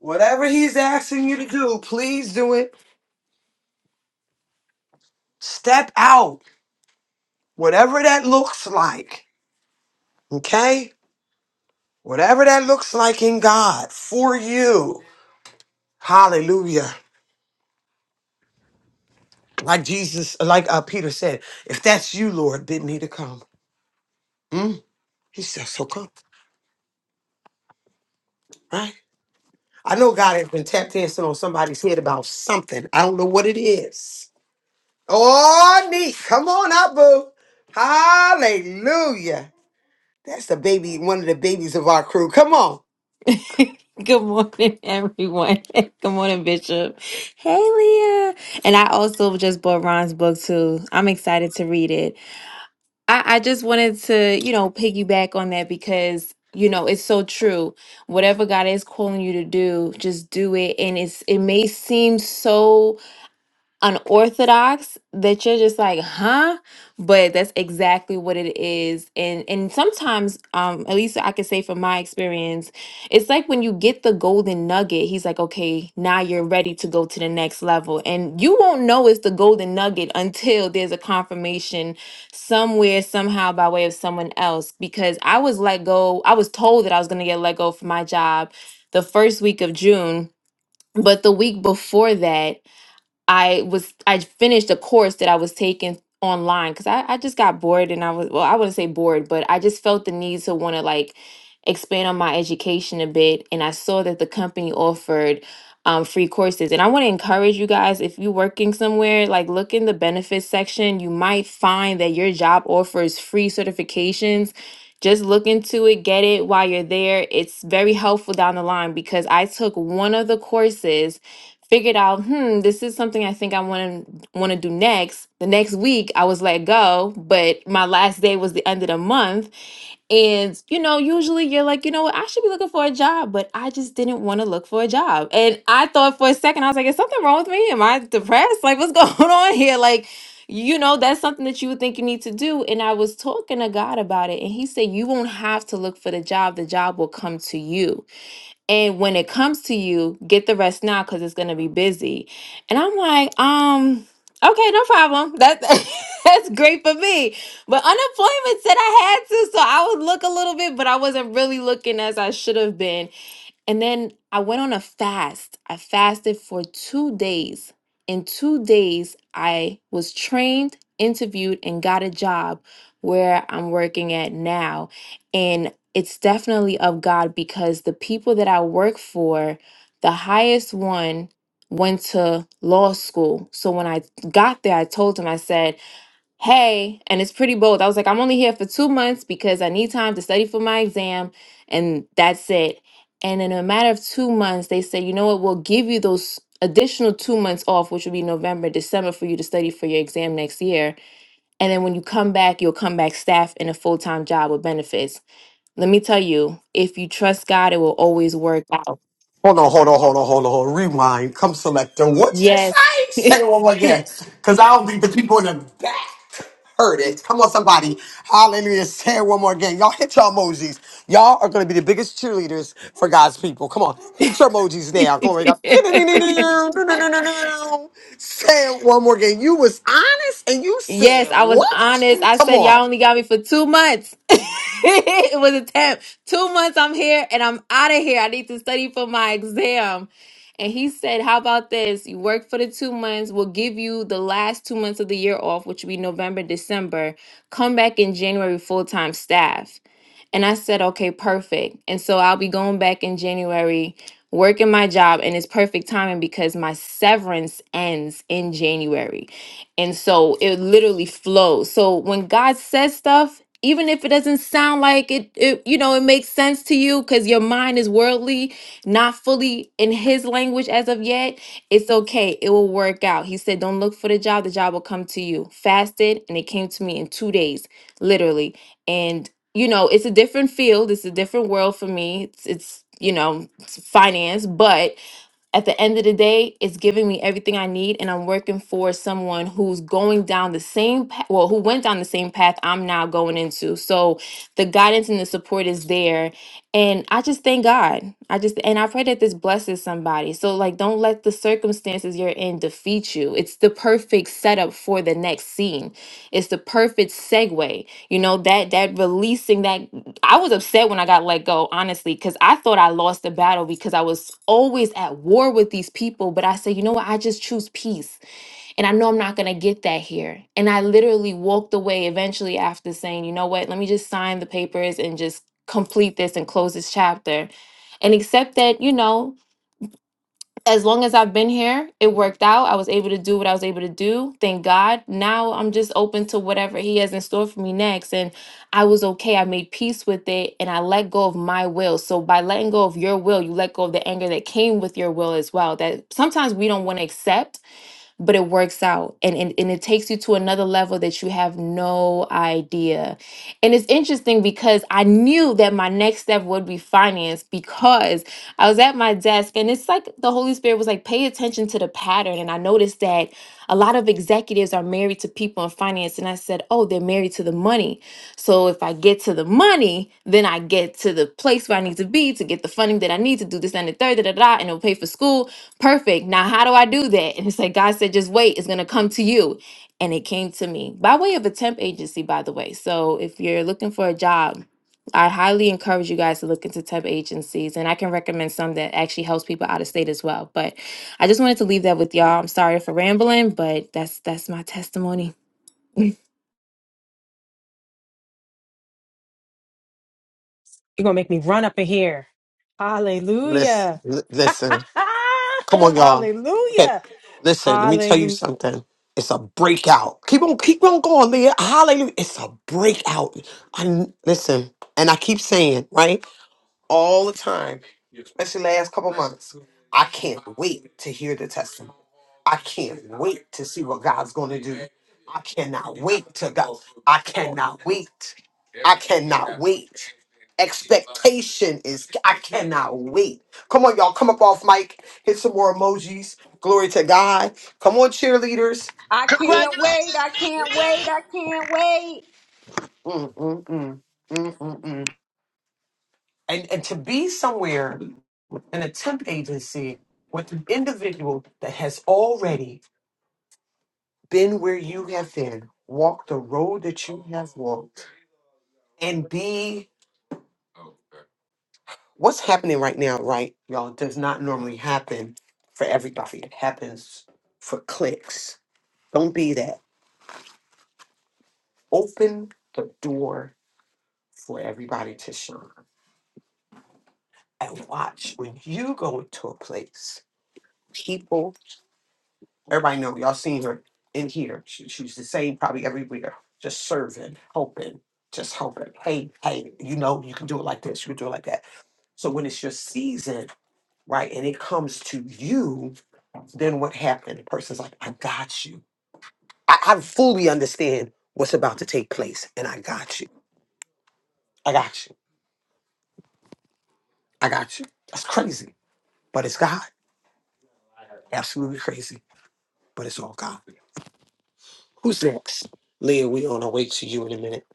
Speaker 1: Whatever he's asking you to do, please do it. Step out, whatever that looks like. Okay? Whatever that looks like in God for you. Hallelujah. Like Jesus, like uh, Peter said, if that's you, Lord, bid me to come. Mm? He said, so come, right? I know God has been tap dancing on somebody's head about something. I don't know what it is. Oh, neat. Come on up, boo. Hallelujah. That's the baby, one of the babies of our crew. Come on.
Speaker 8: (laughs) Good morning, everyone. (laughs) Good morning, Bishop. Hey, Leah. And I also just bought Ron's book too. I'm excited to read it. I, I just wanted to, you know, piggyback on that because you know it's so true. Whatever God is calling you to do, just do it. And it's it may seem so unorthodox that you're just like, huh? But that's exactly what it is. And and sometimes, um, at least I can say from my experience, it's like when you get the golden nugget, he's like, okay, now you're ready to go to the next level. And you won't know it's the golden nugget until there's a confirmation somewhere, somehow by way of someone else. Because I was let go, I was told that I was gonna get let go from my job the first week of June. But the week before that, I was I finished a course that I was taking online because I, I just got bored and I was well, I wouldn't say bored, but I just felt the need to want to like expand on my education a bit. And I saw that the company offered um, free courses. And I want to encourage you guys, if you're working somewhere, like look in the benefits section. You might find that your job offers free certifications. Just look into it, get it while you're there. It's very helpful down the line because I took one of the courses figured out, hmm, this is something I think I want to want to do next. The next week I was let go, but my last day was the end of the month. And you know, usually you're like, you know what, I should be looking for a job, but I just didn't want to look for a job. And I thought for a second, I was like, is something wrong with me? Am I depressed? Like, what's (laughs) going on here? Like, you know, that's something that you would think you need to do. And I was talking to God about it, and He said, You won't have to look for the job, the job will come to you and when it comes to you get the rest now because it's going to be busy and i'm like um okay no problem that (laughs) that's great for me but unemployment said i had to so i would look a little bit but i wasn't really looking as i should have been and then I went on a fast. I fasted for two days. In two days, I was trained, interviewed, and got a job where I'm working at now. And it's definitely of God because the people that I work for, the highest one went to law school. So when I got there, I told him, I said, hey, and it's pretty bold. I was like, I'm only here for two months because I need time to study for my exam, and that's it. And in a matter of two months, they said, you know what, we'll give you those additional two months off, which will be November, December, for you to study for your exam next year. And then when you come back, you'll come back staff in a full time job with benefits. Let me tell you, if you trust God, it will always work
Speaker 1: Hold on, hold on, hold on, hold on, hold on. Rewind. Come selector. What you say? Say it one more again. Cause I don't think the people in the back heard it. Come on, somebody. Hallelujah. Say it one more again. Y'all hit your emojis. Y'all are gonna be the biggest cheerleaders for God's people. Come on. Hit your emojis now. Glory to God. Say it one more again. You was honest and you
Speaker 8: Yes,
Speaker 1: said
Speaker 8: I was
Speaker 1: what?
Speaker 8: honest. I
Speaker 1: Come
Speaker 8: said y'all
Speaker 1: on.
Speaker 8: only got me for two months. (laughs) it was a temp. Two months I'm here and I'm out of here. I need to study for my exam. And he said, How about this? You work for the two months. We'll give you the last two months of the year off, which will be November, December. Come back in January full time staff. And I said, Okay, perfect. And so I'll be going back in January, working my job, and it's perfect timing because my severance ends in January. And so it literally flows. So when God says stuff, even if it doesn't sound like it, it you know, it makes sense to you because your mind is worldly, not fully in his language as of yet, it's okay. It will work out. He said, Don't look for the job, the job will come to you. Fasted, and it came to me in two days, literally. And, you know, it's a different field, it's a different world for me. It's, it's you know, it's finance, but at the end of the day, it's giving me everything I need, and I'm working for someone who's going down the same path, well, who went down the same path I'm now going into. So the guidance and the support is there. And I just thank God. I just, and I pray that this blesses somebody. So, like, don't let the circumstances you're in defeat you. It's the perfect setup for the next scene, it's the perfect segue. You know, that, that releasing that I was upset when I got let go, honestly, because I thought I lost the battle because I was always at war with these people. But I said, you know what? I just choose peace. And I know I'm not going to get that here. And I literally walked away eventually after saying, you know what? Let me just sign the papers and just complete this and close this chapter and accept that, you know as long as I've been here, it worked out. I was able to do what I was able to do. Thank God. Now I'm just open to whatever He has in store for me next. And I was okay. I made peace with it and I let go of my will. So by letting go of your will, you let go of the anger that came with your will as well. That sometimes we don't want to accept but it works out and, and and it takes you to another level that you have no idea and it's interesting because i knew that my next step would be finance because i was at my desk and it's like the holy spirit was like pay attention to the pattern and i noticed that a lot of executives are married to people in finance and i said oh they're married to the money so if i get to the money then i get to the place where i need to be to get the funding that i need to do this and the third da, da, da, and it'll pay for school Perfect. Now, how do I do that? And it's like God said, just wait, it's going to come to you. And it came to me by way of a temp agency, by the way. So if you're looking for a job, I highly encourage you guys to look into temp agencies, and I can recommend some that actually helps people out of state as well. But I just wanted to leave that with y'all. I'm sorry for rambling, but that's that's my testimony.
Speaker 4: You're gonna make me run up in here.
Speaker 1: Listen.
Speaker 4: Hallelujah.
Speaker 1: Listen. Come
Speaker 4: (laughs)
Speaker 1: on, y'all. Okay,
Speaker 4: Hallelujah.
Speaker 1: listen. Let me tell you
Speaker 4: Hallelujah.
Speaker 1: something. It's a breakout. Keep on, keep on going, Leah. Hallelujah. It's a breakout. I listen, and I keep saying, right? all the time, especially last couple months. I can't wait to hear the testimony. I can't wait to see what God's going to do. I cannot wait to go. I cannot wait. I cannot wait. Expectation is, I cannot wait. Come on, y'all. Come up off mic. Hit some more emojis. Glory to God. Come on, cheerleaders.
Speaker 2: I can't wait. I can't wait.
Speaker 1: Mm,
Speaker 2: I can't wait.
Speaker 1: mm, mm. Mm, mm, mm. And, and to be somewhere an attempt agency with an individual that has already been where you have been, walked the road that you have walked, and be what's happening right now, right? Y'all does not normally happen for everybody. It happens for clicks. Don't be that. Open the door for everybody to shine and watch when you go into a place. people. Everybody know y'all seen her in here. She, she's the same probably everywhere, just serving, hoping, just hoping. Hey, hey, you know you can do it like this, you can do it like that. So when it's your season, right, and it comes to you, then what happened? The person's like, I got you. I, I fully understand what's about to take place, and I got you. I got you. I got you. That's crazy, but it's God. Absolutely crazy, but it's all God. Who's next? Leah, we on our way to you in a minute.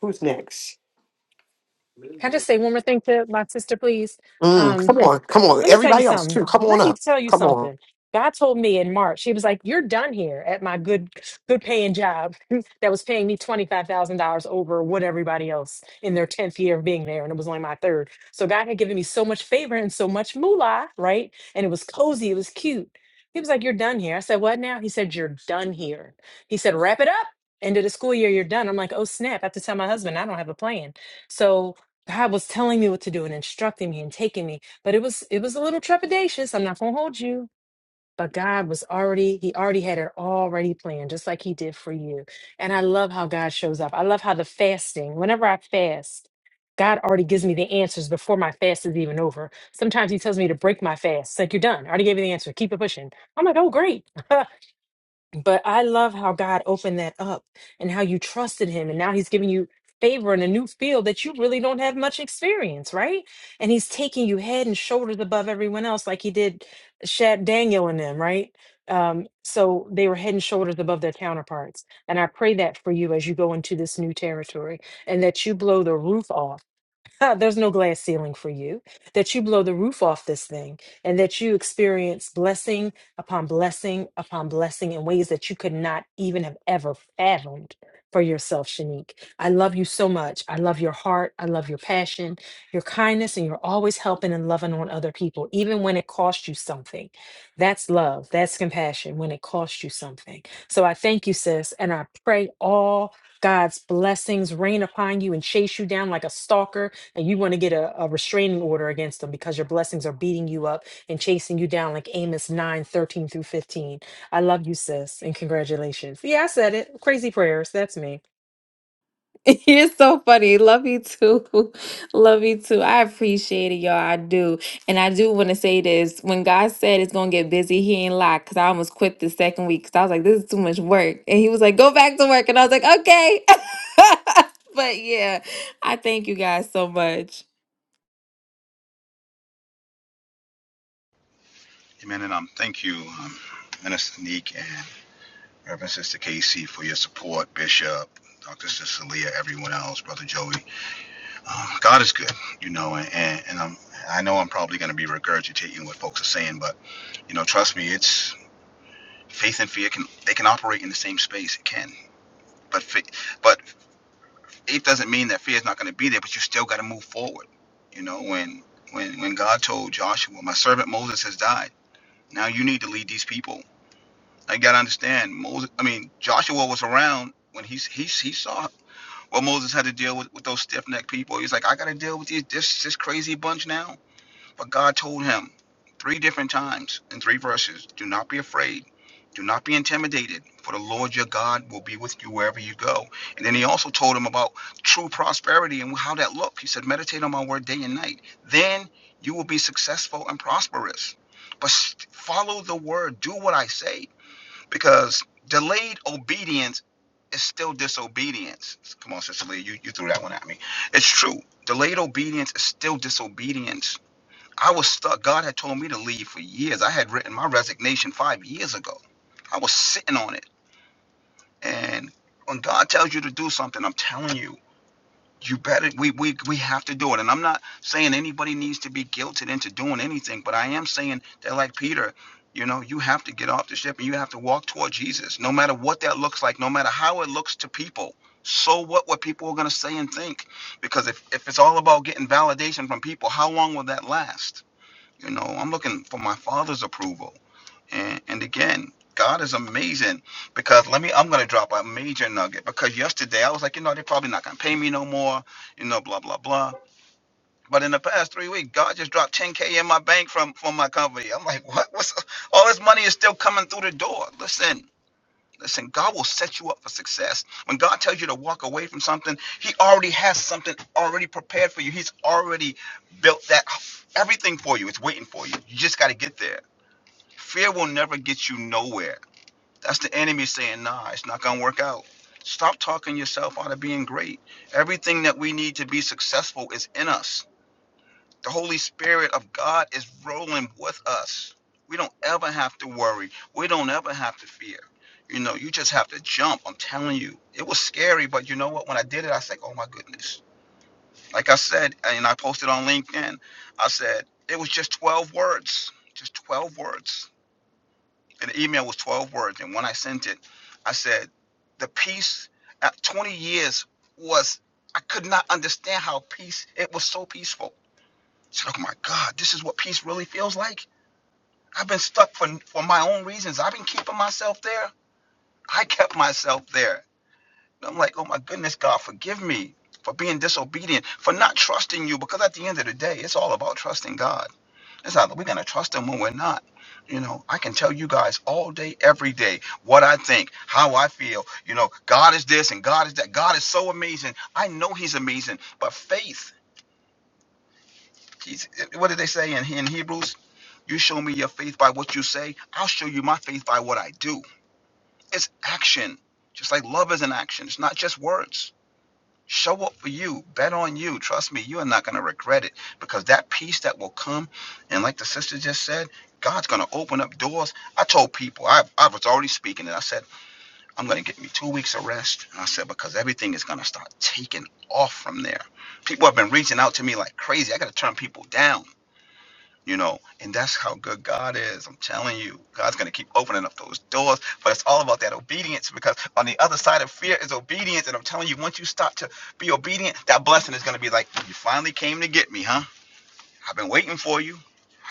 Speaker 1: Who's next?
Speaker 4: Can I just say one more thing to my sister, please?
Speaker 1: Mm,
Speaker 4: Um,
Speaker 1: come on, come on,
Speaker 4: Let me tell you
Speaker 1: everybody else
Speaker 4: something.
Speaker 1: too. Come on
Speaker 4: Let me
Speaker 1: up.
Speaker 4: tell you
Speaker 1: Come on.
Speaker 4: something. God told me in March, he was like, You're done here at my good good paying job (laughs) that was paying me $25,000 over what everybody else in their 10th year of being there. And it was only my third." So God had given me so much favor and so much moolah, right? And it was cozy, it was cute. He was like, You're done here. I said, What now? He said, You're done here. He said, Wrap it up. End of the school year, you're done. I'm like, Oh snap. I have to tell my husband, I don't have a plan. So God was telling me what to do and instructing me and taking me but it was it was a little trepidatious i'm not going to hold you but god was already he already had it already planned just like he did for you and i love how god shows up i love how the fasting whenever i fast god already gives me the answers before my fast is even over sometimes he tells me to break my fast it's like you're done i already gave you the answer keep it pushing i'm like oh great (laughs) But I love how God opened that up and how you trusted him. And now he's giving you favor in a new field that you really don't have much experience, right? And he's taking you head and shoulders above everyone else, like he did Shad Daniel and them, right? Um, so they were head and shoulders above their counterparts. And I pray that for you as you go into this new territory and that you blow the roof off (laughs) There's no glass ceiling for you. That you blow the roof off this thing and that you experience blessing upon blessing upon blessing in ways that you could not even have ever fathomed for yourself, Shanique. I love you so much. I love your heart. I love your passion, your kindness, and you're always helping and loving on other people, even when it costs you something. That's love. That's compassion when it costs you something. So I thank you, sis, and I pray all God's blessings rain upon you and chase you down like a stalker and you want to get a, a restraining order against them because your blessings are beating you up and chasing you down like Amos 9 13 through 15. I love you, sis, and congratulations. Yeah, I said it. Crazy prayers. That's me.
Speaker 8: (laughs) You're so funny. Love you too. (laughs) Love you too. I appreciate it, y'all. I do. And I do want to say this. When God said it's going to get busy, he ain't lie. Because I almost quit the second week because I was like, this is too much work. And he was like, go back to work. And I was like, okay. (laughs) but yeah, I thank you guys so much.
Speaker 7: Amen. And um, thank you, um, Minister Neek and Reverend Sister Casey, for your support, Bishop, Dr. Cecilia, everyone else, Brother Joey. Um, God is good, you know, and, and, and I'm, I know I'm probably going to be regurgitating what folks are saying, but, you know, trust me, it's faith and fear can, they can operate in the same space. It can. But faith, but faith doesn't mean that fear is not going to be there, but you still got to move forward. You know, when, when, when God told Joshua, my servant Moses has died. Now you need to lead these people. I got to understand Moses. I mean, Joshua was around when he, he, he saw what Moses had to deal with, with those stiff necked people. He's like, I got to deal with these, this, this crazy bunch now But God told him three different times in three verses do not be afraid, do not be intimidated, for the Lord your God will be with you wherever you go. And then he also told him about true prosperity and how that looked. He said, Meditate on my word day and night. Then you will be successful and prosperous. But s- follow the word, do what I say, because delayed obedience is still disobedience. Come on, Sister Lee, you, you threw that one at me. It's true. Delayed obedience is still disobedience I was stuck. God had told me to leave for years. I had written my resignation five years ago. I was sitting on it. And when God tells you to do something, I'm telling you, you better we we we have to do it. And I'm not saying anybody needs to be guilted into doing anything, but I am saying that like Peter, you know, you have to get off the ship and you have to walk toward Jesus, no matter what that looks like, no matter how it looks to people. So what what people are gonna say and think? Because if, if it's all about getting validation from people, how long will that last? You know, I'm looking for my father's approval. And, and again, God is amazing because let me, I'm going to drop a major nugget because yesterday I was like, you know, they're probably not going to pay me no more, you know, blah, blah, blah. But in the past three weeks, God just dropped 10K in my bank from, from my company. I'm like, (laughs) what? What's all this money is still coming through the door? Listen, Listen, God will set you up for success. When God tells you to walk away from something, He already has something already prepared for you. He's already built that everything for you. It's waiting for you. You just got to get there. Fear will never get you nowhere. That's the enemy saying, nah, it's not going to work out. Stop talking yourself out of being great. Everything that we need to be successful is in us. The Holy Spirit of God is rolling with us. We don't ever have to worry. We don't ever have to fear. You know, you just have to jump. I'm telling you. It was scary, but you know what? When I did it, I was like, oh my goodness. Like I said, and I posted on LinkedIn, I said, it was just 12 words. Just 12 words. And the email was 12 words. And when I sent it, I said, the peace at 20 years was, I could not understand how peace, it was so peaceful. I said, "Oh my God, this is what peace really feels like." I've been stuck for for my own reasons. I've been keeping myself there. I kept myself there. And I'm like, "Oh my goodness, God, forgive me for being disobedient, for not trusting you." Because at the end of the day, it's all about trusting God. It's not that we're gonna trust Him when we're not. You know, I can tell you guys all day, every day, what I think, how I feel. You know, God is this and God is that. God is so amazing. I know He's amazing, but faith He's, what did they say in, in Hebrews? You show me your faith by what you say. I'll show you my faith by what I do. It's action. Just like love is an action. It's not just words. Show up for you. Bet on you. Trust me, you are not going to regret it because that peace that will come, and like the sister just said, God's going to open up doors. I told people, I, I was already speaking, and I said, I'm going to get me two weeks of rest. And I said, because everything is going to start taking off from there. People have been reaching out to me like crazy. I got to turn people down you know and that's how good god is i'm telling you god's going to keep opening up those doors but it's all about that obedience because on the other side of fear is obedience and i'm telling you once you start to be obedient that blessing is going to be like you finally came to get me huh i've been waiting for you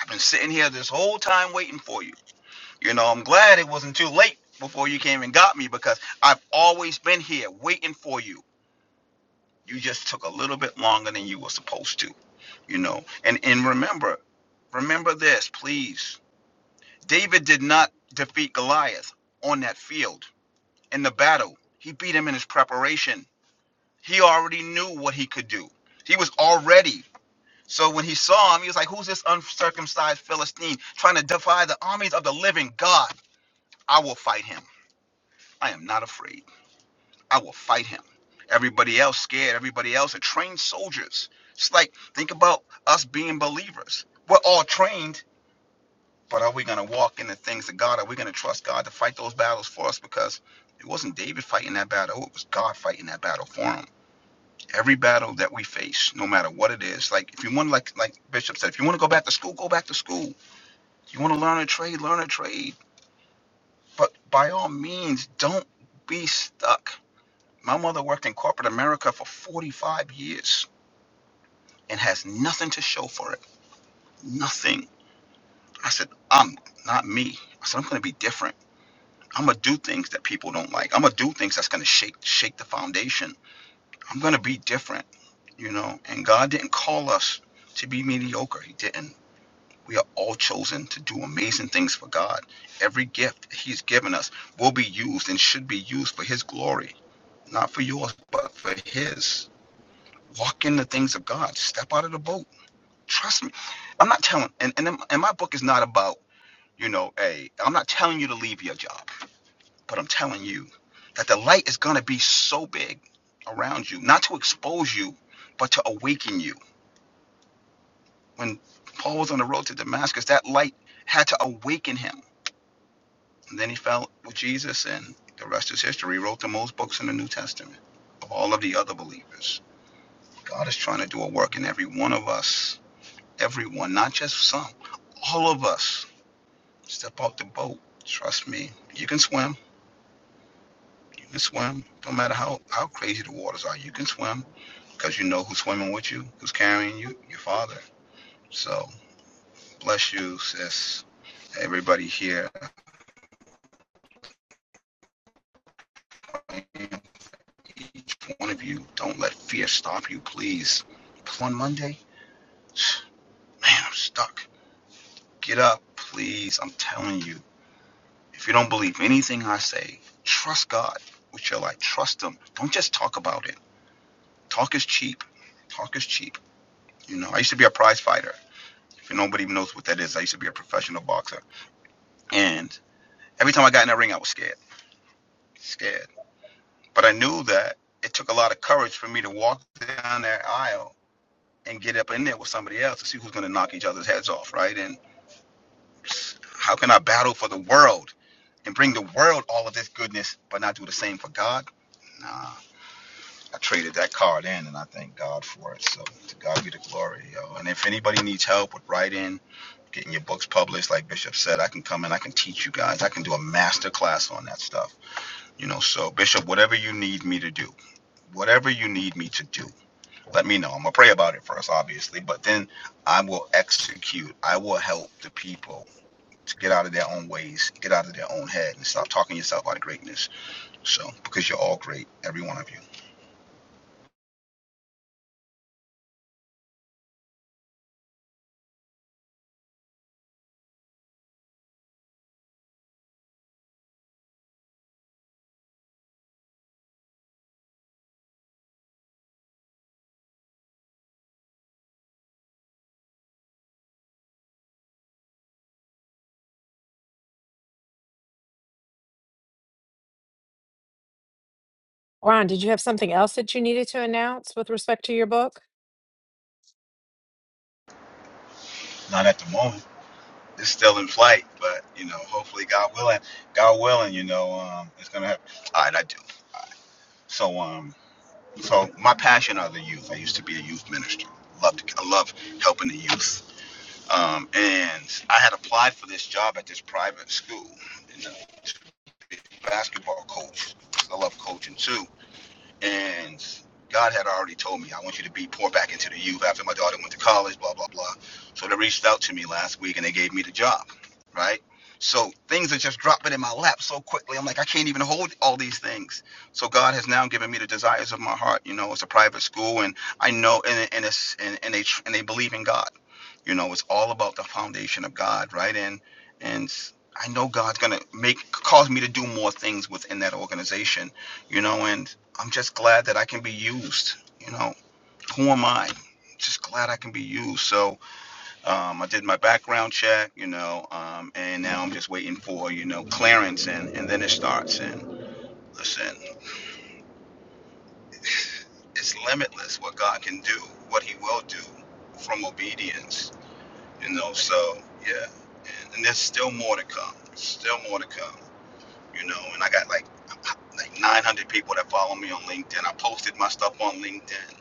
Speaker 7: i've been sitting here this whole time waiting for you you know i'm glad it wasn't too late before you came and got me because i've always been here waiting for you you just took a little bit longer than you were supposed to you know and and remember remember this please David did not defeat Goliath on that field in the battle. He beat him in his preparation. He already knew what he could do. He was already. So when he saw him, he was like, Who's this uncircumcised Philistine trying to defy the armies of the living God? I will fight him. I am not afraid. I will fight him. Everybody else scared. Everybody else are trained soldiers. It's like, think about us being believers. We're all trained But are we going to walk in the things of God? Are we going to trust God to fight those battles for us? Because it wasn't David fighting that battle, it was God fighting that battle for him. Every battle that we face, no matter what it is, like if you want, like like Bishop said, if you want to go back to school, go back to school. If you want to learn a trade, learn a trade. But by all means, don't be stuck. My mother worked in corporate America for 45 years and has nothing to show for it. Nothing. I said, I'm not me. I said, I'm going to be different. I'm gonna do things that people don't like. I'm gonna do things that's gonna shake shake the foundation. I'm gonna be different, you know. And God didn't call us to be mediocre. He didn't. We are all chosen to do amazing things for God. Every gift He's given us will be used and should be used for His glory, not for yours, but for His. Walk in the things of God. Step out of the boat. Trust me. I'm not telling. And and, and my book is not about you know. Hey, I'm not telling you to leave your job. But I'm telling you that the light is going to be so big around you, not to expose you, but to awaken you. When Paul was on the road to Damascus, that light had to awaken him. And then he fell with Jesus, and the rest is history. He wrote the most books in the New Testament of all of the other believers. God is trying to do a work in every one of us, everyone, not just some, all of us. Step out the boat. Trust me, you can swim. You can swim. Don't matter how, how crazy the waters are, you can swim because you know who's swimming with you, who's carrying you, your father. So bless you, sis. Everybody here, one of you, don't let fear stop you, please. On Monday, (sniffs) man, I'm stuck. Get up, please. I'm telling you. If you don't believe anything I say, trust God with your life. Trust Him. Don't just talk about it. Talk is cheap. Talk is cheap. You know, I used to be a prize fighter. If nobody even knows what that is, I used to be a professional boxer. And every time I got in that ring, I was scared. Scared. But I knew that it took a lot of courage for me to walk down that aisle and get up in there with somebody else to see who's going to knock each other's heads off, right? And how can I battle for the world and bring the world all of this goodness, but not do the same for God? Nah, I traded that card in, and I thank God for it. So to God be the glory, yo. And if anybody needs help with writing, getting your books published, like Bishop said, I can come in, I can teach you guys, I can do a master class on that stuff, you know. So Bishop, whatever you need me to do, whatever you need me to do let me know. I'm gonna pray about it first, obviously, but then I will execute. I will help the people to get out of their own ways, get out of their own head, and stop talking yourself out of greatness. So, because you're all great, every one of you.
Speaker 4: Ron, did you have something else that you needed to announce with respect to your book?
Speaker 7: Not at the moment. It's still in flight, but you know, hopefully, God willing, God willing, you know, um, it's gonna happen. All right, I do. So, um, so my passion are the youth. I used to be a youth minister. Loved, I love helping the youth. Um, and I had applied for this job at this private school. basketball coach. I love coaching too. And God had already told me, I want you to be poured back into the youth after my daughter went to college, blah, blah, blah. So they reached out to me last week and they gave me the job, right? So things are just dropping in my lap so quickly. I'm like, I can't even hold all these things. So God has now given me the desires of my heart. You know, it's a private school and I know, and, and it's, and, and they, and they believe in God. You know, it's all about the foundation of God, right? And, and I know God's going to make, cause me to do more things within that organization, you know, and I'm just glad that I can be used. You know, who am I? Just glad I can be used. So um, I did my background check, you know, um, and now I'm just waiting for you know clearance, and and then it starts. And listen, it's limitless what God can do, what He will do from obedience. You know, so yeah, and, and there's still more to come. Still more to come. you know, and I got like like 900 people that follow me on LinkedIn. I posted my stuff on LinkedIn.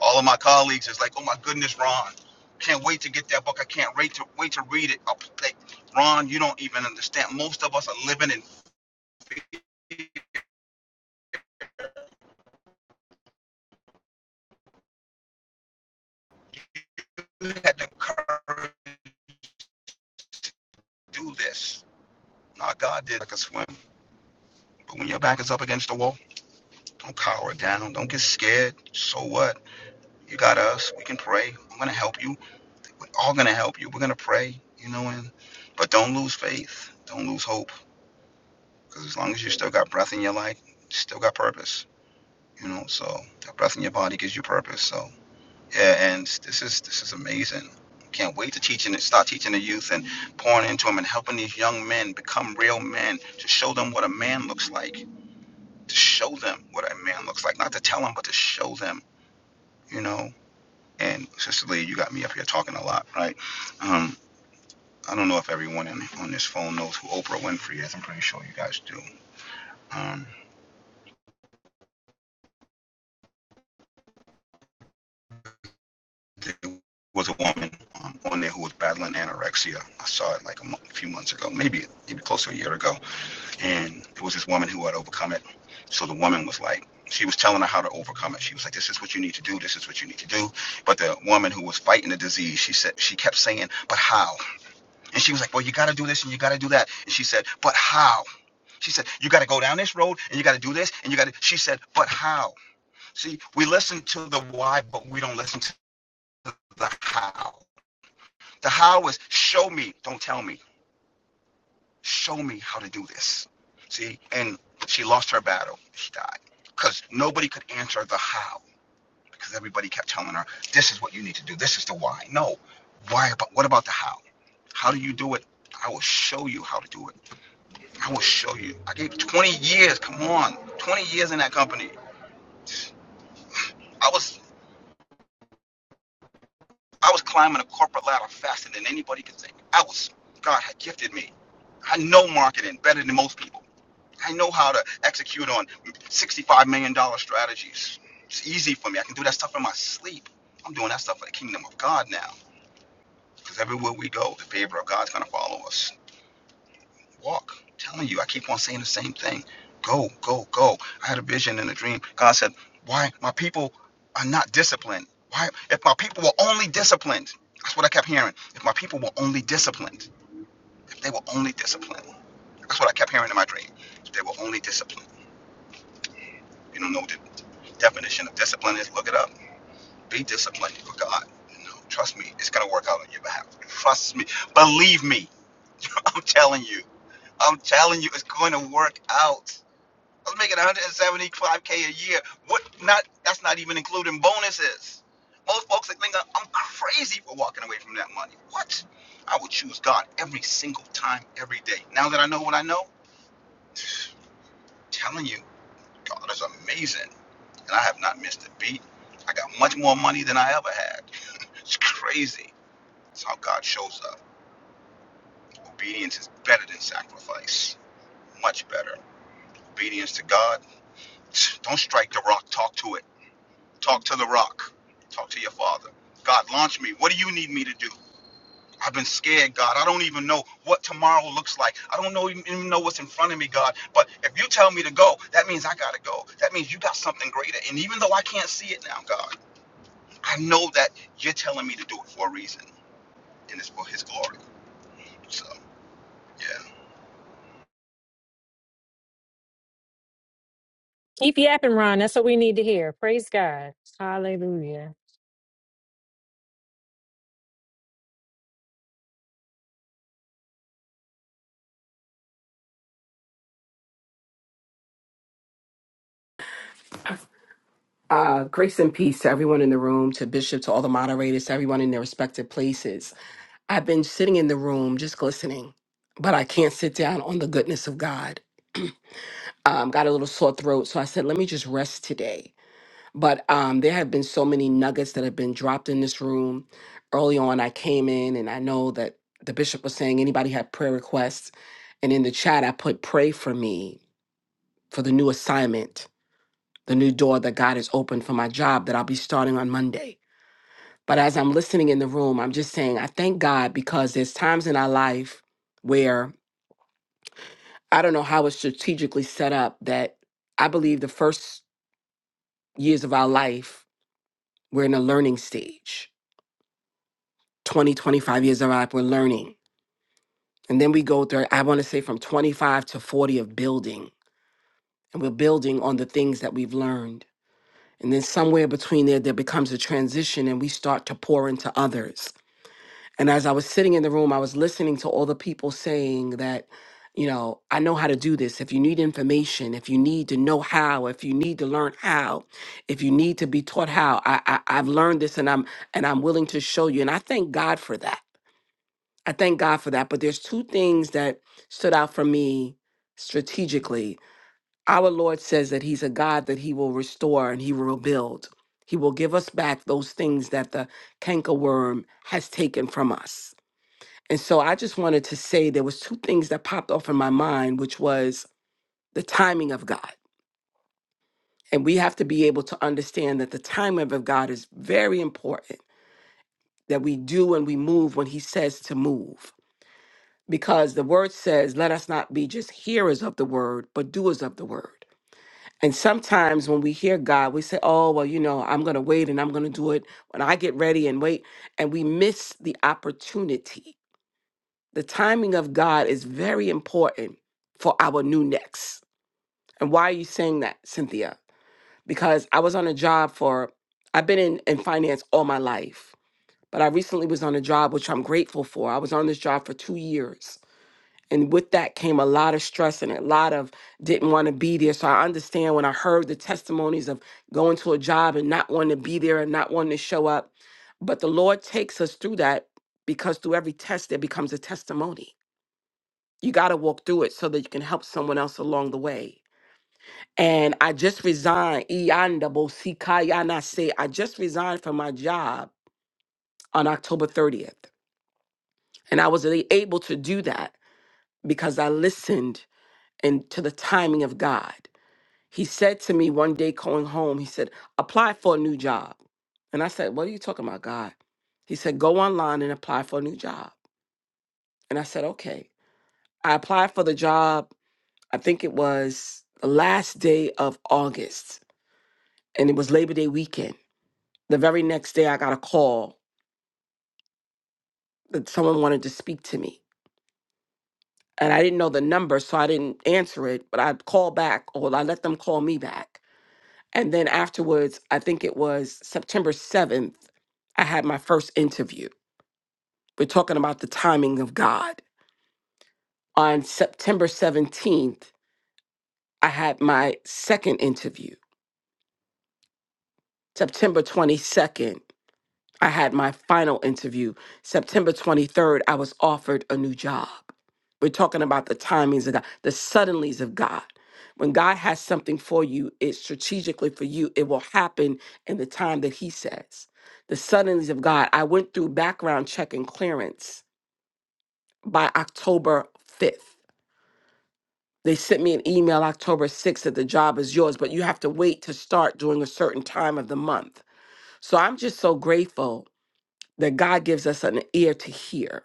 Speaker 7: All of my colleagues is like, oh my goodness, Ron, can't wait to get that book. I can't wait to wait to read it. I'm Like, Ron, you don't even understand. Most of us are living in we had the courage to do this. Now God did like a swim. But when your back is up against the wall, don't cower down. Don't get scared. So what? You got us. We can pray. I'm gonna help you. all gonna help you. We're gonna pray, you know, and but don't lose faith. Don't lose hope. Because as long as you still got breath in your life, you still got purpose. You know, so that breath in your body gives you purpose. So yeah, and this is this is amazing. Can't wait to teaching and start teaching the youth and pouring into them and helping these young men become real men to show them what a man looks like. To show them what a man looks like, not to tell them, but to show them. You know. And Sister Lee, you got me up here talking a lot, right? Um. I don't know if everyone in, on this phone knows who Oprah Winfrey is. I'm pretty sure you guys do. Um, there was a woman um, on there who was battling anorexia. I saw it like a, mo- a few months ago, maybe maybe close to a year ago, and it was this woman who had overcome it. So the woman was like, she was telling her how to overcome it. She was like, "This is what you need to do. This is what you need to do." But the woman who was fighting the disease, she said, she kept saying, "But how?" And she was like, "Well, you got to do this and you got to do that." And she said, "But how?" She said, You got to go down this road and you got to do this and you got to. She said, But how? See, we listen to the why, but we don't listen to the how. The how is show me, don't tell me. Show me how to do this. See, and she lost her battle. She died because nobody could answer the how because everybody kept telling her, This is what you need to do. This is the why. No, why about what about the how? How do you do it? I will show you how to do it. I will show you. I gave 20 years. Come on, 20 years in that company. I was I was climbing a corporate ladder faster than anybody could think. I was God had gifted me. I know marketing better than most people. I know how to execute on sixty-five million dollar strategies. It's easy for me. I can do that stuff in my sleep. I'm doing that stuff for the kingdom of God now. Because everywhere we go, the favor of God's gonna follow us. Walk. I'm telling you, I keep on saying the same thing. Go, go, go. I had a vision and a dream. God said, Why my people are not disciplined? Why if my people were only disciplined? That's what I kept hearing. If my people were only disciplined, if they were only disciplined. That's what I kept hearing in my dream. If they were only disciplined. you don't know what the definition of discipline is, look it up. Be disciplined for God. You know, trust me, it's gonna work out on your behalf. Trust me. Believe me. (laughs) I'm telling you. I'm telling you, it's going to work out. I was making 175k a year. What? Not that's not even including bonuses. Most folks that think I'm crazy for walking away from that money. What? I would choose God every single time, every day. Now that I know what I know, I'm telling you, God is amazing, and I have not missed a beat. I got much more money than I ever had. It's crazy. It's how God shows up. Obedience is better than sacrifice. Much better. Obedience to God. Don't strike the rock. Talk to it. Talk to the rock. Talk to your father. God, launch me. What do you need me to do? I've been scared, God. I don't even know what tomorrow looks like. I don't know even know what's in front of me, God. But if you tell me to go, that means I gotta go. That means you got something greater. And even though I can't see it now, God, I know that you're telling me to do it for a reason, and it's for His glory. So, yeah.
Speaker 4: Keep yapping, Ron. That's what we need to hear. Praise God. Hallelujah.
Speaker 9: Uh, grace and peace to everyone in the room, to Bishop, to all the moderators, to everyone in their respective places. I've been sitting in the room just listening, but I can't sit down on the goodness of God. (clears throat) Um, got a little sore throat, so I said, let me just rest today. But um, there have been so many nuggets that have been dropped in this room. Early on, I came in and I know that the bishop was saying anybody had prayer requests. And in the chat, I put, pray for me for the new assignment, the new door that God has opened for my job that I'll be starting on Monday. But as I'm listening in the room, I'm just saying, I thank God because there's times in our life where I don't know how it's strategically set up that I believe the first years of our life, we're in a learning stage. 20, 25 years of our life, we're learning. And then we go through, I want to say from 25 to 40 of building. And we're building on the things that we've learned. And then somewhere between there, there becomes a transition and we start to pour into others And as I was sitting in the room, I was listening to all the people saying that, you know, I know how to do this. If you need information, if you need to know how, if you need to learn how, if you need to be taught how, I, I I've learned this and I'm and I'm willing to show you. And I thank God for that. I thank God for that. But there's two things that stood out for me strategically. Our Lord says that He's a God that He will restore and He will rebuild. He will give us back those things that the cankerworm has taken from us. And so I just wanted to say there was two things that popped off in my mind, which was the timing of God. And we have to be able to understand that the timing of God is very important, that we do and we move when he says to move. Because the word says, let us not be just hearers of the word, but doers of the word. And sometimes when we hear God, we say, oh, well, you know, I'm going to wait and I'm going to do it when I get ready and wait. And we miss the opportunity The timing of God is very important for our new next. And why are you saying that, Cynthia? Because I was on a job for, I've been in, in finance all my life, but I recently was on a job, which I'm grateful for. I was on this job for two years. And with that came a lot of stress and a lot of didn't want to be there. So I understand when I heard the testimonies of going to a job and not wanting to be there and not wanting to show up. But the Lord takes us through that because through every test, there becomes a testimony you got to walk through it so that you can help someone else along the way. And I just resigned. Iyanda Bosikayana say, I just resigned from my job on October 30th. And I was a- able to do that because I listened and to the timing of God. He said to me one day going home, he said, apply for a new job. And I said, what are you talking about, God? He said, go online and apply for a new job. And I said, okay. I applied for the job I think it was the last day of August, and it was Labor Day weekend. The very next day, I got a call that someone wanted to speak to me. And I didn't know the number, so I didn't answer it, but I called back, or I let them call me back. And then afterwards, I think it was September 7th, I had my first interview. We're talking about the timing of God. On September 17th, I had my second interview. September 22nd, I had my final interview. September 23rd, I was offered a new job. We're talking about the timings of God, the suddenlies of God. When God has something for you, it's strategically for you, it will happen in the time that He says. The suddenlies of God. I went through background check and clearance by October 5th. They sent me an email October 6th that the job is yours, but you have to wait to start during a certain time of the month. So I'm just so grateful that God gives us an ear to hear.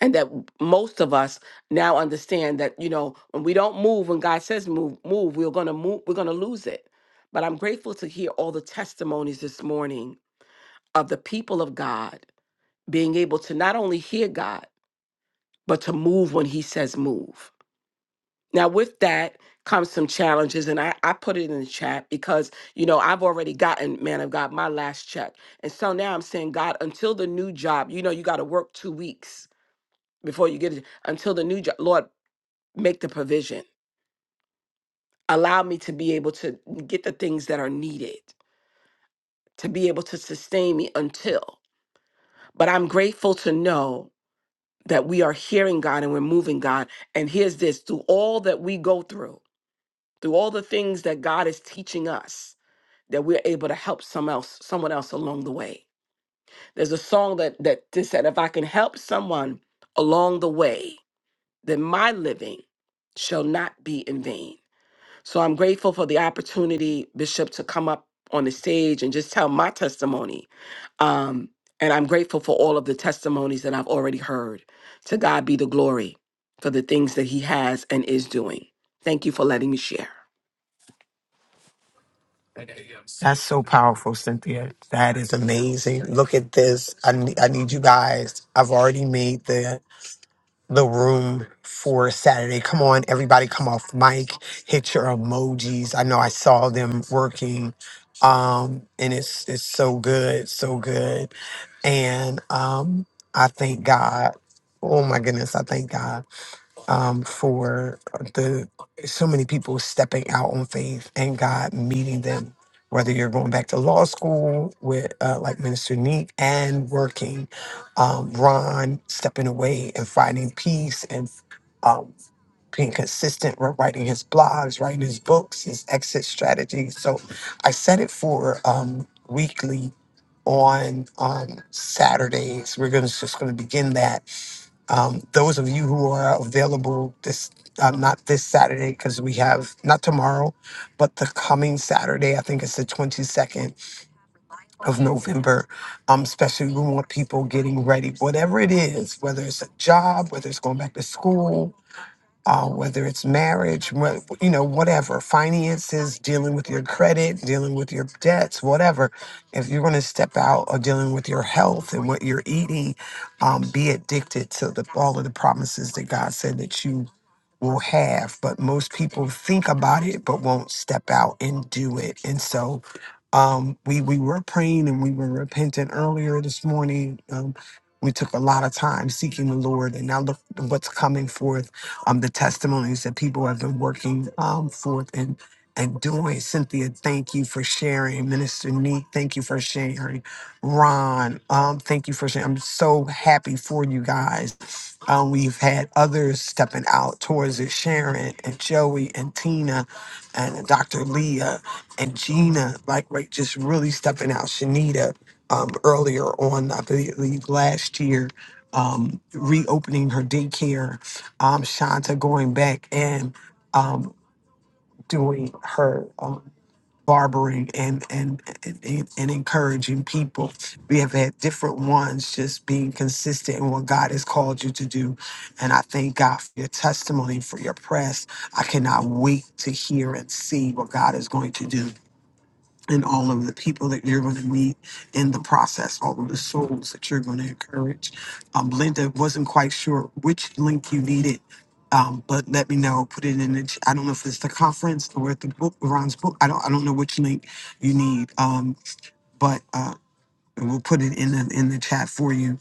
Speaker 9: And that most of us now understand that, you know, when we don't move, when God says move, move, we're gonna move, we're gonna lose it. But I'm grateful to hear all the testimonies this morning of the people of God being able to not only hear God, but to move when He says move. Now, with that comes some challenges, and I, I put it in the chat because, you know, I've already gotten, man of God, my last check. And so now I'm saying, God, until the new job, you know, you got to work two weeks before you get it until the new job. Lord, make the provision. Allow me to be able to get the things that are needed to be able to sustain me until. But I'm grateful to know that we are hearing God and we're moving God. And here's this through all that we go through, through all the things that God is teaching us, that we're able to help some else, someone else along the way. There's a song that that just said, if I can help someone along the way, then my living shall not be in vain. So I'm grateful for the opportunity, Bishop, to come up on the stage and just tell my testimony. Um, and I'm grateful for all of the testimonies that I've already heard. To God be the glory for the things that He has and is doing. Thank you for letting me share.
Speaker 1: That's so powerful, Cynthia. That is amazing. Look at this. I need, I need you guys. I've already made the the room for Saturday. Come on, everybody, come off mic. Hit your emojis. I know I saw them working, um, and it's it's so good, so good. And um, I thank God. Oh my goodness, I thank God. um, for the so many people stepping out on faith and God meeting them. Whether you're going back to law school with uh, like Minister Neek and working, um, Ron stepping away and finding peace and um, being consistent, with writing his blogs, writing his books, his exit strategies. So I set it for um, weekly on um, Saturdays. We're gonna just gonna begin that um, those of you who are available this, uh, not this Saturday, because we have, not tomorrow, but the coming Saturday, I think it's the 22nd of November. Um, especially we want people getting ready, whatever it is, whether it's a job, whether it's going back to school, uh, whether it's marriage, whe- you know, whatever, finances, dealing with your credit, dealing with your debts, whatever. If you're going to step out or dealing with your health and what you're eating, um, be addicted to the, all of the promises that God said that you will have, but most people think about it but won't step out and do it. And so um, we we were praying and we were repentant earlier this morning. Um, we took a lot of time seeking the Lord, and now look what's coming forth. Um, the testimonies that people have been working um, forth and and doing. Cynthia, thank you for sharing. Minister Neat, thank you for sharing. Ron, um, thank you for sharing. I'm so happy for you guys. Um, we've had others stepping out towards it, Sharon and Joey and Tina and Dr. Leah and Gina, like right, just really stepping out. Shanita um, earlier on, I believe last year, um, reopening her daycare. Um, Shanta going back and um, doing her. um, barbering and, and and and encouraging people. We have had different ones just being consistent in what God has called you to do. And I thank God for your testimony, for your press. I cannot wait to hear and see what God is going to do and all of the people that you're going to meet in the process, all of the souls that you're going to encourage. Um, Linda wasn't quite sure which link you needed, um, but let me know. Put it in the. ch- I don't know if it's the conference or at the book, Ron's book. I don't. I don't know which link you need. Um, but uh, we'll put it in the in the chat for you.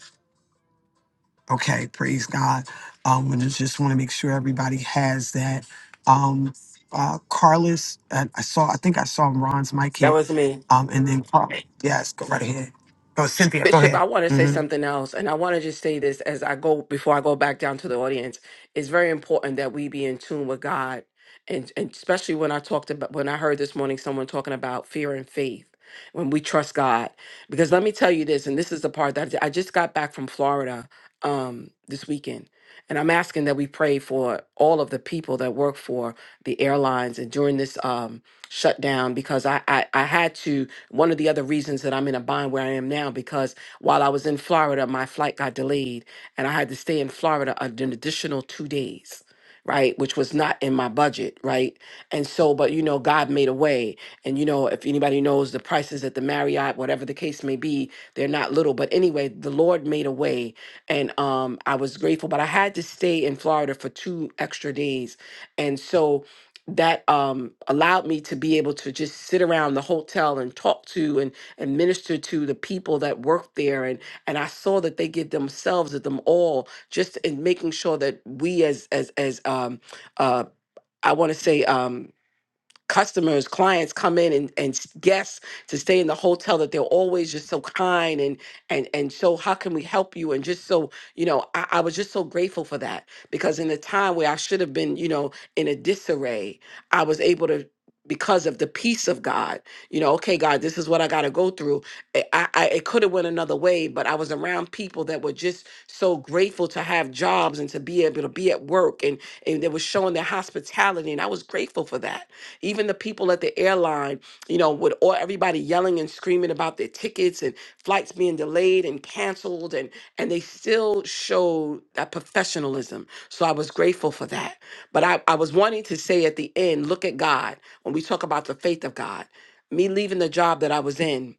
Speaker 1: Okay, praise God. Um, and I just want to make sure everybody has that. Um, uh, Carlos, uh, I saw. I think I saw Ron's mic
Speaker 9: That
Speaker 1: hit.
Speaker 9: was me.
Speaker 1: Um, and then Carl. Yes, go right ahead. Oh, Cynthia, go
Speaker 9: Bishop,
Speaker 1: ahead.
Speaker 9: I want to say
Speaker 1: hmm
Speaker 9: something else, and I want to just say this as I go before I go back down to the audience. It's very important that we be in tune with God, and, and especially when I talked about when I heard this morning someone talking about fear and faith when we trust God. Because let me tell you this, and this is the part that I just got back from Florida um, this weekend, and I'm asking that we pray for all of the people that work for the airlines and during this. Um, shut down because I, I I had to one of the other reasons that I'm in a bind where I am now because while I was in Florida my flight got delayed and I had to stay in Florida an additional 2 days right which was not in my budget right and so but you know God made a way and you know if anybody knows the prices at the Marriott whatever the case may be they're not little but anyway the Lord made a way and um I was grateful but I had to stay in Florida for 2 extra days and so that um, allowed me to be able to just sit around the hotel and talk to and, and minister to the people that work there and and I saw that they give themselves at them all just in making sure that we as as as um, uh, I want to say um, customers, clients come in and, and s- guests to stay in the hotel that they're always just so kind and and and so how can we help you? And just so, you know, I, I was just so grateful for that because in a time where I should have been, you know, in a disarray, I was able to because of the peace of God, you know, okay, God, this is what I got to go through. I, I, I- it could have went another way, but I was around people that were just so grateful to have jobs and to be able to be at work, and and they were showing their hospitality, and I was grateful for that even the people at the airline, you know, with all everybody yelling and screaming about their tickets and flights being delayed and canceled, and and they still showed that professionalism. So I was grateful for that. But I, I was wanting to say at the end, look at God. When we talk about the faith of God, me leaving the job that I was in,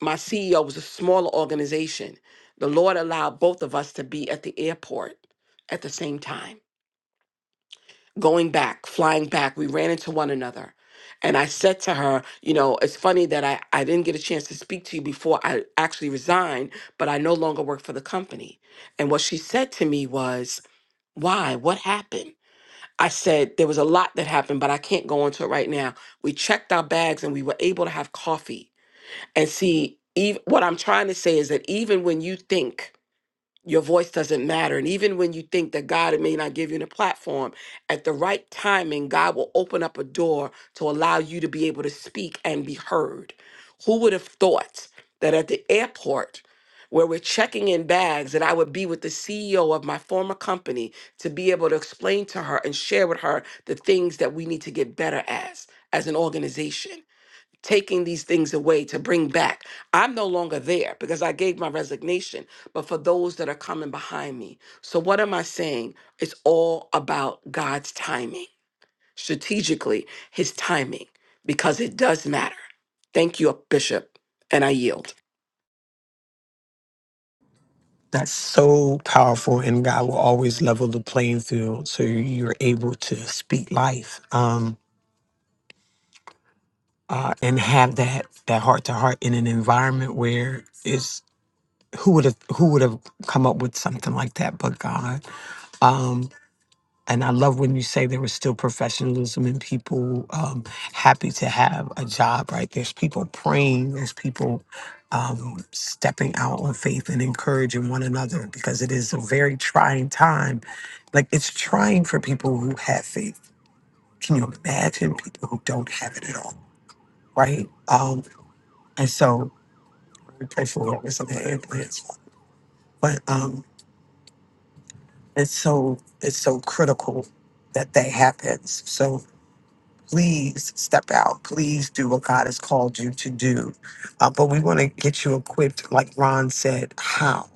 Speaker 9: my CEO was a smaller organization. The Lord allowed both of us to be at the airport at the same time going back, flying back, we ran into one another. And I said to her, you know, it's funny that I, I didn't get a chance to speak to you before I actually resigned, but I no longer work for the company. And what she said to me was, why? What happened? I said, there was a lot that happened, but I can't go into it right now. We checked our bags and we were able to have coffee. And see, ev what I'm trying to say is that even when you think your voice doesn't matter. And even when you think that God may not give you a platform, at the right timing, God will open up a door to allow you to be able to speak and be heard. Who would have thought that at the airport, where we're checking in bags, that I would be with the CEO of my former company to be able to explain to her and share with her the things that we need to get better as, as an organization taking these things away to bring back. I'm no longer there because I gave my resignation, but for those that are coming behind me. So, what am I saying? It's all about God's timing, strategically, His timing, because it does matter. Thank you, Bishop, and I yield.
Speaker 1: That's so powerful, and God will always level the playing field, so you're able to speak life. Um, uh, and have that that heart to heart in an environment where it's who would have who would have come up with something like that but God. Um, And I love when you say there was still professionalism and people um, happy to have a job, right? There's people praying, there's people um, stepping out on faith and encouraging one another because it is a very trying time. Like it's trying for people who have faith. Can you imagine people who don't have it at all, right? Um, and so we pray for whoever's on the implants. But um, it's so it's so critical that that happens. So please step out. Please do what God has called you to do. Uh, but we want to get you equipped, like Ron said, how,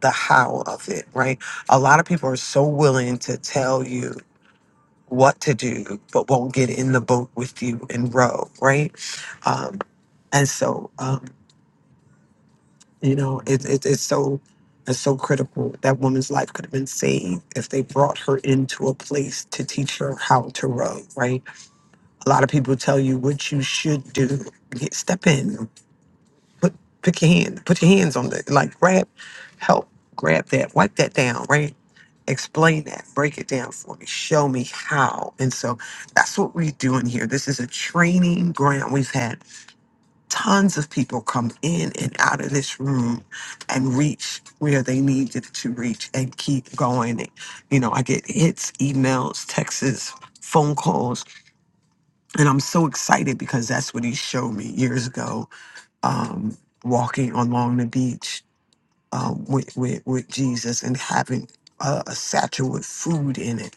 Speaker 1: the how of it, right? A lot of people are so willing to tell you what to do, but won't get in the boat with you and row, right? Um, and so, um, you know, it, it, it's so. It's so critical. That woman's life could have been saved if they brought her into a place to teach her how to row, right? A lot of people tell you what you should do. Get, step in. Put pick your hand. Put your hands on the like grab help. Grab that. Wipe that down, right? Explain that. Break it down for me. Show me how. And so that's what we're doing here. This is a training ground. We've had tons of people come in and out of this room and reach where they needed to reach and keep going. You know, I get hits, emails, texts, phone calls and I'm so excited because that's what he showed me years ago, um, walking along the beach um, with, with with Jesus and having a, a satchel with food in it,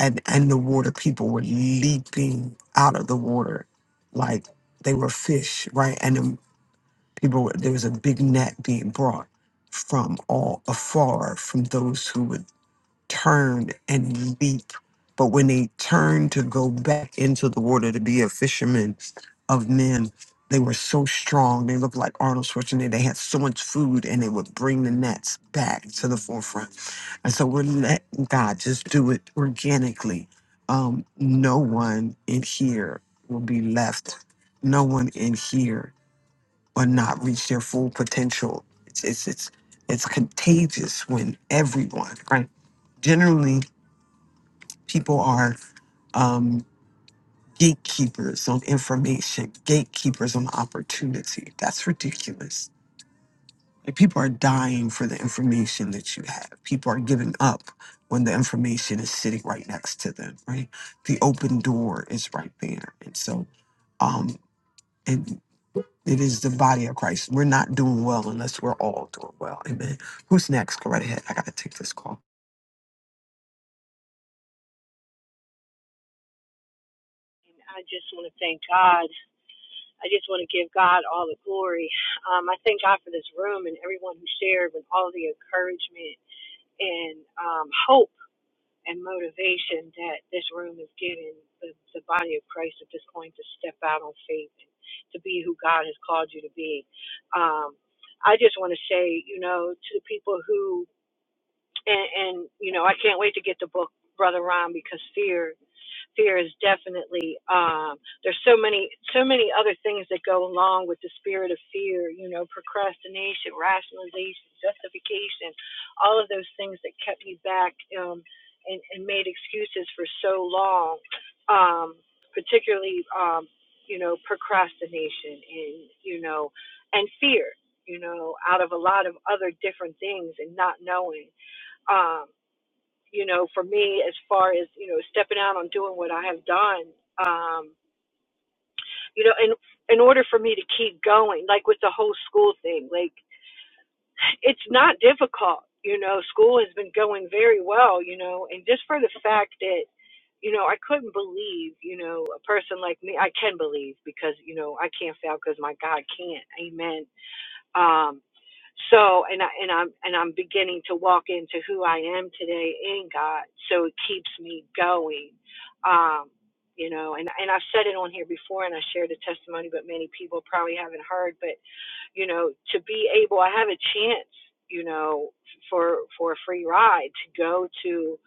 Speaker 1: and and the water people were leaping out of the water like they were fish, right? And the people were, there was a big net being brought from all afar from those who were turned and leaped. But when they turned to go back into the water to be a fisherman of men, they were so strong. They looked like Arnold Schwarzenegger. They had so much food and they would bring the nets back to the forefront. And so we're letting God just do it organically. Um, no one in here will be left. No one in here will not reach their full potential. It's it's it's it's contagious when everyone, right? Generally people are um, gatekeepers on information, gatekeepers on opportunity. That's ridiculous. Like people are dying for the information that you have. People are giving up when the information is sitting right next to them. Right, the open door is right there, and so um, and it is the body of Christ. We're not doing well unless we're all doing well. Amen. Who's next? Go right ahead. I gotta take this call.
Speaker 6: I just want to thank God. I just want to give God all the glory. Um, I thank God for this room and everyone who shared with all the encouragement and um, hope and motivation that this room is getting the, the body of Christ at this point to step out on faith and to be who God has called you to be. Um, I just want to say, you know, to the people who and, and you know I can't wait to get the book Brother Ron because fear fear is definitely um, there's so many so many other things that go along with the spirit of fear you know procrastination rationalization justification all of those things that kept me back um, and, and made excuses for so long um, particularly um, you know procrastination and you know and fear you know out of a lot of other different things and not knowing um, you know, for me, as far as you know, stepping out on doing what I have done, um, you know, in in order for me to keep going, like with the whole school thing, like it's not difficult. You know, school has been going very well. You know, and just for the fact that you know, I couldn't believe, you know, a person like me, I can believe because, you know, I can't fail because my God can't. Amen. Um, So, and I and I'm and I'm beginning to walk into who I am today in God. So it keeps me going. Um, you know, and and I've said it on here before, and I shared a testimony, but many people probably haven't heard. But you know, to be able, I have a chance. You know, for for a free ride to go to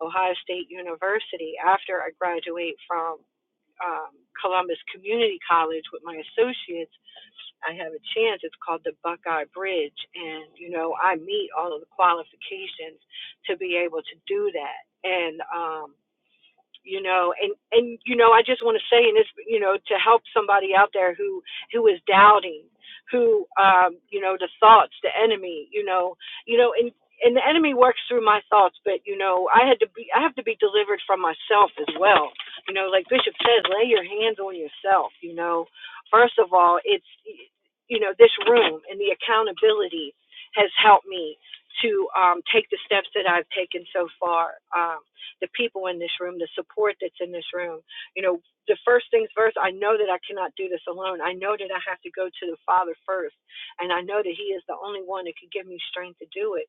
Speaker 6: Ohio State University after I graduate from um, Columbus Community College with my associates I have a chance. It's called the Buckeye Bridge. And, you know, I meet all of the qualifications to be able to do that. And, um, you know and and you know i just want to say and this you know to help somebody out there who who is doubting who um you know the thoughts the enemy you know you know and and the enemy works through my thoughts but you know i had to be i have to be delivered from myself as well you know like bishop says lay your hands on yourself you know first of all it's you know this room and the accountability has helped me to um take the steps that i've taken so far Um, the people in this room, the support that's in this room. You know, the first things first, I know that I cannot do this alone. I know that I have to go to the Father first, and I know that He is the only one that could give me strength to do it.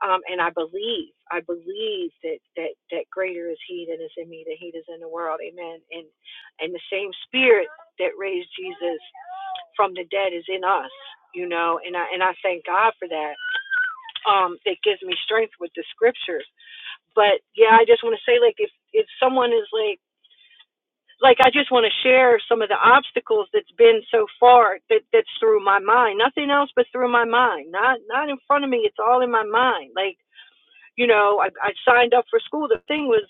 Speaker 6: Um, and I believe, I believe that that that greater is He that is in me than He that is in the world. Amen. And and the same Spirit that raised Jesus from the dead is in us. You know, and I and I thank God for that. Um, that gives me strength with the Scriptures but yeah, I just want to say like if if someone is like like I just want to share some of the obstacles that's been so far that that's through my mind. Nothing else but through my mind. Not not in front of me. It's all in my mind. Like you know, I I signed up for school. The thing was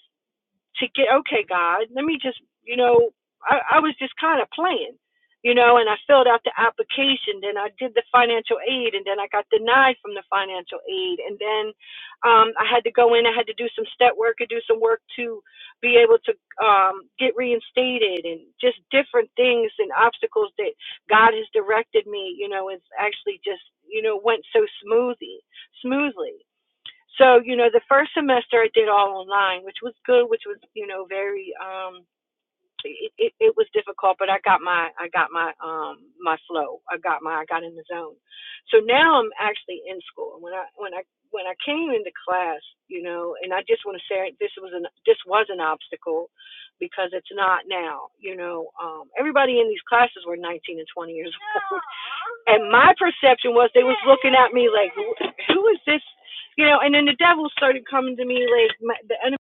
Speaker 6: to get okay god let me just you know i, I was just kind of playing you know and i filled out the application then i did the financial aid and then i got denied from the financial aid and then um i had to go in i had to do some step work and do some work to be able to um get reinstated and just different things and obstacles that god has directed me you know it's actually just you know went so smoothly smoothly so, you know, the first semester I did all online, which was good, which was, you know, very um it, it, it was difficult, but I got my I got my um my flow. I got my I got in the zone. So now I'm actually in school. When I when I when I came into class, you know, and I just want to say this was an this was an obstacle because it's not now. You know, um, everybody in these classes were 19 and 20 years (laughs) old. And my perception was they was looking at me like, who is this? You know, and then the devil started coming to me like my, the enemy.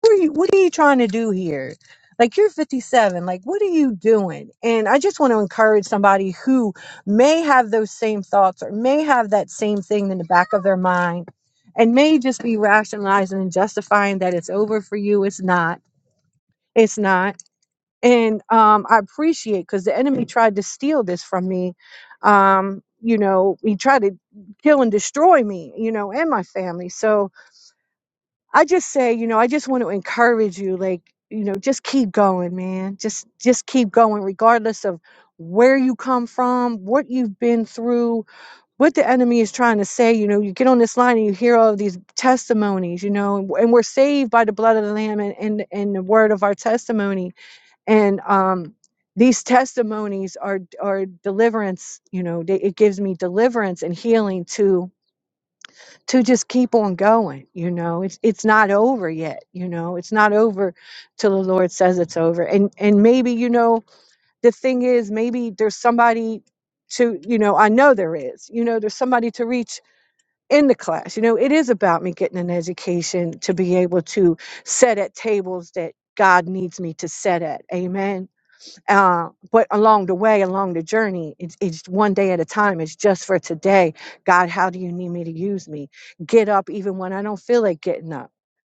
Speaker 6: What are you, what are you trying to do here? Like you're 57. Like what are you doing? And I just want to encourage somebody who may have those same thoughts or may have that same thing in the back of their mind and may just be rationalizing and justifying that it's over for you. It's not. It's not. and um, I appreciate because the enemy tried to steal this from me. Um, you know, he tried to kill and destroy me, you know, and my family. So I just say, you know, I just want to encourage you, like, you know, just keep going, man. Just just keep going, regardless of where you come from, what you've been through, what the enemy is trying to say. You know, you get on this line and you hear all of these testimonies, you know, and, and we're saved by the blood of the Lamb and, and, and the word of our testimony and um, these testimonies are are deliverance you know they, it gives me deliverance and healing to to just keep on going you know it's it's not over yet you know it's not over till the lord says it's over and and maybe you know the thing is maybe there's somebody to you know i know there is you know there's somebody to reach in the class you know it is about me getting an education to be able to set at tables that god needs me to set at amen uh, but along the way, along the journey, it's, it's one day at a time. It's just for today. God, how do you need me to use me? Get up even when I don't feel like getting up.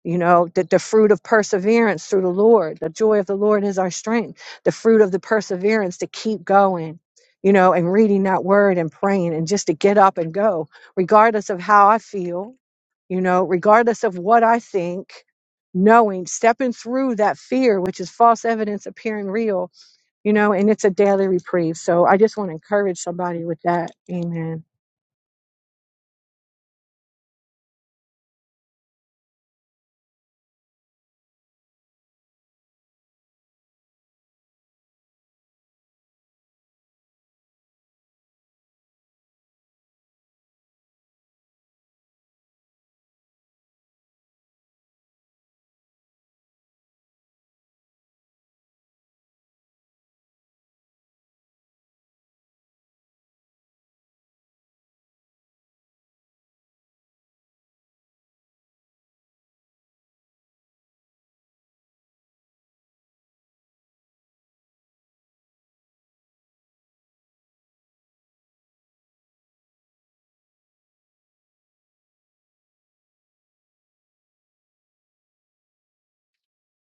Speaker 6: You know, the, the fruit of perseverance through the Lord. The joy of the Lord is our strength. The fruit of the perseverance to keep going, you know, and reading that word and praying and just to get up and go, regardless of how I feel, you know, regardless of what I think, knowing, stepping through that fear, which is false evidence appearing real you know, and it's a daily reprieve. So I just want to encourage somebody with that. Amen.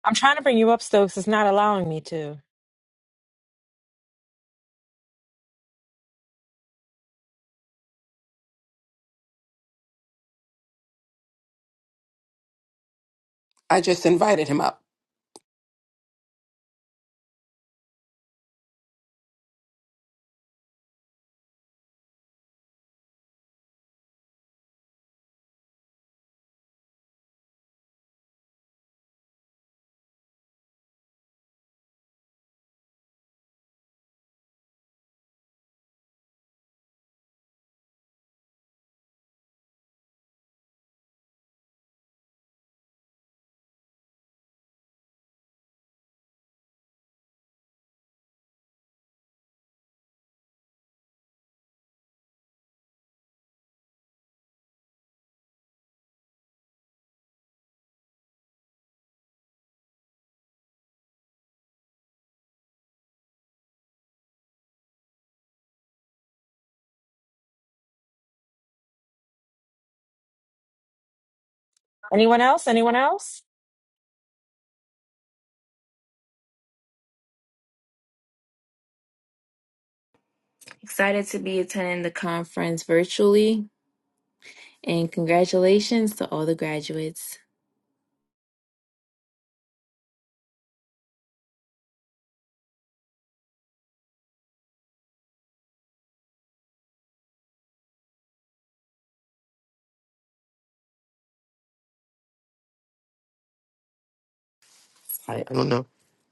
Speaker 4: I'm trying to bring you up, Stokes. It's not allowing me to.
Speaker 9: I just invited him up.
Speaker 4: Anyone else? Anyone else?
Speaker 8: Excited to be attending the conference virtually. And congratulations to all the graduates.
Speaker 1: I, I don't know.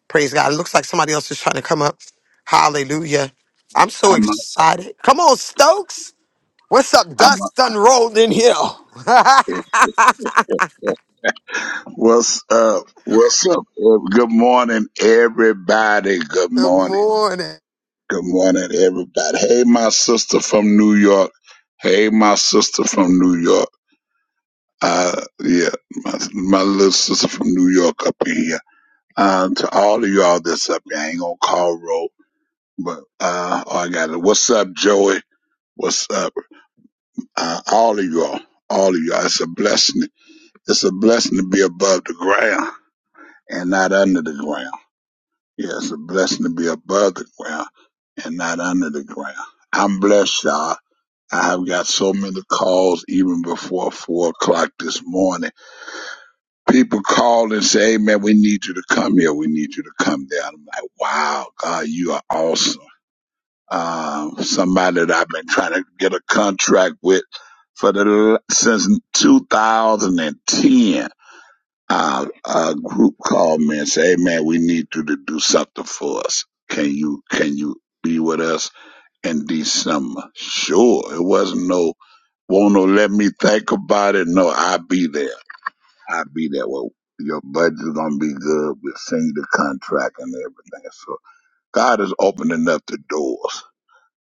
Speaker 1: Praise God. It looks like somebody else is trying to come up. Hallelujah. I'm so
Speaker 10: I'm a,
Speaker 1: excited. Come on, Stokes. What's up?
Speaker 10: I'm a,
Speaker 1: Dust done rolled in here. (laughs)
Speaker 10: (laughs) what's up? What's up? Uh, Good morning, everybody. Good
Speaker 1: Good
Speaker 10: morning.
Speaker 1: morning.
Speaker 10: Good morning, everybody. Hey, my sister from New York. Hey, my sister from New York. Uh, yeah, my, my little sister from New York up in here. Uh, to all of y'all that's up here, I ain't gonna call Ro, but, uh, all I got it. What's up, Joey? What's up? Uh, all of y'all. All of y'all. It's a blessing It's a blessing to be above the ground and not under the ground. Yeah, it's a blessing to be above the ground and not under the ground. I'm blessed, y'all. I have got so many calls even before four o'clock this morning. People call and say, hey man, we need you to come here. We need you to come down. I'm like, wow, God, you are awesome. Um, somebody that I've been trying to get a contract with for the since 2010 our, our group called me and said, "Hey man, we need you to do something for us. Can you can you be with us in December?" Sure. It wasn't no won't no let me think about it. No, I'll be there. I'll be there. Well, your budget's gonna be good. We'll send you the contract and everything. So God is opening up the doors.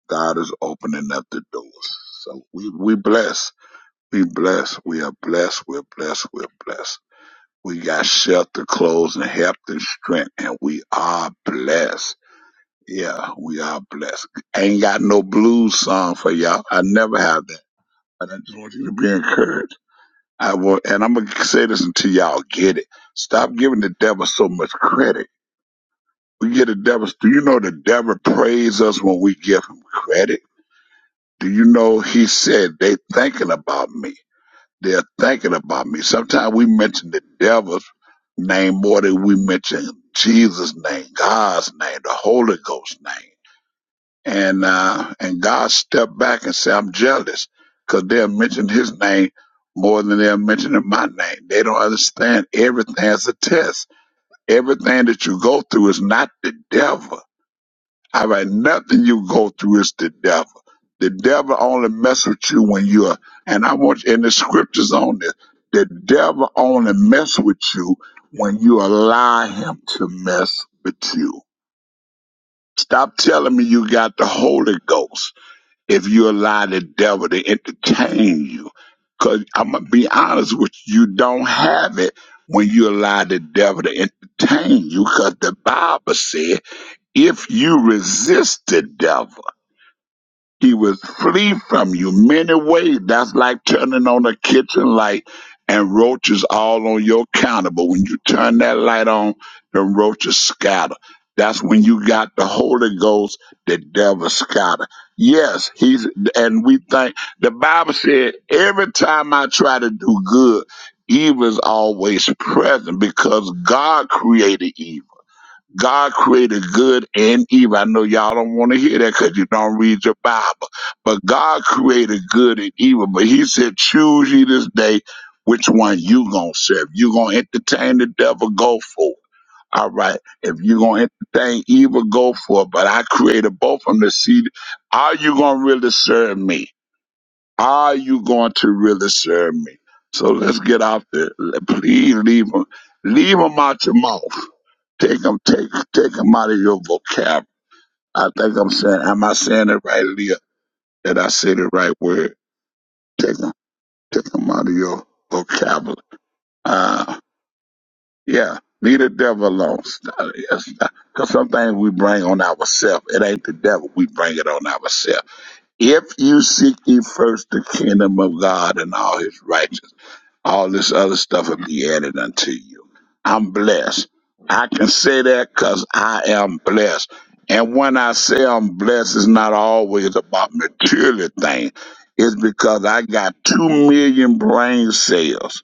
Speaker 10: God is opening up the doors. So we we blessed. We blessed. We are blessed. We're blessed. We're blessed. We got shelter, clothes, and health and strength, and we are blessed. Yeah, we are blessed. Ain't got no blues song for y'all. I never have that. But I just want you to be encouraged. I will, and I'm gonna say this until y'all get it. Stop giving the devil so much credit. We get the devil. Do you know the devil praise us when we give him credit? Do you know he said they thinking about me? They're thinking about me. Sometimes we mention the devil's name more than we mention Jesus' name, God's name, the Holy Ghost's name. And uh, and God stepped back and said, I'm jealous because they'll mention his name more than they're mentioning my name. They don't understand everything as a test. Everything that you go through is not the devil. All right, nothing you go through is the devil. The devil only messes with you when you're, and I want in the scriptures on this. The devil only messes with you when you allow him to mess with you. Stop telling me you got the Holy Ghost if you allow the devil to entertain you. Cause I'm gonna be honest with you, you don't have it when you allow the devil to entertain you. Cause the Bible said, if you resist the devil. He will flee from you many ways. That's like turning on a kitchen light and roaches all on your counter. But when you turn that light on, the roaches scatter. That's when you got the Holy Ghost, the devil scatter. Yes, he's, and we think, the Bible said, every time I try to do good, evil is always present because God created evil. God created good and evil. I know y'all don't want to hear that because you don't read your Bible. But God created good and evil. But he said, choose ye this day which one you gonna serve. You gonna entertain the devil, go for it. All right. If you gonna entertain evil, go for it. But I created both of them to see are you gonna really serve me? Are you going to really serve me? So let's get out there. Please leave them, leave them out your mouth. Take them, take, take them out of your vocab. I think I'm saying, am I saying it right, Leah? Did I say the right word? Take them, take them out of your vocabulary. Uh, yeah, leave the devil alone. Stop- it. yes, stop. Cause some things we bring on ourselves. It ain't the devil. We bring it on ourselves. If you seek ye first the kingdom of God and all his righteousness. All this other stuff will be added unto you. I'm blessed. I can say that because I am blessed. And when I say I'm blessed, it's not always about material things. It's because I got two million brain cells.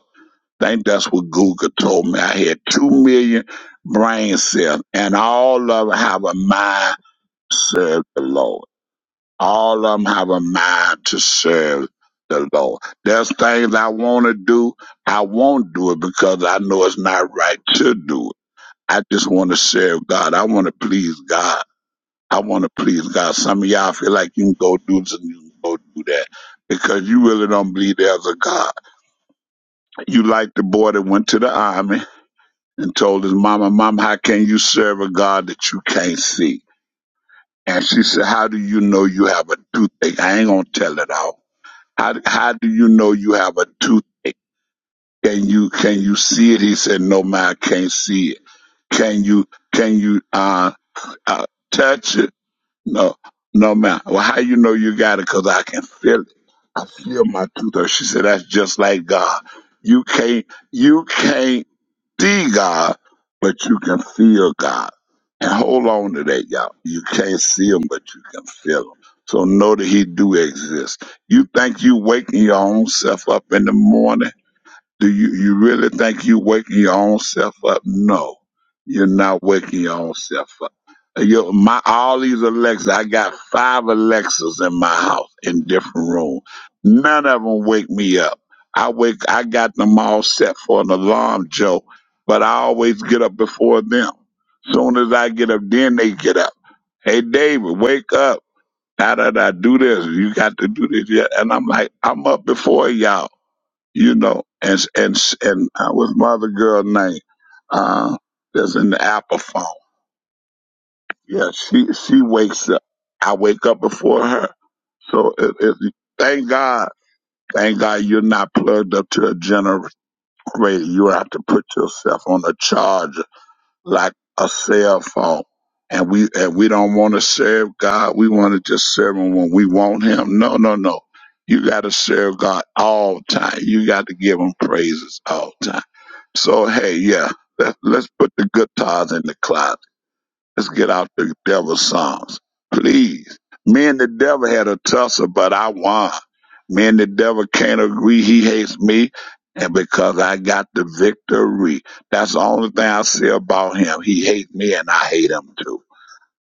Speaker 10: think that's what Google told me. I had two million brain cells, and all of them have a mind serve the Lord. All of them have a mind to serve the Lord. There's things I want to do. I won't do it because I know it's not right to do it. I just want to serve God. I want to please God. I want to please God. Some of y'all feel like you can go do this and you can go do that because you really don't believe there's a God. You like the boy that went to the army and told his mama, Mom, how can you serve a God that you can't see? And she said, How do you know you have a toothache? I ain't going to tell it all How how do you know you have a toothache? Can you can you see it? He said, No, man, I can't see it. Can you can you uh, uh touch it? No, no, man. Well, how you know you got it? Cause I can feel it. I feel my truth. hurt. She said, that's just like God. You can't, you can't see God, but you can feel God. And hold on to that, y'all. You can't see him, but you can feel him. So know that he do exist. You think you waking your own self up in the morning do you, you really think you waking your own self up? No, you're not waking your own self up. Uh, You, my all these Alexas, I got five Alexas in my house in different rooms. None of them wake me up. I wake, I got them all set for an alarm, Joe, but I always get up before them. Soon as I get up, then they get up. Hey, David, wake up. How did I do this? You got to do this. Yeah. And I'm like, I'm up before y'all you know, and and and uh, what's my other girl name? Uh, that's in the Apple phone. Yeah, she she wakes up. I wake up before her. So it, it, thank God, thank God you're not plugged up to a generator. You have to put yourself on a charger like a cell phone. And we and we don't want to serve God. We want to just serve Him when we want Him. No, no, no. You got to serve God all the time. You got to give Him praises all the time. So hey, yeah, let, let's put the good guitars in the closet. Let's get out the devil's songs, please. Me and the devil had a tussle, but I won. Me and the devil can't agree. He hates me, and because I got the victory, that's the only thing I say about him. He hates me, and I hate him too.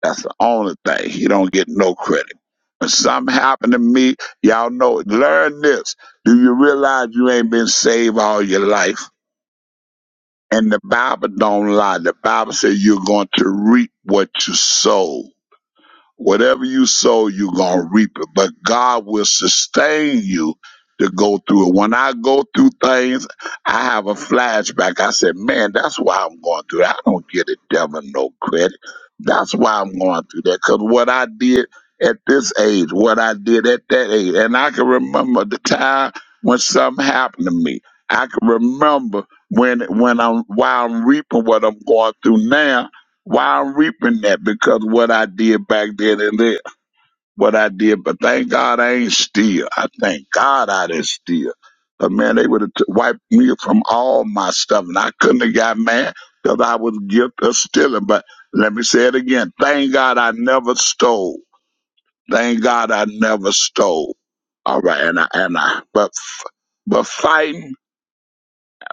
Speaker 10: That's the only thing. He don't get no credit. When something happened to me, y'all know it. Learn this. Do you realize you ain't been saved all your life? And the Bible don't lie. The Bible says you're going to reap what you sow. Whatever you sow, you're going to reap it. But God will sustain you to go through it. When I go through things, I have a flashback. I said, man, that's why I'm going through that. I don't give the devil no credit. That's why I'm going through that. Because what I did at this age, what I did at that age, and I can remember the time when something happened to me. I can remember when when I'm while I'm reaping what I'm going through now. Why I'm reaping that? Because what I did back then and there, what I did. But thank God I ain't still. I thank God I didn't steal. But man, they would have t- wiped me from all my stuff, and I couldn't have got mad because I was guilty of stealing. But let me say it again. Thank God I never stole. Thank God I never stole. All right, and I and I. But but fighting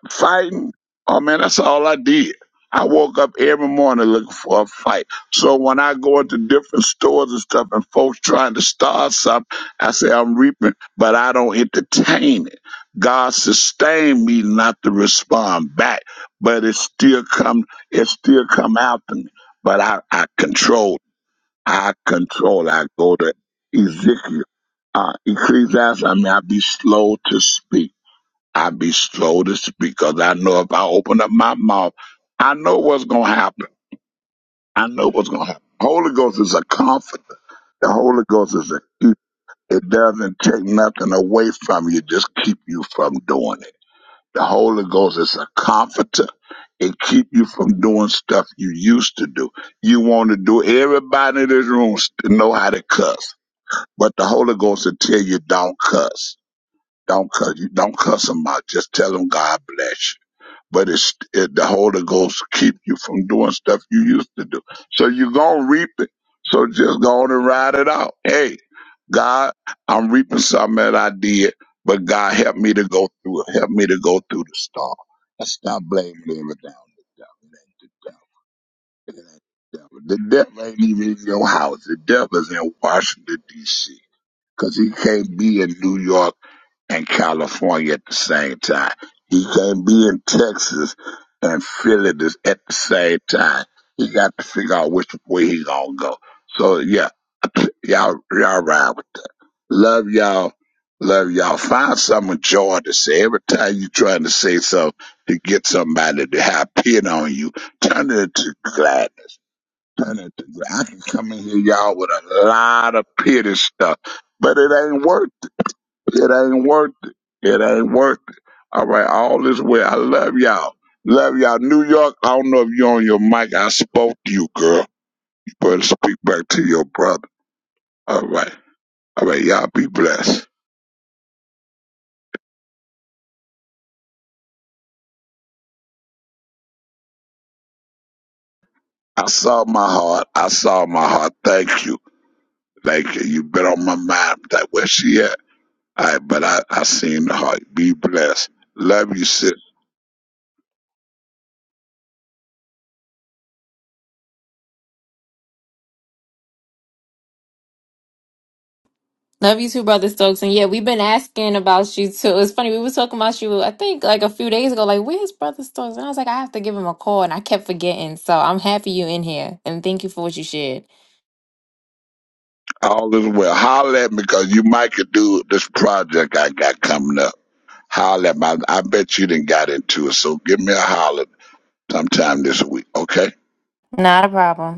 Speaker 10: fighting. Oh man, that's all I did. I woke up every morning looking for a fight. So when I go into different stores and stuff and folks trying to start something, I say I'm reaping, but I don't entertain it. God sustained me not to respond back, but it still come it still come after me. But I, I control. I control. I go to Ezekiel. Uh, Ecclesiastes, I mean, I be slow to speak. I be slow to speak because I know if I open up my mouth, I know what's going to happen. I know what's going to happen. Holy Ghost is a comforter. The Holy Ghost is a keeper. It doesn't take nothing away from you, just keep you from doing it. The Holy Ghost is a comforter. It keep you from doing stuff you used to do. You want to do everybody in this room to know how to cuss, but the Holy Ghost will tell you don't cuss, don't cuss, you don't cuss them out. Just tell them God bless you. but it's it, the Holy Ghost keep you from doing stuff you used to do. So you're gonna reap it. So just go on and ride it out. Hey, God, I'm reaping something that I did, but God help me to go through it. Help me to go through the storm. And stop blaming the devil. The devil, ain't the devil. it ain't the devil. The devil ain't even in your house. The devil's in Washington D.C. Cause he can't be in New York and California at the same time. He can't be in Texas and Philly this- at the same time. He got to figure out which way he gonna go. So yeah, (clears throat) y'all y'all ride with that. Love y'all. Love y'all. Find something joy to say. Every time you trying to say something to get somebody to have pin on you, turn it into glad. Turn it to glad. I can come in here, y'all, with a lot of pity stuff, but it ain't worth it ain't worth it. It ain't worth it. All right, all this way. I love y'all. Love y'all. New York, I don't know if you're on your mic. I spoke to you, girl. You better speak back to your brother. All right. All right, y'all be blessed. I saw my heart. I saw my heart. Thank you. Thank you. You've been on my mind. That where she at. All right, but I, I seen the heart. Be blessed. Love you, sis.
Speaker 8: Love you too, Brother Stokes. And yeah, we've been asking about you too. It's funny, we were talking about you, I think like a few days ago, like, where's Brother Stokes? And I was like, I have to give him a call. And I kept forgetting. So I'm happy you in here. And thank you for what you shared.
Speaker 10: All this well. Holler at me because you might could do this project I got coming up. Holler at my, I bet you didn't got into it. So give me a holler sometime this week, okay?
Speaker 8: Not a problem.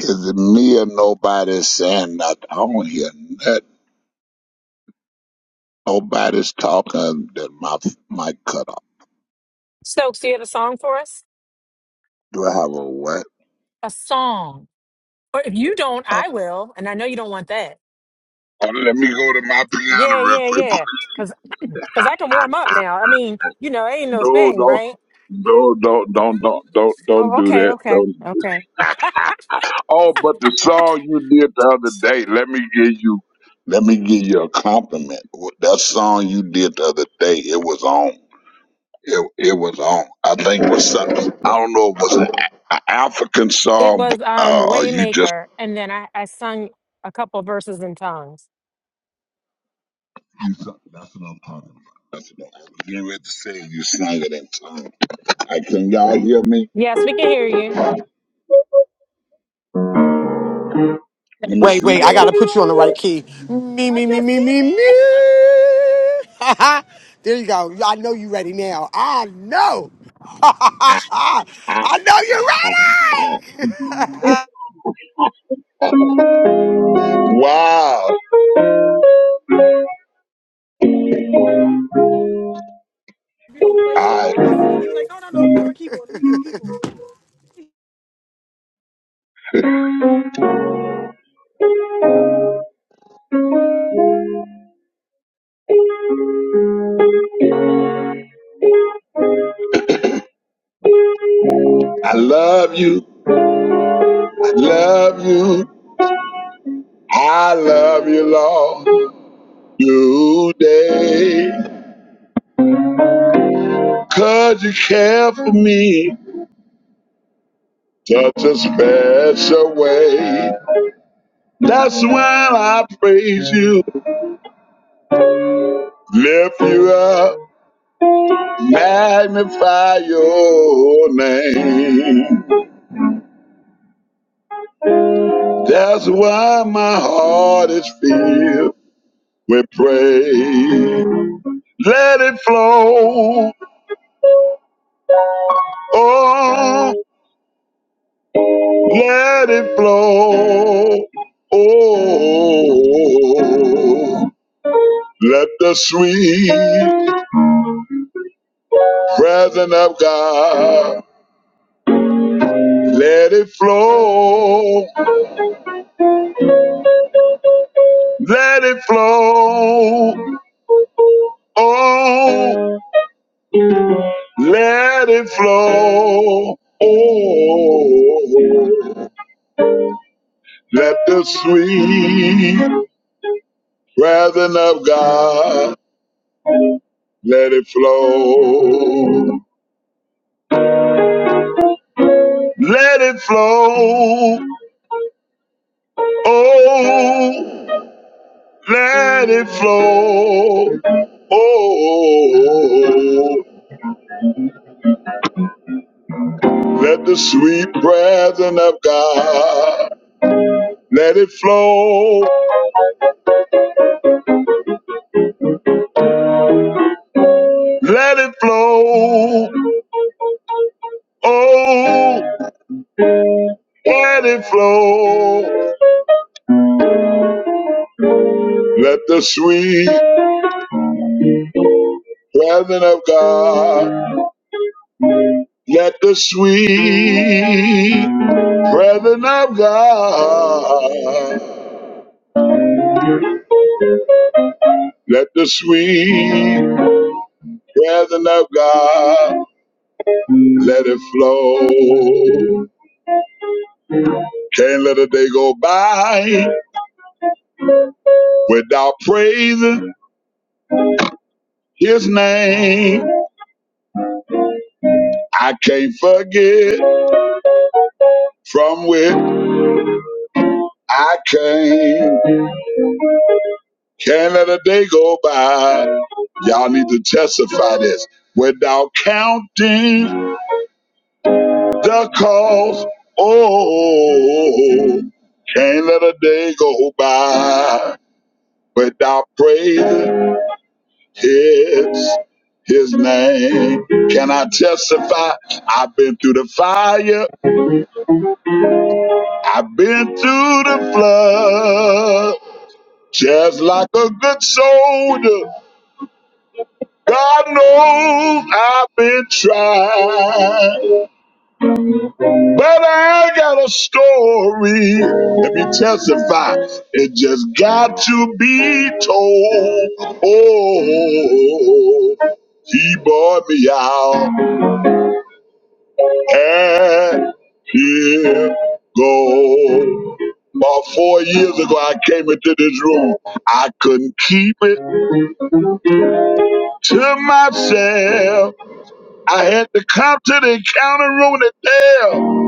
Speaker 10: Is it me or nobody saying nothing? I don't hear nothing. Nobody's talking that my mic cut off.
Speaker 4: Stokes, do you have a song for us?
Speaker 10: Do I have a what?
Speaker 4: A song. Or if you don't,
Speaker 10: Uh,
Speaker 4: I will. And I know you don't want that.
Speaker 10: oh, let me go to my piano
Speaker 4: Yeah,
Speaker 10: real
Speaker 4: yeah,
Speaker 10: quick.
Speaker 4: yeah. Cause, cause I can warm up now. I mean, you know, ain't no
Speaker 10: No,
Speaker 4: thing,
Speaker 10: don't,
Speaker 4: right?
Speaker 10: no,
Speaker 4: Oh,
Speaker 10: don't, don't, don't, don't, don't do
Speaker 4: okay,
Speaker 10: that.
Speaker 4: okay,
Speaker 10: Don't.
Speaker 4: okay.
Speaker 10: Oh, but the song you did the other day. Let me give you, let me give you a compliment. That song you did the other day, it was on. It, it was on. I think it was some, I don't know. If It was an a- a- African
Speaker 4: It
Speaker 10: song.
Speaker 4: was um
Speaker 10: Uh, or you just
Speaker 4: Waymaker, and then I I sung a couple verses in tongues.
Speaker 10: you sung- that's what I'm talking about. That's what I was getting ready to say. You sang it in tongue. I, can y'all hear me?
Speaker 4: Yes, we can hear you.
Speaker 10: Let me see
Speaker 1: I
Speaker 10: what
Speaker 1: got
Speaker 10: I'm.
Speaker 1: to put you on the right key. Me, me, me, me, me, me. (laughs) there you go. I know you ready now. I know. (laughs) I know you're ready. (laughs)
Speaker 10: Wow! I (laughs) I love you. I love you. I love you, Lord. today. 'Cause you care for me such a special way. That's when I praise you, lift you up, magnify your name. That's why my heart is filled. We pray. Let it flow. Oh, let it flow. Oh, let the sweet presence of God let it flow. Let it flow. Oh. Let it flow. Oh, let the sweet breathing of God let it flow. Let it flow. Oh, let it flow. Oh, let the sweet breathing of God Let it flow. Let it flow. Oh. Let it flow. Let the sweet presence of God. Let the sweet presence of God. Let the sweet presence of God. Let it flow. Can't let a day go by without praising his name. I can't forget from where I came. Can't let a day go by. Y'all need to testify this without counting the cost. Oh, can't let a day go by without praising. His, his name. Can I testify? I've been through the fire, I've been through the flood. Just like a good soldier, God knows I've been tried. But I got a story. Let me testify. It just got to be told. Oh, he bought me out. And year go. About four years ago, I came into this room. I couldn't keep it to myself. I had to come to the encounter room to tell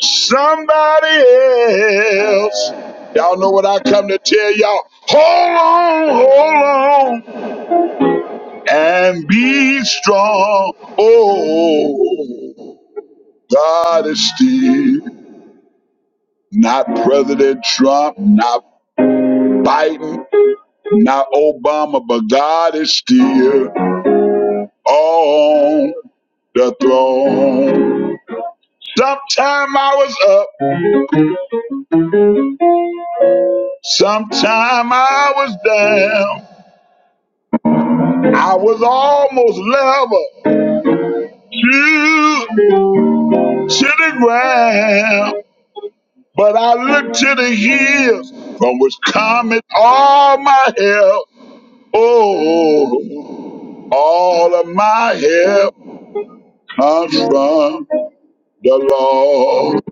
Speaker 10: somebody else. Y'all know what I come to tell y'all. Hold on, hold on, and be strong. Oh, God is still. Not President Trump, not Biden, not Obama, but God is still on the throne. Sometime I was up, sometime I was down. I was almost level to, to the ground. But I look to the hills from which cometh all my help. Oh, all of my help. come from the Lord.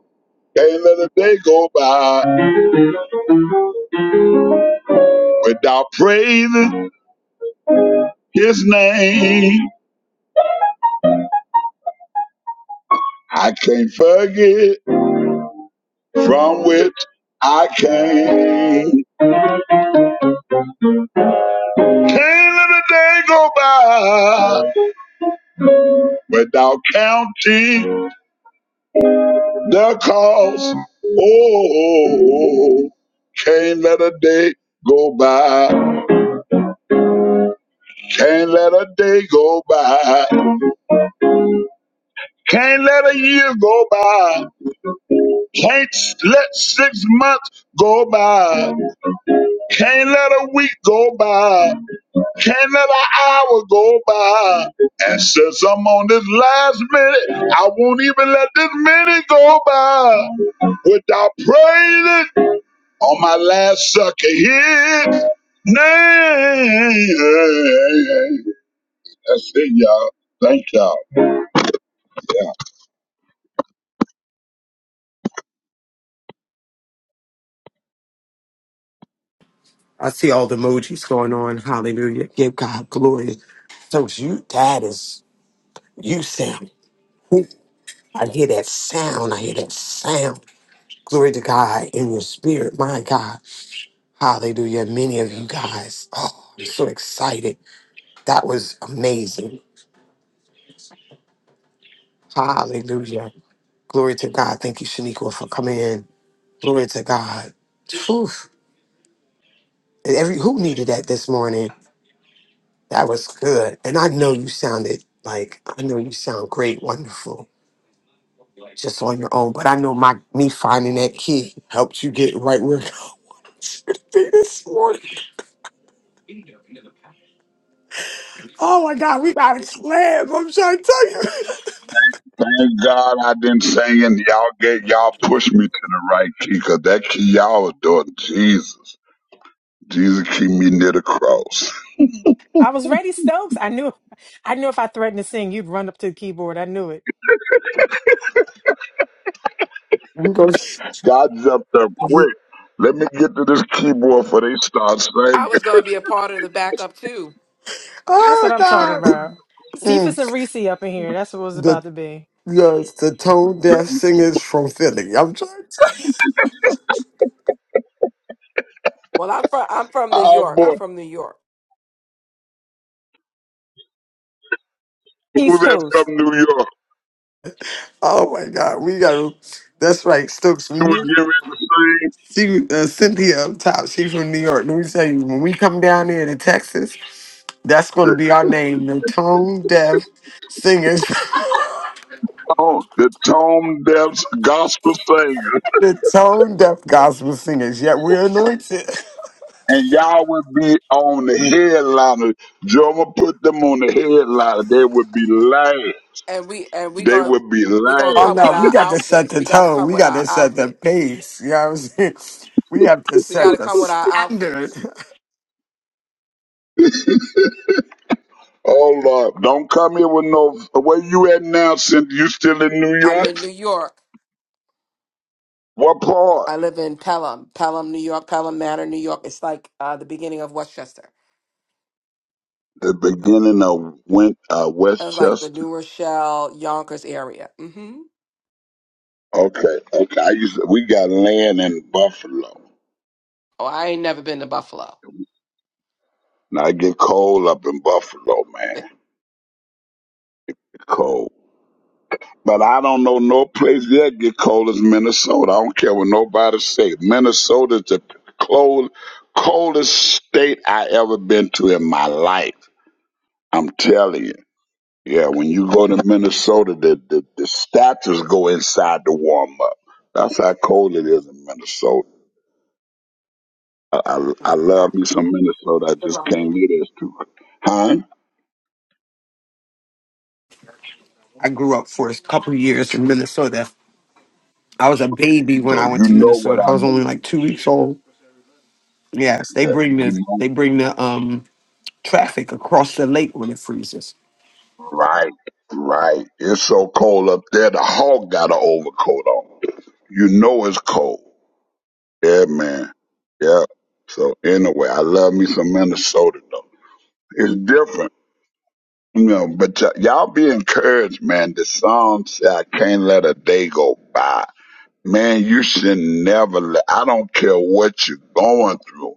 Speaker 10: Can't let a day go by without praising his name. I can't forget from which I came. Can't let a day go by without counting the cost. Oh, can't let a day go by. Can't let a day go by. Can't let a year go by Can't let six months go by. Can't let a week go by. Can't let an hour go by. And since I'm on this last minute, I won't even let this minute go by without praising on my last sucker hit. Name. That's it, y'all. Thank y'all.
Speaker 1: I see all the emojis going on. Hallelujah. Give God glory. Stokes, you, that is. You sound. I hear that sound. I hear that sound. Glory to God in your spirit, my God. Hallelujah. Many of you guys. Oh, I'm so excited. That was amazing. Hallelujah. Glory to God. Thank you, Shaniqua, for coming in. Glory to God. Whew. And Every who needed that this morning. That was good. And I know you sounded like I know you sound great, wonderful, just on your own. But I know my me finding that key helped you get right where (laughs) thing this morning. Oh my God, we got a slam. I'm trying to tell you. (laughs)
Speaker 10: Thank God I've been singing. Y'all get y'all push me to the right key, 'cause that key y'all was doing, Jesus. Jesus keep me near the cross.
Speaker 4: I was ready, Stokes. I knew, I knew if I threatened to sing, you'd run up to the keyboard. I knew it.
Speaker 1: We go.
Speaker 10: God's up there quick. Let me get to this keyboard before they start singing.
Speaker 9: I was going to be a part of the backup too.
Speaker 4: That's what
Speaker 1: Oh
Speaker 4: I'm talking
Speaker 1: God.
Speaker 4: about. Cephas
Speaker 1: Mm,
Speaker 4: and Reese up in here. That's what it was about
Speaker 1: the
Speaker 4: to be.
Speaker 1: the the tone deaf singers from Philly. I'm trying. To, tell.
Speaker 9: Well, I'm from I'm from New
Speaker 10: Oh
Speaker 9: York.
Speaker 10: boy,
Speaker 9: I'm from New York,
Speaker 10: who's
Speaker 4: East
Speaker 10: that
Speaker 4: Coast.
Speaker 10: from New York?
Speaker 1: oh my God, we got. to. That's right, Stokes.
Speaker 10: He
Speaker 1: When
Speaker 10: was
Speaker 1: you
Speaker 10: giving the sing
Speaker 1: see uh, Cynthia up top, she's from New York. Let me tell you, when we come down here to Texas, that's going to
Speaker 10: the
Speaker 1: be our name, the tone deaf singers, (laughs)
Speaker 10: tone, the tone depths gospel singer,
Speaker 1: the tone deaf gospel singers. Yet we're anointed.
Speaker 10: and y'all would be on the headliner. Joe would put them on the headliner. They would be lying.
Speaker 9: and we and we
Speaker 10: They
Speaker 9: gonna
Speaker 10: would be
Speaker 9: we gonna
Speaker 10: lying.
Speaker 1: Oh
Speaker 9: come with
Speaker 1: no, we
Speaker 9: our
Speaker 1: got to set
Speaker 9: outfits.
Speaker 1: the
Speaker 9: We got to
Speaker 1: tone.
Speaker 9: come
Speaker 1: We
Speaker 9: with
Speaker 1: got
Speaker 9: our
Speaker 1: to set the
Speaker 9: outfits.
Speaker 1: pace. You know what I'm saying? (laughs) We have to
Speaker 9: We got
Speaker 1: set
Speaker 9: to
Speaker 1: the
Speaker 9: come with our
Speaker 1: standard.
Speaker 9: outfits.
Speaker 10: Oh Lord, don't come here with no. Where you at now? Since you still in New
Speaker 9: I'm in
Speaker 10: York?
Speaker 9: New York.
Speaker 10: What part?
Speaker 9: I live in Pelham, Pelham, New York, Pelham Manor, New York. It's like uh, the beginning of Westchester.
Speaker 10: The beginning of Win uh,
Speaker 9: It's like the
Speaker 10: Westchester.
Speaker 9: New Rochelle, Yonkers area. hmm
Speaker 10: Okay, okay. I used to, we got land in Buffalo.
Speaker 9: Oh, I ain't never been to Buffalo.
Speaker 10: Now I get cold up in Buffalo, man.
Speaker 9: (laughs)
Speaker 10: Get cold. But I don't know no place that get cold as Minnesota. I don't care what nobody say. Minnesota's the cold, coldest state I ever been to in my life. I'm telling you. Yeah, when you go to Minnesota, the, the, the statues go inside to warm up. That's how cold it is in Minnesota. I, I, I love me some Minnesota. I just can't leave this to it. Huh?
Speaker 1: (laughs) I grew up for a couple of years in Minnesota. I was a baby when
Speaker 10: So
Speaker 1: I went
Speaker 10: you
Speaker 1: to
Speaker 10: know what
Speaker 1: Minnesota. I
Speaker 10: I
Speaker 1: was only
Speaker 10: mean.
Speaker 1: like two weeks old. Yes, they
Speaker 10: Yeah,
Speaker 1: bring the
Speaker 10: you know.
Speaker 1: they bring the um traffic across the lake when it freezes.
Speaker 10: Right, right. It's so cold up there. The hog got an overcoat on. You know it's cold. Yeah, man. Yeah. So anyway, I love me some Minnesota though. It's different. You know, but y- y'all be encouraged, man. The song say, I can't let a day go by. Man, you should never let, I don't care what you're going through.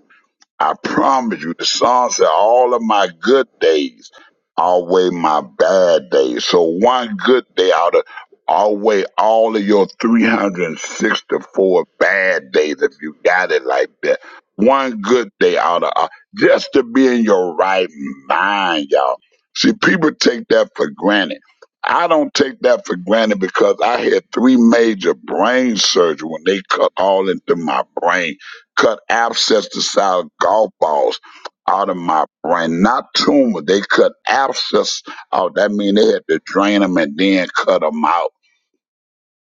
Speaker 10: I promise you, the song said all of my good days outweigh my bad days. So one good day ought to outweigh all of your 364 bad days if you got it like that. One good day ought to, uh, just to be in your right mind, y'all. See, people take that for granted. I don't take that for granted because I had three major brain surgery when they cut all into my brain Cut abscess-sized golf balls out of my brain. Not tumor. They cut abscess out. That mean they had to drain them and then cut them out.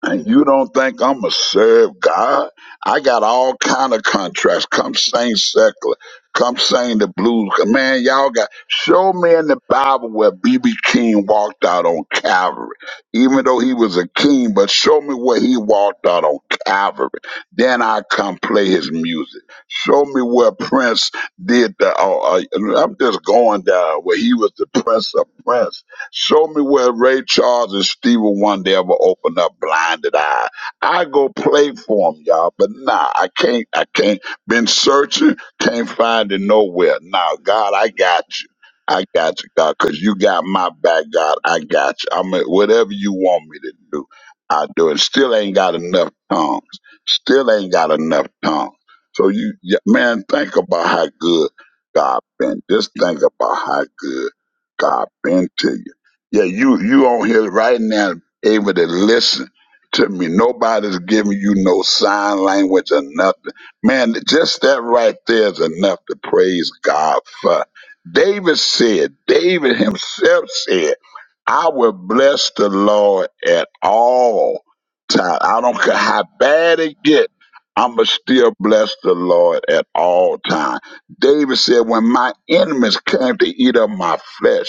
Speaker 10: And you don't think I'm going to serve God? I got all kind of contracts. Come sing secular. Come sing the blues. Man, y'all got, show me in the Bible where B.B. King walked out on Calvary. Even though he was a king, but show me where he walked out on Calvary. Then I come play his music. Show me where Prince did the, uh, uh, I'm just going down where he was the Prince of Prince Show me where Ray Charles and Stevie Wonder ever opened up blinded eye. I go play for 'em, y'all, but nah, I can't. I can't. Been searching, can't find it nowhere. Nah, God, I got you. I got you, God, 'cause you got my back, God. I got you. I mean, whatever you want me to do, I do it. Still ain't got enough tongues. Still ain't got enough tongues. So you, yeah, man, think about how good God been. Just think about how good God been to you. Yeah, you you on here right now, able to listen to me. Nobody's giving you no sign language or nothing. Man, just that right there is enough to praise God for. David said, David himself said, I will bless the Lord at all times. I don't care how bad it get. I'ma still bless the Lord at all times. David said, When my enemies came to eat up my flesh,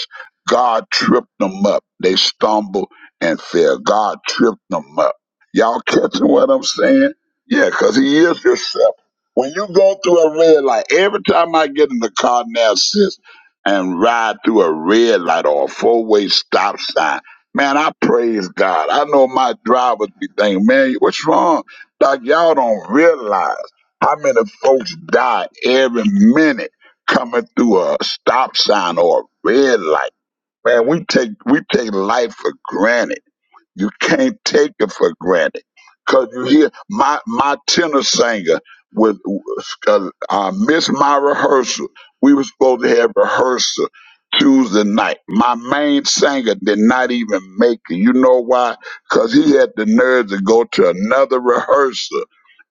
Speaker 10: God tripped them up. They stumbled and fell. God tripped them up. Y'all catching what I'm saying? Yeah, because he is yourself. When you go through a red light, every time I get in the car now, sis, and ride through a red light or a four-way stop sign, man, I praise God. I know my drivers be thinking, man, what's wrong? Like, y'all don't realize how many folks die every minute coming through a stop sign or a red light Man, we take we take life for granted. You can't take it for granted. Cause you hear my my tenor singer with uh, uh, missed my rehearsal. We were supposed to have rehearsal Tuesday night. My main singer did not even make it. You know why? Cause he had the nerve to go to another rehearsal.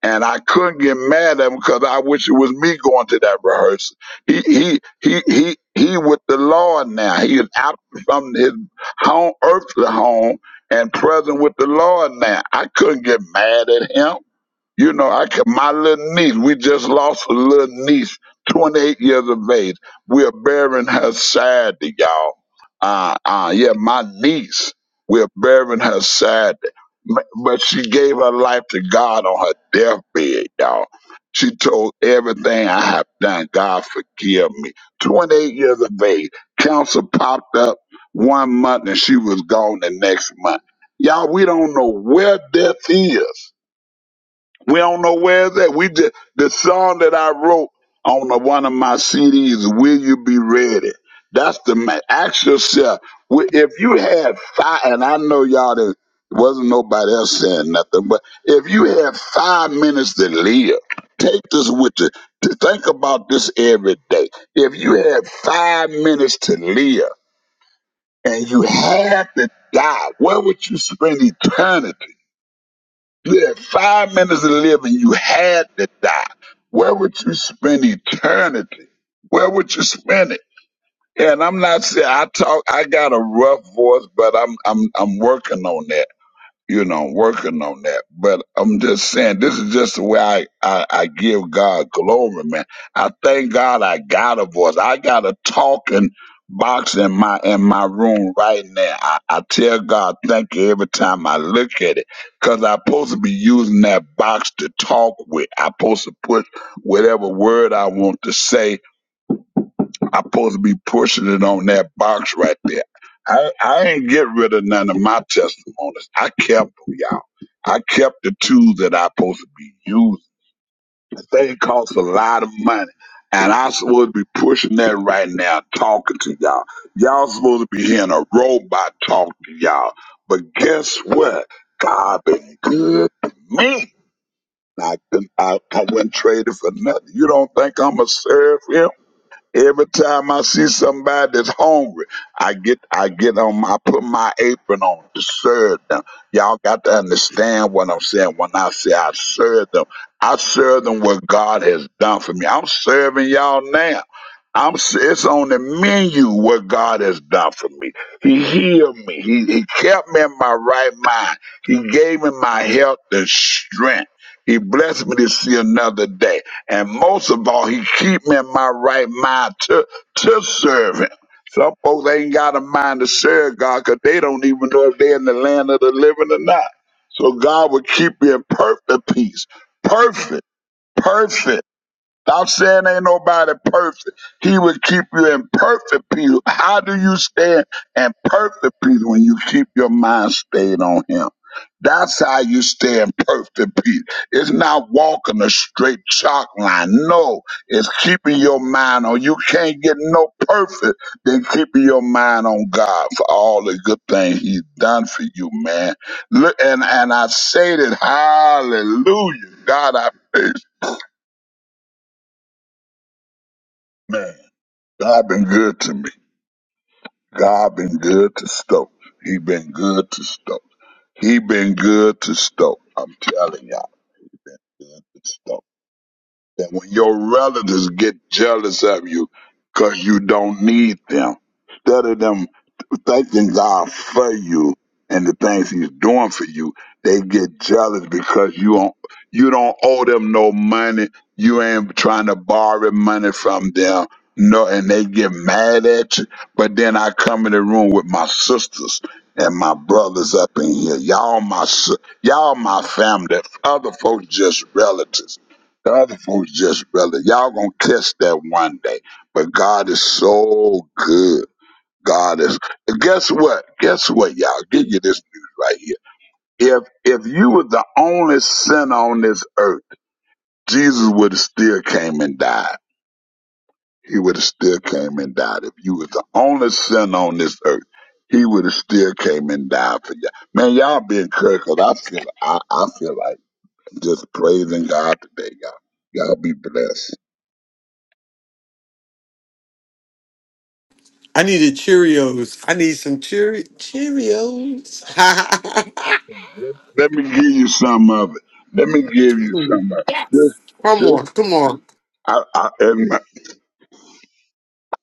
Speaker 10: And I couldn't get mad at him because I wish it was me going to that rehearsal. He he he he he with the Lord now. He is out from his home, earthly home and present with the Lord now. I couldn't get mad at him. You know, I can, my little niece, we just lost a little niece, 28 years of age. We're burying her Saturday, y'all. Uh, uh, yeah, my niece, we're burying her Saturday. M- But she gave her life to God on her deathbed, y'all. She told everything I have done, God forgive me. 28 years of age. Cancer popped up one month and she was gone the next month. Y'all, we don't know where death is we don't know where it's at. We just the song that I wrote on the, one of my CDs, "Will You Be Ready?" That's the ma Ask yourself wi- if you had five, and I know y'all didn't. wasn't nobody else saying nothing, but if you had five minutes to live, take this with you. To think about this every day. If you had five minutes to live and you had to die, where would you spend eternity? You had five minutes to live and you had to die. Where would you spend eternity? Where would you spend it? And I'm not saying I talk I got a rough voice, but I'm I'm I'm working on that you know, working on that. But I'm just saying, this is just the way I, I, I give God glory, man. I thank God I got a voice. I got a talking box in my in my room right now. I, I tell God thank you every time I look at it. Cause I'm supposed to be using that box to talk with. I'm supposed to put whatever word I want to say I'm supposed to be pushing it on that box right there. I, I ain't get rid of none of my testimonies. I kept them, y'all. I kept the two that I supposed to be using. The thing costs a lot of money. And I supposed to be pushing that right now, talking to y'all. Y'all supposed to be hearing a robot talk to y'all. But guess what? God been good to me. I, couldn't- I, I wouldn't trade it for nothing. You don't think I'm going to serve him? Every time I see somebody that's hungry, I get I get on my- I put my apron on to serve them. Y'all got to understand what I'm saying when I say I serve them. I serve them what God has done for me. I'm serving y'all now. I'm s- it's on the menu what God has done for me. He healed me. He he kept me in my right mind. He gave me my health and strength. He blessed me to see another day. And most of all, he keep me in my right mind to to serve him. Some folks ain't got a mind to serve God because they don't even know if they're in the land of the living or not. So God will keep you in perfect peace. Perfect, perfect I'm saying ain't nobody perfect. He would keep you in perfect peace. How do you stay in perfect peace when you keep your mind stayed on him? That's how you stay in perfect peace. It's not walking a straight chalk line. No, it's keeping your mind on. You can't get no perfect than keeping your mind on God for all the good things He's done for you, man. Look, and and I say that, Hallelujah, God, I praise, you, man. God been good to me. God been good to Stoke. He been good to Stoke. He been good to Stoke. I'm telling y'all, he been good to Stoke. And when your relatives get jealous of you 'cause you don't need them, instead of them thanking God for you and the things He's doing for you, they get jealous because you don't you don't owe them no money. You ain't trying to borrow money from them. No, and they get mad at you. But then I come in the room with my sisters and my brothers up in here. Y'all my si- y'all my family. The other folks just relatives. The other folks just relatives. Y'all gonna catch that one day. But God is so good. God is. Guess what? Guess what, y'all? Give you this news right here. If if you were the only sinner on this earth, Jesus would have still came and died. He would have still came and died. If you was the only sinner on this earth, he would have still came and died for you. Man, y'all be encouraged 'cause I feel I, I feel like just praising God today, y'all. Y'all be blessed.
Speaker 1: I needed Cheerios. I need some Cheer- Cheerios.
Speaker 10: Let me give you some of it. Let me give you some of it. This
Speaker 1: (laughs) come
Speaker 10: this
Speaker 1: on, come on.
Speaker 10: I, I, and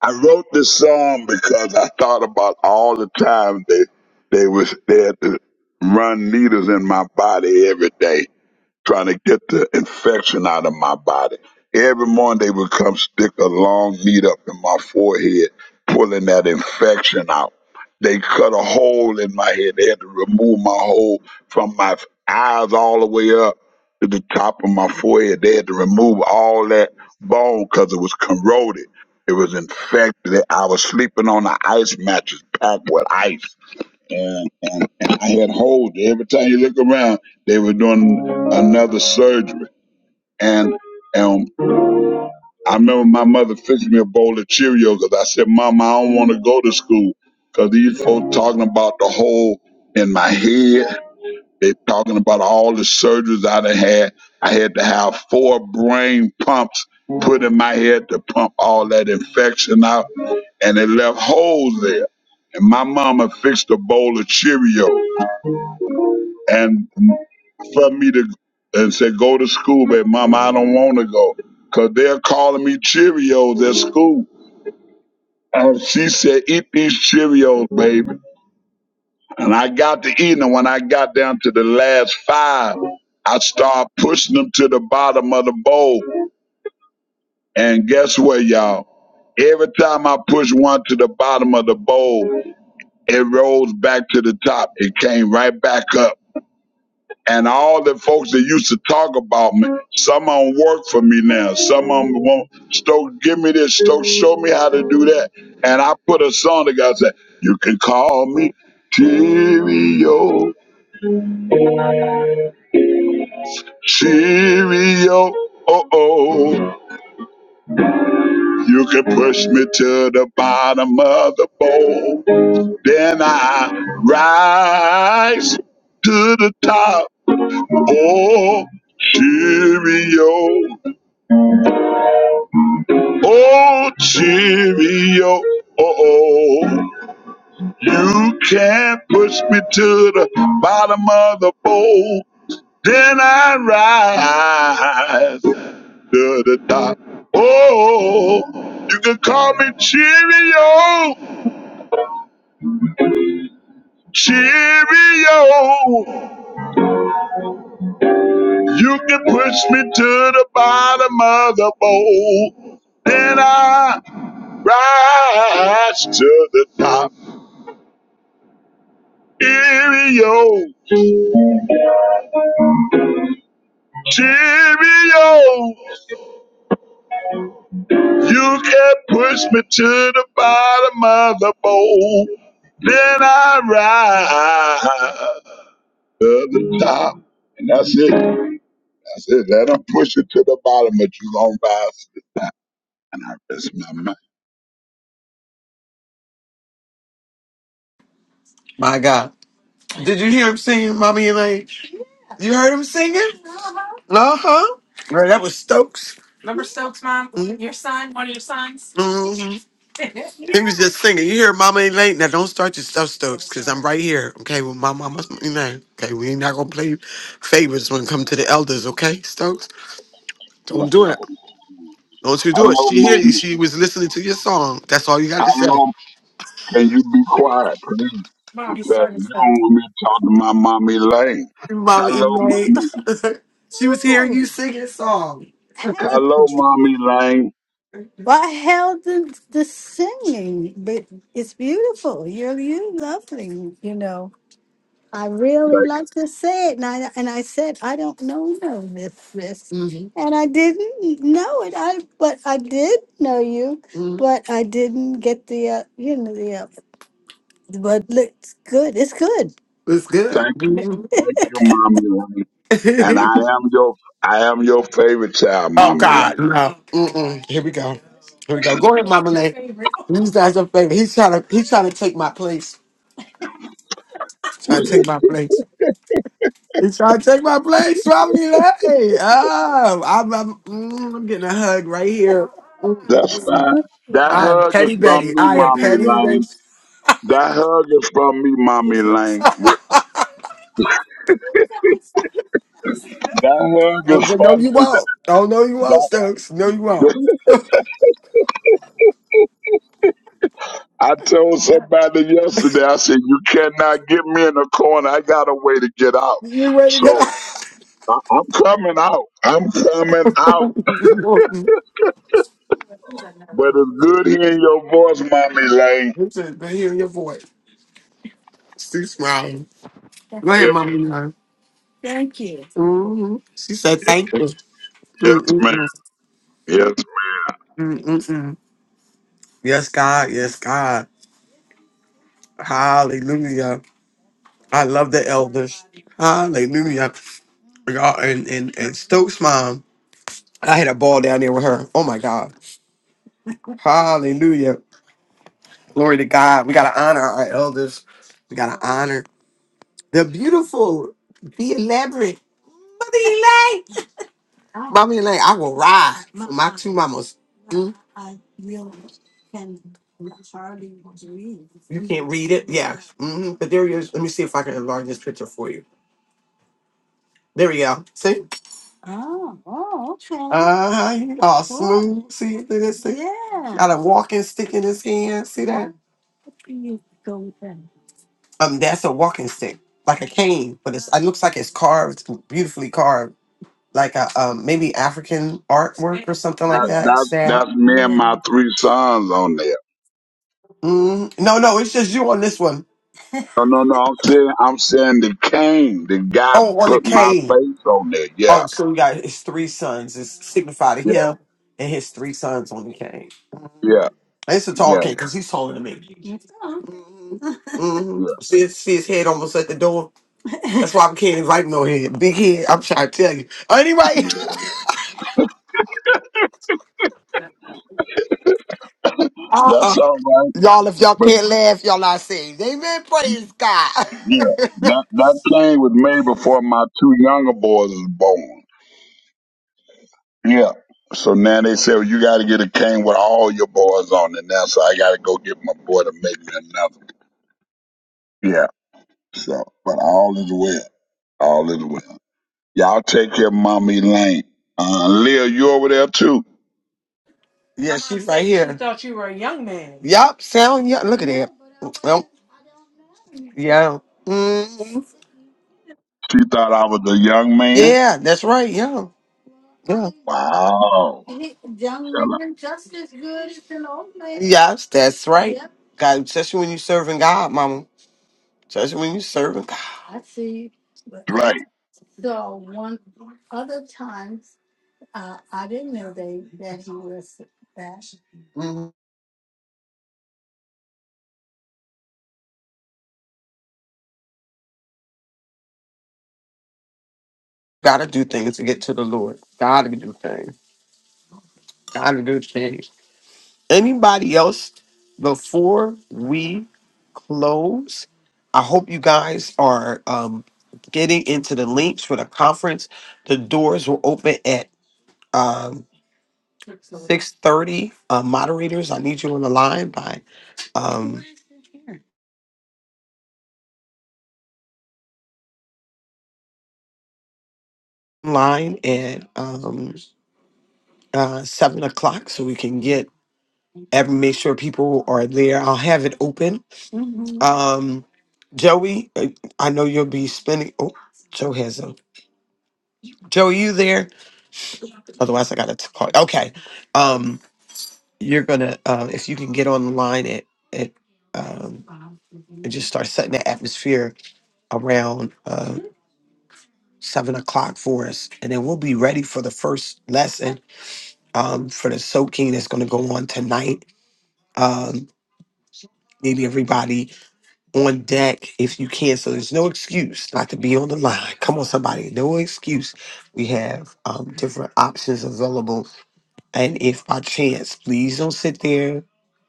Speaker 10: I wrote this song because I thought about all the times they they was there to run needles in my body every day trying to get the infection out of my body. Every morning they would come stick a long needle up in my forehead, pulling that infection out. They cut a hole in my head. They had to remove my hole from my eyes all the way up to the top of my forehead. They had to remove all that bone because it was corroded. It was infected. I was sleeping on an ice mattress packed with ice and, and, and I had hold. Every time you look around, they were doing another surgery. And and I remember my mother fixed me a bowl of Cheerios because I said, Mama, I don't want to go to school because these folks talking about the hole in my head. They talking about all the surgeries I done had. I had to have four brain pumps put in my head to pump all that infection out, and it left holes there. And my mama fixed a bowl of Cheerios. and for me to and say go to school, baby, mama, I don't want to go because they're calling me Cheerios at school. And she said, eat these Cheerios, baby. And I got to eating them. When I got down to the last five, I started pushing them to the bottom of the bowl. And guess what, y'all? Every time I pushed one to the bottom of the bowl, it rose back to the top. It came right back up And all the folks that used to talk about me, some of them work for me now. Some of them won't. Stoke, give me this. Stoke, show me how to do that. And I put a song together. Said, you can call me Cheerio, Cheerio. Oh oh. You can push me to the bottom of the bowl. Then I rise to the top. Oh, Cheerio. Oh, cheerio! oh. you can't push me to the bottom of the bowl. Then I rise to the top. Oh, you can call me Cheerio, Cheerio. You can push me to the bottom of the bowl. Then I rise to the top. Cheerio. Jimmy, oh, you can push me to the bottom of the bowl. Then I rise to the top. And that's it. That's it. Let them push it to the bottom, but you going to rise to the top. And I rest my mind.
Speaker 1: My God. Did you hear him singing, Mommy Elaine? You heard him singing? Uh huh. Right, that was Stokes. hmm He was just singing. You hear, Mama ain't late. Now don't start your stuff, Stokes, because I'm right here. Okay, with my mama's, you know. Okay, we ain't not gonna play favors when it come to the elders. Okay, Stokes, don't do it. Don't you do
Speaker 10: Hello,
Speaker 1: it. She hear you.
Speaker 10: mama.
Speaker 1: She was listening to your song. That's all you got to say.
Speaker 10: Hello. Can you be quiet, please? I'm telling you, you don't want me to talk to my mommy Lane.
Speaker 1: Mama ain't
Speaker 10: Hello,
Speaker 1: late.
Speaker 10: mommy.
Speaker 1: (laughs) she was hearing you sing your song. (laughs)
Speaker 10: Hello, mommy Lane.
Speaker 1: Well, I held the, the singing, but it's beautiful. You're you lovely, you know. I really like to say it, and I and I said I don't know no Miss Miss, hmm and I didn't know it. I but I did know you, hmm but I didn't get the uh, you know the uh, but it's good. It's good. It's good.
Speaker 10: Thank you.
Speaker 1: hmm
Speaker 10: Thank you, Mommy Lane. And I
Speaker 1: (laughs)
Speaker 10: am your I am your favorite child,
Speaker 1: oh
Speaker 10: Mommy
Speaker 1: God,
Speaker 10: Lane.
Speaker 1: no. Mm-mm. Here we go. Here we go. Go ahead, Mama Lay. You guys a favorite. He's trying to he's trying to take my place. Trying to take my place. You trying to take my place? Swallow me, like, hey, oh, I'm, I'm, mm, I'm getting a hug right here. Mm, mm,
Speaker 10: That's
Speaker 1: mm.
Speaker 10: fine. That
Speaker 1: I am
Speaker 10: hug is
Speaker 1: petty
Speaker 10: from
Speaker 1: Betty.
Speaker 10: me,
Speaker 1: I
Speaker 10: Mommy
Speaker 1: am.
Speaker 10: Lane. That hug is from me, Mommy Lane. Wh- That hug
Speaker 1: Oh,
Speaker 10: is
Speaker 1: no,
Speaker 10: from
Speaker 1: you
Speaker 10: me.
Speaker 1: won't. Oh, no, you
Speaker 10: That,
Speaker 1: won't, Stokes. No, you won't.
Speaker 10: that, (laughs) I told somebody yesterday, I said, you cannot get me in a corner. I got a way to get out.
Speaker 1: You ready to get
Speaker 10: So I, I'm coming out. I'm coming out.
Speaker 1: (laughs)
Speaker 10: But it's good hearing your voice, Mommy Lane.
Speaker 1: This has been hearing (laughs) your voice. She's smiling. Go ahead,
Speaker 10: Yeah,
Speaker 1: mommy. Mm-hmm. She said,
Speaker 10: yeah,
Speaker 1: "Thank you."
Speaker 10: yes, ma'am.
Speaker 1: Mm-mm-mm.
Speaker 10: Yes,
Speaker 1: Mm-mm-mm. Yes, God. Yes, God. Hallelujah. I love the elders. Hallelujah. Y'all, And, and, and Stokes' mom, I had a ball down there with her. Oh my God. Hallelujah. Glory to God. We got to honor our elders. We got to honor the beautiful, the elaborate. Mother Elaine. Mama Elaine, I will ride for my two mamas. Mm. You can't read it? Yes. hmm But there he is. Let me see if I can enlarge this picture for you. There we go. See? Oh, oh, okay. Uh huh. You all Cool. smooth. See Look at this thing? Yeah. Got a walking stick in his hand. See that? What do you go with that? Um, that's a walking stick, like a cane, but it's it looks like it's carved, beautifully carved, like a um maybe African artwork or something like
Speaker 10: That,
Speaker 1: that. Yeah.
Speaker 10: that's
Speaker 1: Sad.
Speaker 10: that's me and
Speaker 1: Yeah.
Speaker 10: my three sons on there.
Speaker 1: Mm, no, no, it's just you on this one.
Speaker 10: No, no, no. I'm saying I'm saying the cane, the guy
Speaker 1: Oh, on the
Speaker 10: put my
Speaker 1: cane.
Speaker 10: face on there. Yeah,
Speaker 1: Oh, so we got his three sons. It's signified to
Speaker 10: yeah,
Speaker 1: him and his three sons on the cane.
Speaker 10: yeah,
Speaker 1: It's a
Speaker 10: yeah,
Speaker 1: tall cat because he's taller than me. hmm
Speaker 10: yeah.
Speaker 1: See, his- see his head almost at the door. That's why I can't invite no head. Big head. I'm trying to tell you. Anyway, (laughs) uh,
Speaker 10: That's
Speaker 1: uh
Speaker 10: all right.
Speaker 1: y'all, if y'all
Speaker 10: But
Speaker 1: can't laugh, y'all not saved. Amen. Praise God.
Speaker 10: yeah, that
Speaker 1: (laughs)
Speaker 10: that cane was made before my two younger boys was born. Yeah. So now they say well, you got to get a cane with all your boys on it now. So I got to go get my boy to make me another. Yeah. So, but all is well. All is well. Y'all take care of Mama Elaine. Uh, Leah, you over there too?
Speaker 1: yes, right here. Yup. Sound. Yeah. Look at that. Yep. Yeah. mm
Speaker 10: She thought I was a young man.
Speaker 1: Yeah. That's right. Yeah. Yeah.
Speaker 10: Wow.
Speaker 1: He- Young
Speaker 10: Can I,
Speaker 1: man, just as good as an old man. Yes, that's right. Yep, God, especially when you're serving God, Mama. Especially when you're serving God. I see. But I
Speaker 10: right.
Speaker 1: saw one other time. Uh, I didn't know they that he was that. Mhm. Gotta do things to get to the Lord. Gotta do things. Gotta do things. Anybody else before we close? I hope you guys are um, getting into the links for the conference. The doors will open at um, six thirty. Uh, moderators, I need you on the line by um, line at um, uh, seven o'clock, so we can get every make sure people are there. I'll have it open. Um, Joey, uh, I know you'll be spending. Oh, Joe has a Joe, are you there? Otherwise, I got to call. Okay, um, you're gonna uh, if you can get on the line at at um, and just start setting the atmosphere around uh, seven o'clock for us, and then we'll be ready for the first lesson um, for the soaking that's going to go on tonight. Um, maybe everybody on deck if you can. So there's no excuse not to be on the line. Come on, somebody, no excuse. We have um, different options available And if by chance, please don't sit there,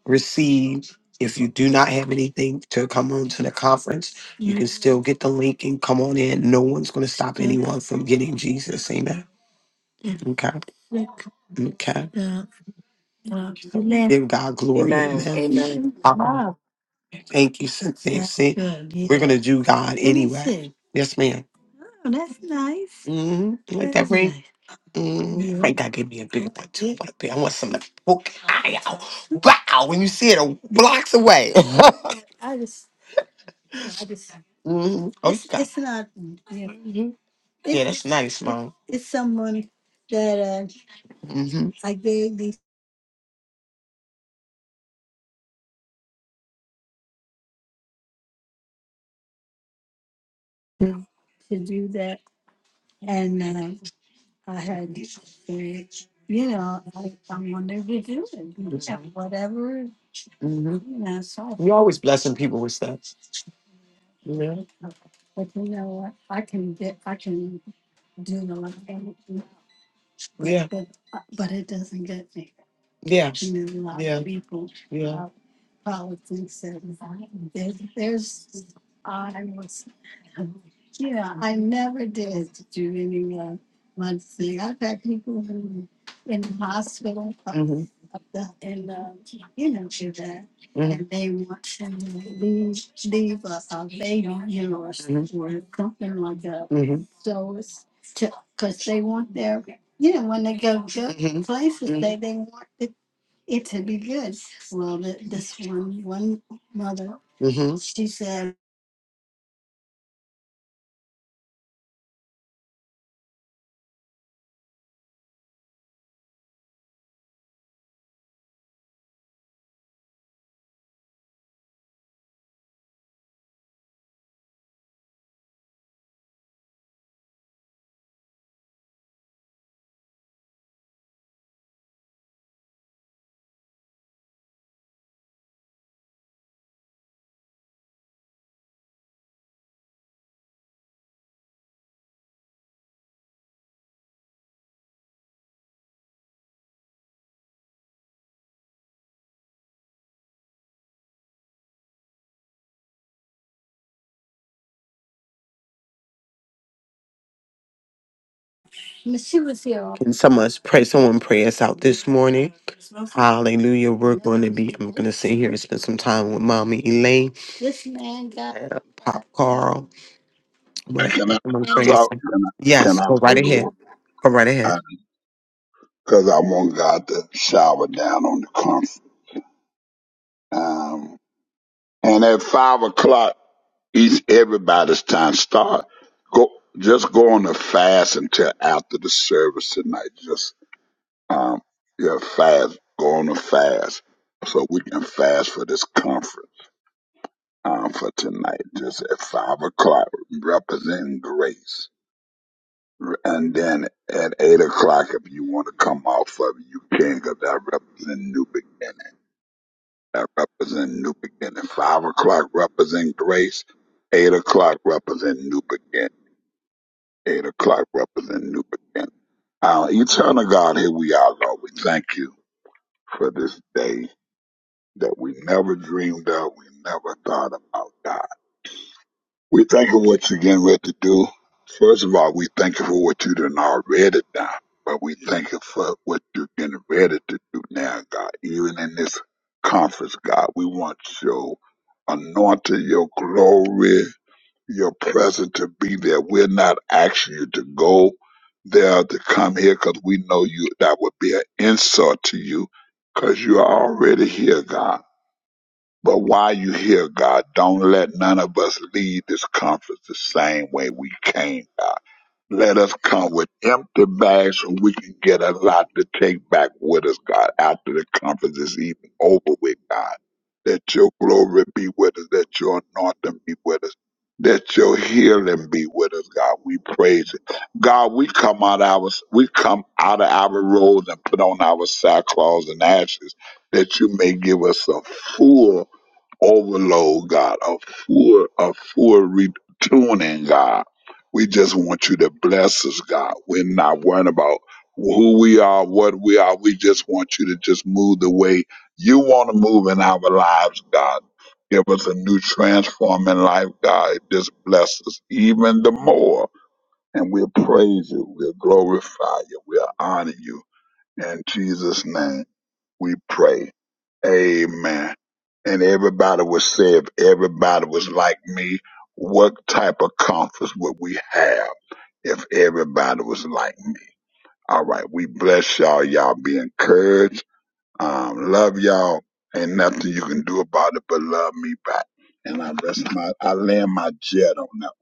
Speaker 1: receive. If you do not have anything to come on to the conference, still get the link and come on in. No one's going to stop anyone from getting Jesus. Amen. Okay. Okay. Give God glory.
Speaker 9: Amen.
Speaker 1: Amen.
Speaker 9: Amen.
Speaker 1: uh Thank you, Cynthia. See, we're going to do God anyway. Yes, ma'am. Oh, that's nice. hmm Like that That's ring? nice. Mm, I Yeah. Frank God gave me a bigger one too. Like that. I want something to poke your eye out. Wow, when you see it a blocks away. (laughs) Yeah, I just (laughs) hmm Oh, you it's got. it's not yeah. hmm Yeah, It's that's nice, it, mom. it's someone that uh, hmm I gave these to do that, and uh, I had uh, you know I, I wanted to do it, you know, whatever you hmm know. So You're always blessing people with stuff. You know, But you know what? I can get, I can do the. lot of things but yeah, it, uh, but it doesn't get me. yeah, And then a lot yeah, of people yeah, uh, politics and there's, there's I was yeah I never did do any uh, one thing. I've had people who in the hospital up, hmm up the and uh, you know do that hmm and they want to leave leave a, a baby you know or, s- hmm or something like that. hmm So it's because they want their yeah, when they go to hmm places, hmm they, they want it, it to be good. Well, the, this one, one mother, hmm she said, "Miss- she was here. all Can someone pray? Someone pray us out this morning. Hallelujah. We're going to be, I'm going to sit here and spend some time with mommy Elaine, This man got and Pop Carl. What
Speaker 10: And
Speaker 1: I
Speaker 10: Can I,
Speaker 1: someone And pray
Speaker 10: can
Speaker 1: us out.
Speaker 10: I, can
Speaker 1: Yes,
Speaker 10: I
Speaker 1: go
Speaker 10: pray
Speaker 1: right
Speaker 10: the
Speaker 1: ahead.
Speaker 10: Lord?
Speaker 1: Go right ahead.
Speaker 10: Because I want God to shower down on the comfort. Um, and at five o'clock, each everybody's time start. Go, just go on a fast until after the service tonight. Just um, your fast. Go on a fast so we can fast for this comfort. um, for tonight, just at five o'clock, representing grace. And then at eight o'clock, if you want to come off of it, you can, 'cause I represent new beginning. I represent new beginning. Five o'clock represent grace. Eight o'clock represent new beginning. Eight o'clock represent new beginning. Uh, eternal God, here we are, Lord. We thank you for this day that we never dreamed of, we never thought about, God. We thank you for what you getting ready to do. First of all, we thank you for what you done already done, but we thank you for what you're getting ready to do now, God. Even in this conference, God, we want your anointing, your glory, your presence to be there. We're not asking you to go there to come here because we know you that would be an insult to you because you're already here, God. But while you here, God, don't let none of us leave this conference the same way we came, God. Let us come with empty bags so we can get a lot to take back with us, God, after the conference is even over with, God. That your glory be with us, that your anointing be with us, that your healing be with us, God. We praise it. God, we come out our we come out of our roads and put on our sackcloths and ashes that you may give us a full overload, God, a full, a full retuning, God. We just want you to bless us, God. We're not worrying about who we are, what we are. We just want you to just move the way you want to move in our lives, God. Give us a new transforming life, God. Just bless us even the more. And we'll praise you. We'll glorify you. We'll honor you. In Jesus' name, we pray. Amen. And everybody was say if everybody was like me, what type of conference would we have if everybody was like me? All right, we bless y'all. Y'all be encouraged. Um, love y'all. Ain't nothing you can do about it but love me back. And I rest my I land my jet on that.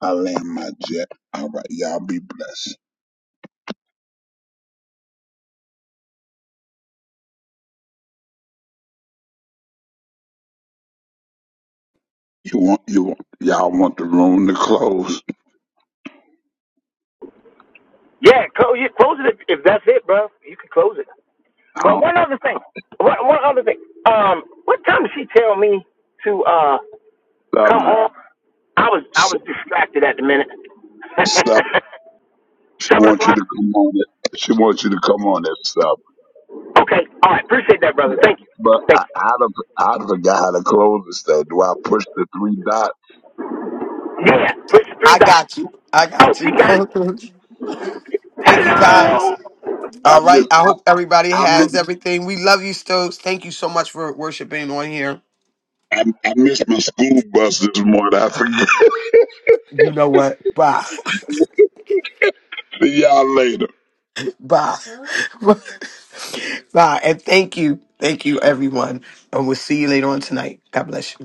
Speaker 10: I land my jet. All right, y'all be blessed. You want you want y'all want the room to close.
Speaker 11: Yeah, close, yeah, close it if, if that's it, bro. You can close it. But
Speaker 10: I
Speaker 11: one other thing, one, one other thing. Um, what time did she tell me to uh come
Speaker 10: don't love
Speaker 11: on? I was I was distracted at the minute. (laughs)
Speaker 10: it. She
Speaker 11: Seven
Speaker 10: wants you to
Speaker 11: o'clock.
Speaker 10: come on it. She wants you to come on that stuff.
Speaker 11: Okay. All right. Appreciate that, brother.
Speaker 10: Yeah.
Speaker 11: Thank you.
Speaker 10: But
Speaker 11: Thank
Speaker 10: I,
Speaker 11: you.
Speaker 10: I, don't- I forgot how to close this thing. Do I push the three dots?
Speaker 11: Yeah. Push three
Speaker 1: I
Speaker 11: dots.
Speaker 1: got you. I
Speaker 11: Oh,
Speaker 1: got
Speaker 11: she
Speaker 1: you.
Speaker 11: got it.
Speaker 1: (laughs) Thank you guys.
Speaker 11: Hello.
Speaker 10: I
Speaker 1: All
Speaker 10: miss,
Speaker 1: right. I hope everybody
Speaker 10: I
Speaker 1: has
Speaker 10: miss,
Speaker 1: everything. We love you, Stokes. Thank you so much for worshiping on here.
Speaker 10: I, I missed my school bus this morning. I forget.
Speaker 1: You know what? Bye.
Speaker 10: (laughs) See y'all later.
Speaker 1: (laughs) Bye. (laughs) Bye. And thank you. Thank you, everyone. And we'll see you later on tonight. God bless you.